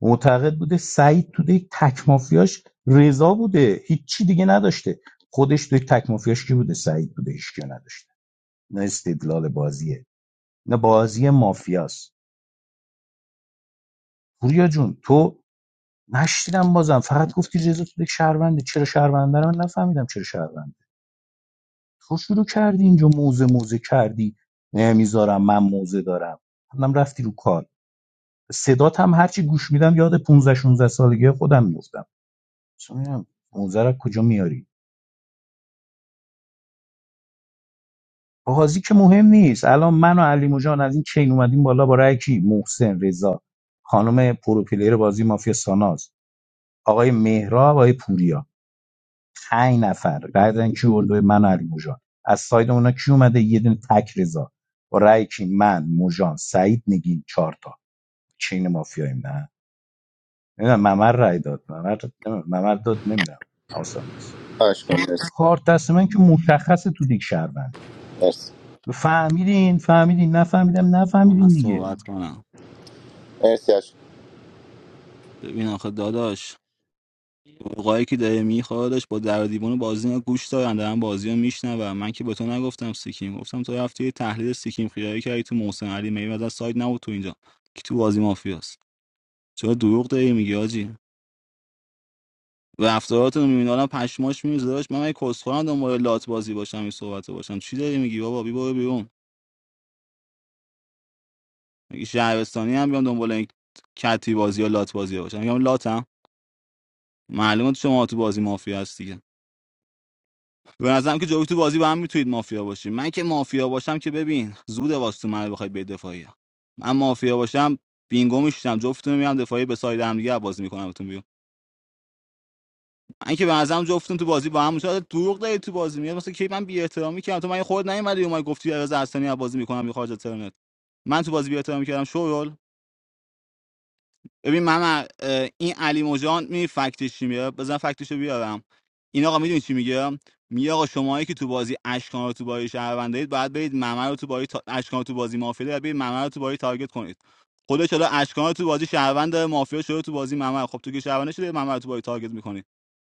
Speaker 11: معتقد بوده سعید تو یک تک مافیاش رضا بوده هیچی دیگه نداشته خودش تو یک تک مافیاش کی بوده سعید بوده هیچکی رو نداشته نه استدلال بازیه نه بازی مافیاست پوریا جون تو نشیدم بازم فقط گفتی رضا تو یک شهرونده چرا شهرونده رو من نفهمیدم چرا شهرونده تو شروع کردی اینجا موزه موزه کردی نمیذارم من موزه دارم هم رفتی رو کار صدات هم هرچی گوش میدم یاد 15 16 سالگی خودم میفتم 15 رو کجا میاری بازی که مهم نیست الان من و علی جان از این چین اومدیم بالا با رأی کی محسن رضا خانم پروپلیر بازی مافیا ساناز آقای مهراب آقای پوریا پنج نفر رأی دادن کی اردو من و علی جان از ساید اونا کی اومده یه دونه تک رضا با رأی کی من موجان سعید نگین چهار تا چین مافیاییم نه نمیدونم ممر رأی داد ممر داد نمی‌دونم. ممر داد نمیدونم حواسم نیست
Speaker 3: آشکان مرسی
Speaker 11: کارت دست من که مشخصه تو دیگ شهرونده
Speaker 3: مرسی
Speaker 11: فهمیدین فهمیدین نفهمیدم
Speaker 8: من
Speaker 11: نفهمیدین دیگه
Speaker 8: صحبت کنم
Speaker 3: مرسی آشکان
Speaker 8: ببین آخه داداش قوقایی که داره میخوادش با در و دیوان بازی اینا گوش دارن دارن بازی رو میشنون من که به تو نگفتم سیکیم گفتم تو رفتی یه تحلیل سیکیم خیالی کردی تو محسن علی میوه از سایت نبود تو اینجا که تو بازی مافیاست چرا دروغ داری میگی آجی رفتاراتون رو میبینه آدم پشماش میریزه داشت من من کسخورم دنبال لات بازی باشم این صحبت باشم چی داری میگی بابا بی برو بیرون میگی شهرستانی هم بیام دنبال این کتی بازی یا لات بازی ها باشم میگم لاتم معلومه تو شما تو بازی مافیا هستی به نظرم که جوی تو بازی با هم میتونید مافیا باشیم من که مافیا باشم که ببین زود واسه من بخواید به دفاعی من مافیا باشم بینگو میشم جفتتون رو میام دفاعی به ساید هم دیگه بازی میکنم بهتون بیام من که به نظرم جفتتون تو بازی با هم مشاهده دروغ دارید تو بازی میاد مثلا کی من بی احترامی کردم تو من خود نیومدی اومد گفتی از اصلا بازی میکنم یا خارج از ترنت من تو بازی بی احترامی کردم شورول ببین ممر اه، این علی مجان می فکتش چی میاره بزن فکتشو بیارم این آقا میدونی چی میگه میگه آقا شماهایی که تو بازی اشکان رو تو بازی شهروند دارید باید برید ممر رو تو بازی تا... اشکان رو تو بازی مافیا دارید برید ممر رو تو بازی تارگت کنید خودش حالا اشکان رو تو بازی شهروند داره مافیا شده تو بازی ممر خب تو که شهروند شده ممر رو تو بازی تارگت میکنید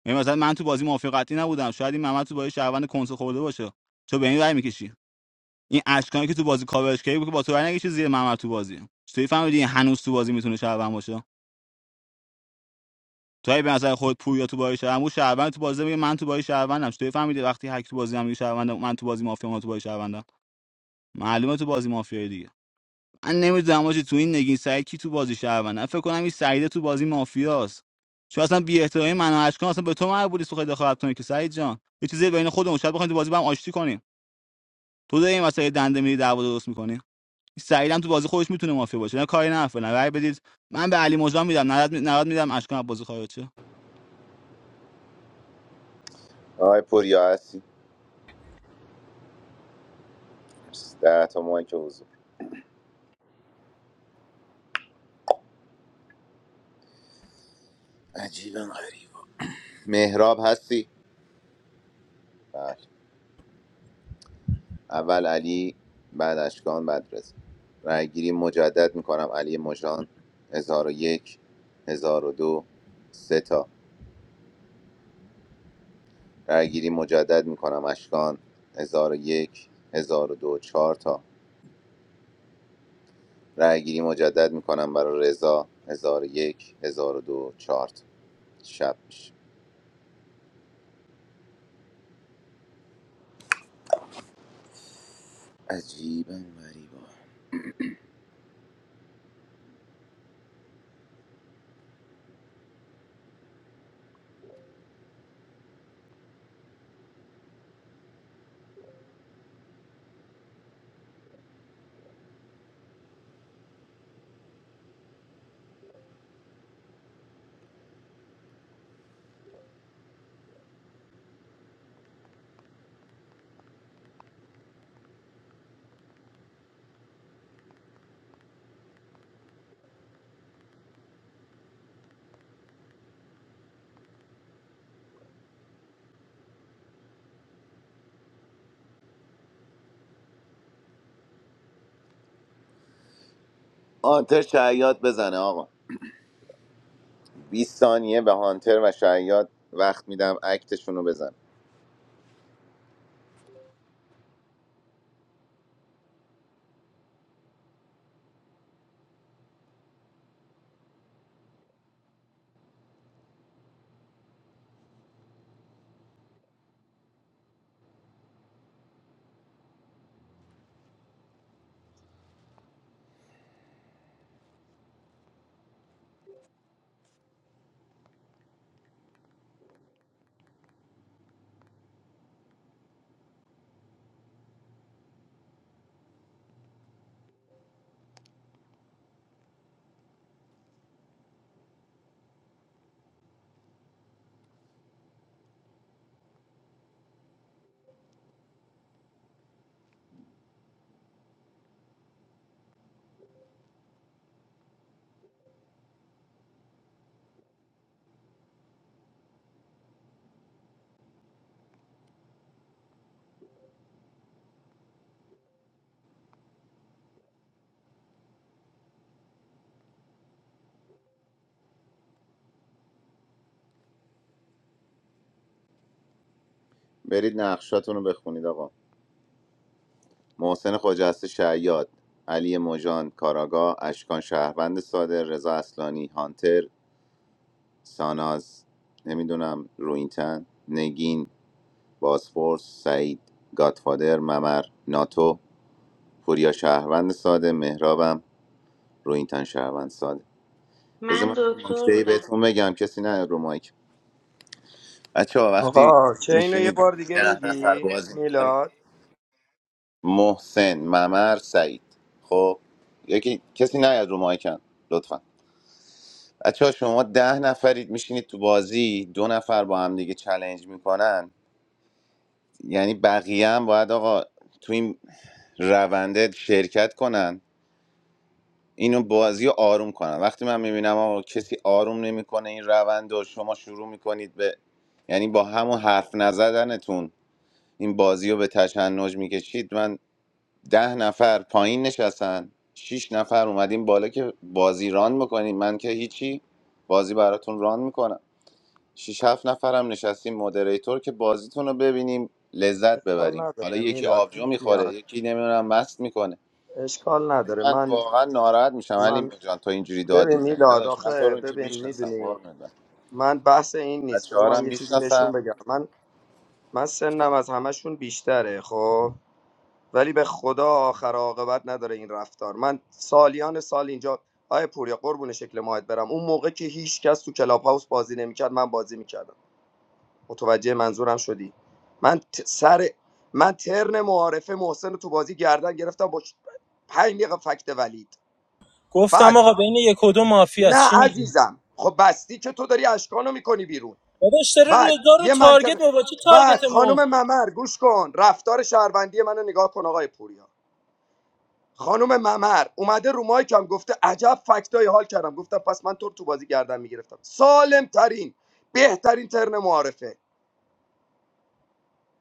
Speaker 8: یعنی مثلا من تو بازی مافیا قطعی نبودم شاید این ممر تو بازی شهروند کنسول خورده باشه چون به این رای میکشی این اشکانی که تو بازی کاورش کردی بود که با تو رای نکشی زیر ممر تو بازی چطوری فهمیدی این هنوز تو بازی میتونه شهروند باشه توی به نظر خود پویا تو بازی شهروند بود شهروند تو بازی میگه من تو بازی شهروندم چطوری فهمیدی وقتی هک تو بازی هم میگه شهروندم من تو بازی مافیا ما تو بازی شهروندم معلومه تو بازی مافیا دیگه من نمیدونم آجی تو این نگین سعید کی تو بازی شهروندم فکر کنم این سعیده تو بازی مافیاست چون اصلا بی احترامی من و اشکان اصلا به تو مربوط نیست تو خیلی دخالت کنی که سعید جان یه چیزی بین خودمون شاید بخوایم تو بازی با هم آشتی کنیم تو داری این واسه دنده میری دعوا درست میکنی سعیدم تو بازی خودش میتونه مافیا باشه نه کاری نه فعلا رأی بدید من به علی مجان میدم 90 می- میدم اشکان بازی خارج شه
Speaker 3: آقای پوریا هستی مرسی. ده تا مایک حضور عجیبا غریب مهراب هستی بله اول علی بعد اشکان بعد رضا رای گیری مجدد میکنم علی مژان 1001 1002 سه تا رأیگیری مجدد میکنم اشکان هزار و یک هزار و دو چهار تا رأیگیری مجدد میکنم برای رضا هزار و یک هزار و دو چهار تا شب میشه عجیبا غریبا هانتر شعیات بزنه آقا 20 ثانیه به هانتر و شعیات وقت میدم اکتشون رو بزن برید نقشاتونو بخونید آقا محسن خجسته شعیات علی مژان کاراگاه اشکان شهروند ساده رضا اصلانی هانتر ساناز نمیدونم روینتن نگین باسفورس سعید گاتفادر ممر ناتو پوریا شهروند ساده مهرابم روینتن شهروند ساده بذار
Speaker 15: من
Speaker 3: من
Speaker 15: دکتر
Speaker 3: نکته ای
Speaker 15: بودم
Speaker 3: بهتون بگم کسی نه رو مایک بچه وقتی
Speaker 14: آقا چه اینو یه
Speaker 3: میشینید
Speaker 14: بار دیگه
Speaker 3: ده نفر
Speaker 14: میگی
Speaker 3: بازی میکنید
Speaker 14: میلاد
Speaker 3: محسن ممر سعید خب یکی کسی نیاد رو مایکم لطفا بچه شما ده نفرید میشینید تو بازی دو نفر با هم دیگه چلنج میکنن یعنی بقیه هم باید آقا تو این رونده شرکت کنن اینو بازی رو آروم کنن وقتی من میبینم آقا کسی آروم نمیکنه این روند و شما شروع میکنید به یعنی با همون حرف نزدنتون این بازی رو به تشنج میکشید من ده نفر پایین نشستن شیش نفر اومدیم بالا که بازی ران میکنید من که هیچی بازی براتون ران میکنم شش هفت نفرم نشستیم مودریتور که بازیتون رو ببینیم لذت
Speaker 14: اشکال
Speaker 3: ببریم حالا
Speaker 14: نداره
Speaker 3: یکی
Speaker 14: میلاد
Speaker 3: آبجو
Speaker 14: پیش
Speaker 3: میخوره
Speaker 14: میاد
Speaker 3: یکی نمیدونم مست میکنه
Speaker 14: اشکال
Speaker 3: ولی
Speaker 14: نداره
Speaker 3: من
Speaker 14: من
Speaker 3: واقعا ناراحت میشم علی
Speaker 14: من
Speaker 3: جان تو اینجوری داد
Speaker 14: ببین
Speaker 3: میزنی
Speaker 14: میلاد
Speaker 3: داداش من تو رو
Speaker 14: آخه
Speaker 3: اینجا
Speaker 14: ببین
Speaker 3: میشناسم
Speaker 14: میدونی
Speaker 3: قربونت برم
Speaker 14: من بحث این نیست
Speaker 3: بچه
Speaker 14: بذار من
Speaker 3: هم
Speaker 14: یه چیزی بهشون
Speaker 3: میشناسم
Speaker 14: بگم من من سنم از همشون بیشتره خب ولی به خدا آخر عاقبت نداره این رفتار من سالیان سال اینجا آیا پوریا قربون شکل ماهت برم اون موقع که هیچ کس تو کلاب هاوس بازی نمیکرد من بازی میکردم متوجه منظورم شدی من سر من ترن معارفه محسن رو تو بازی گردن گرفتم با ش- پنج دقیقه فکت ولید
Speaker 16: گفتم
Speaker 14: بعد
Speaker 16: آقا بین یک و دو مافیا
Speaker 14: نه
Speaker 16: چی میگی
Speaker 14: عزیزم خب بستی که تو داری اشکانو میکنی بیرون
Speaker 16: داداش داره
Speaker 14: بعد
Speaker 16: رضا رو
Speaker 14: یه
Speaker 16: تارگت
Speaker 14: منطقه
Speaker 16: مو چی
Speaker 14: بعد
Speaker 16: تارگت مفت
Speaker 14: خانم ممر گوش کن رفتار شهروندی منو نگاه کن آقای پوریا خانم ممر اومده رو مایکم گفته عجب فکتای حال کردم گفتم پس من تو رو تو بازی گردن میگرفتم سالم ترین بهترین ترن معارفه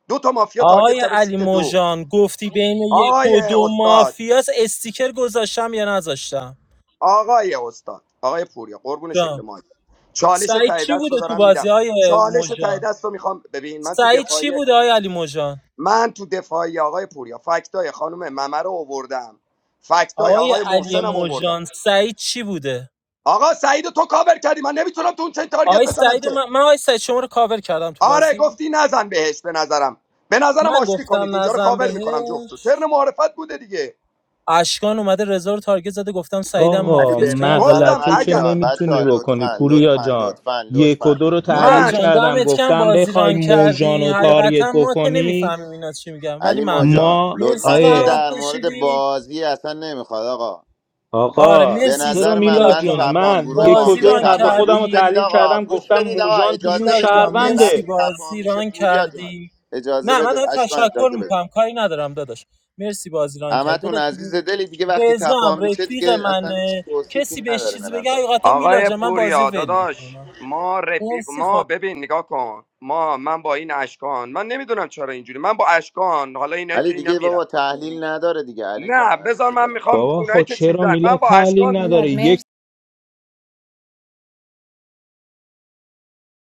Speaker 14: دو تا مافیا تارگت
Speaker 16: آقای
Speaker 14: کردم
Speaker 16: علی
Speaker 14: سیت دو
Speaker 16: موژان گفتی بین یک
Speaker 14: آقای
Speaker 16: و دو
Speaker 14: استاد
Speaker 16: مافیاس استیکر گذاشتم یا نذاشتم
Speaker 14: آقای استاد آقای پوریا قربون شکل
Speaker 16: جان
Speaker 14: مایک چالش
Speaker 16: سعید
Speaker 14: ته
Speaker 16: چی
Speaker 14: دست
Speaker 16: بوده
Speaker 14: رو
Speaker 16: تو
Speaker 14: دارم میدم
Speaker 16: بازی های
Speaker 14: چالش ته
Speaker 16: موژان
Speaker 14: دست رو میخوام ببین من تو
Speaker 16: سعید چی
Speaker 14: دفاعی
Speaker 16: بوده آقای علی موژان
Speaker 14: من تو دفاعی آقای پوریا فکتای خانم ممه رو آوردم فکتای
Speaker 16: آقای
Speaker 14: آقای
Speaker 16: علی
Speaker 14: محسنم آوردم
Speaker 16: موژان سعید چی بوده
Speaker 14: آقا سعید تو کاور کردی من نمیتونم تو اون چنین تارگت
Speaker 16: آقای
Speaker 14: بزنم
Speaker 16: سعید
Speaker 14: که
Speaker 16: من, من آقای سعید شما رو کاور کردم تو
Speaker 14: آره
Speaker 16: بازی
Speaker 14: گفتی نزن بهش به نظرم به نظرم
Speaker 16: من
Speaker 14: آشتی کنید
Speaker 16: گفتم
Speaker 14: اینجا رو
Speaker 16: نزن
Speaker 14: کاور میکنم جفتو
Speaker 16: بهش
Speaker 14: ترن معرفت بوده دیگه
Speaker 16: اشکان اومده رضا رو تارگت زده گفتم سعیدم
Speaker 3: علی
Speaker 11: آقا
Speaker 16: مافیاس
Speaker 3: به
Speaker 16: کی
Speaker 3: نظرم
Speaker 16: گفتم
Speaker 14: گفتم
Speaker 3: علی
Speaker 14: اگر
Speaker 3: جان
Speaker 11: نمیتونی
Speaker 3: بچه ها لطفا لطفا
Speaker 11: جان
Speaker 3: لطفا
Speaker 11: یه
Speaker 3: لطفا
Speaker 16: میلاد
Speaker 3: علی
Speaker 14: من
Speaker 16: جان دمت کم
Speaker 11: گفتم
Speaker 16: بازی
Speaker 11: بخوای
Speaker 16: ران
Speaker 11: موژان
Speaker 16: کردی
Speaker 11: و
Speaker 3: بیا.
Speaker 11: تاریت
Speaker 16: حقیقتا ما که
Speaker 11: بکنی
Speaker 16: نمیفهمیم اینا چی میگن ولی
Speaker 3: علی مو
Speaker 16: ممنون
Speaker 3: جان
Speaker 11: ما
Speaker 16: مرسی
Speaker 3: لطفا دیگه
Speaker 16: زحمت
Speaker 11: آیه
Speaker 3: در مورد
Speaker 16: کشیدی
Speaker 3: بازی اصلا نمیخواد آقا
Speaker 16: آره
Speaker 11: آقا
Speaker 3: به
Speaker 16: مرسی
Speaker 11: چرا
Speaker 3: نظر من
Speaker 16: میلاد
Speaker 11: میلاد
Speaker 3: من
Speaker 11: جون
Speaker 16: جان
Speaker 3: تپان
Speaker 11: من
Speaker 3: گروه
Speaker 11: یکم
Speaker 16: بازی
Speaker 3: مافیا
Speaker 16: ران
Speaker 3: تپان گوش
Speaker 16: کردی
Speaker 3: بدید آقا گوش بدید آقا اجازه
Speaker 16: میلاد
Speaker 3: بدید
Speaker 16: جان
Speaker 3: دیگه
Speaker 16: مرسی
Speaker 3: وقتی
Speaker 11: گفته
Speaker 3: تپان
Speaker 16: بازی
Speaker 3: میشه
Speaker 16: ران
Speaker 3: پوریا جان
Speaker 16: کردی
Speaker 3: اجازه
Speaker 16: نه من
Speaker 3: بده
Speaker 16: دارم
Speaker 3: اشکان
Speaker 16: تشکر
Speaker 3: اجازه بده
Speaker 16: میکنم کاری ندارم داداش مرسی بازی ران کردی
Speaker 3: همتون
Speaker 16: داداش
Speaker 3: عزیز دلی دیگه وقتی
Speaker 16: رزام
Speaker 3: تپان میشه
Speaker 16: رفیق
Speaker 3: دیگه اصلا هیچ
Speaker 16: منه
Speaker 3: توصیفی
Speaker 16: کسی بهش
Speaker 3: نداره به
Speaker 16: چیزی بگه
Speaker 3: نظر
Speaker 16: حقیقتا میلاد
Speaker 14: آقای
Speaker 16: جان من بازی رو
Speaker 14: پوریا
Speaker 16: ول میکنم
Speaker 14: داداش ما رفیق
Speaker 16: مرسی خدا.
Speaker 14: ما ببین نگاه کن ما من با این اشکان من نمیدونم چرا اینجوری من با اشکان حالا اینایی
Speaker 3: علی
Speaker 14: که اینا
Speaker 3: دیگه
Speaker 14: میرن
Speaker 3: بابا تحلیل نداره دیگه علی
Speaker 14: نه
Speaker 3: جان
Speaker 14: بذار
Speaker 3: عزیز
Speaker 14: من
Speaker 3: دلم
Speaker 14: میخوام
Speaker 11: بابا
Speaker 14: اونایی
Speaker 11: خب
Speaker 14: که
Speaker 11: چرا
Speaker 14: چیزن من
Speaker 11: میلاد
Speaker 14: با اشکان
Speaker 11: تحلیل نداره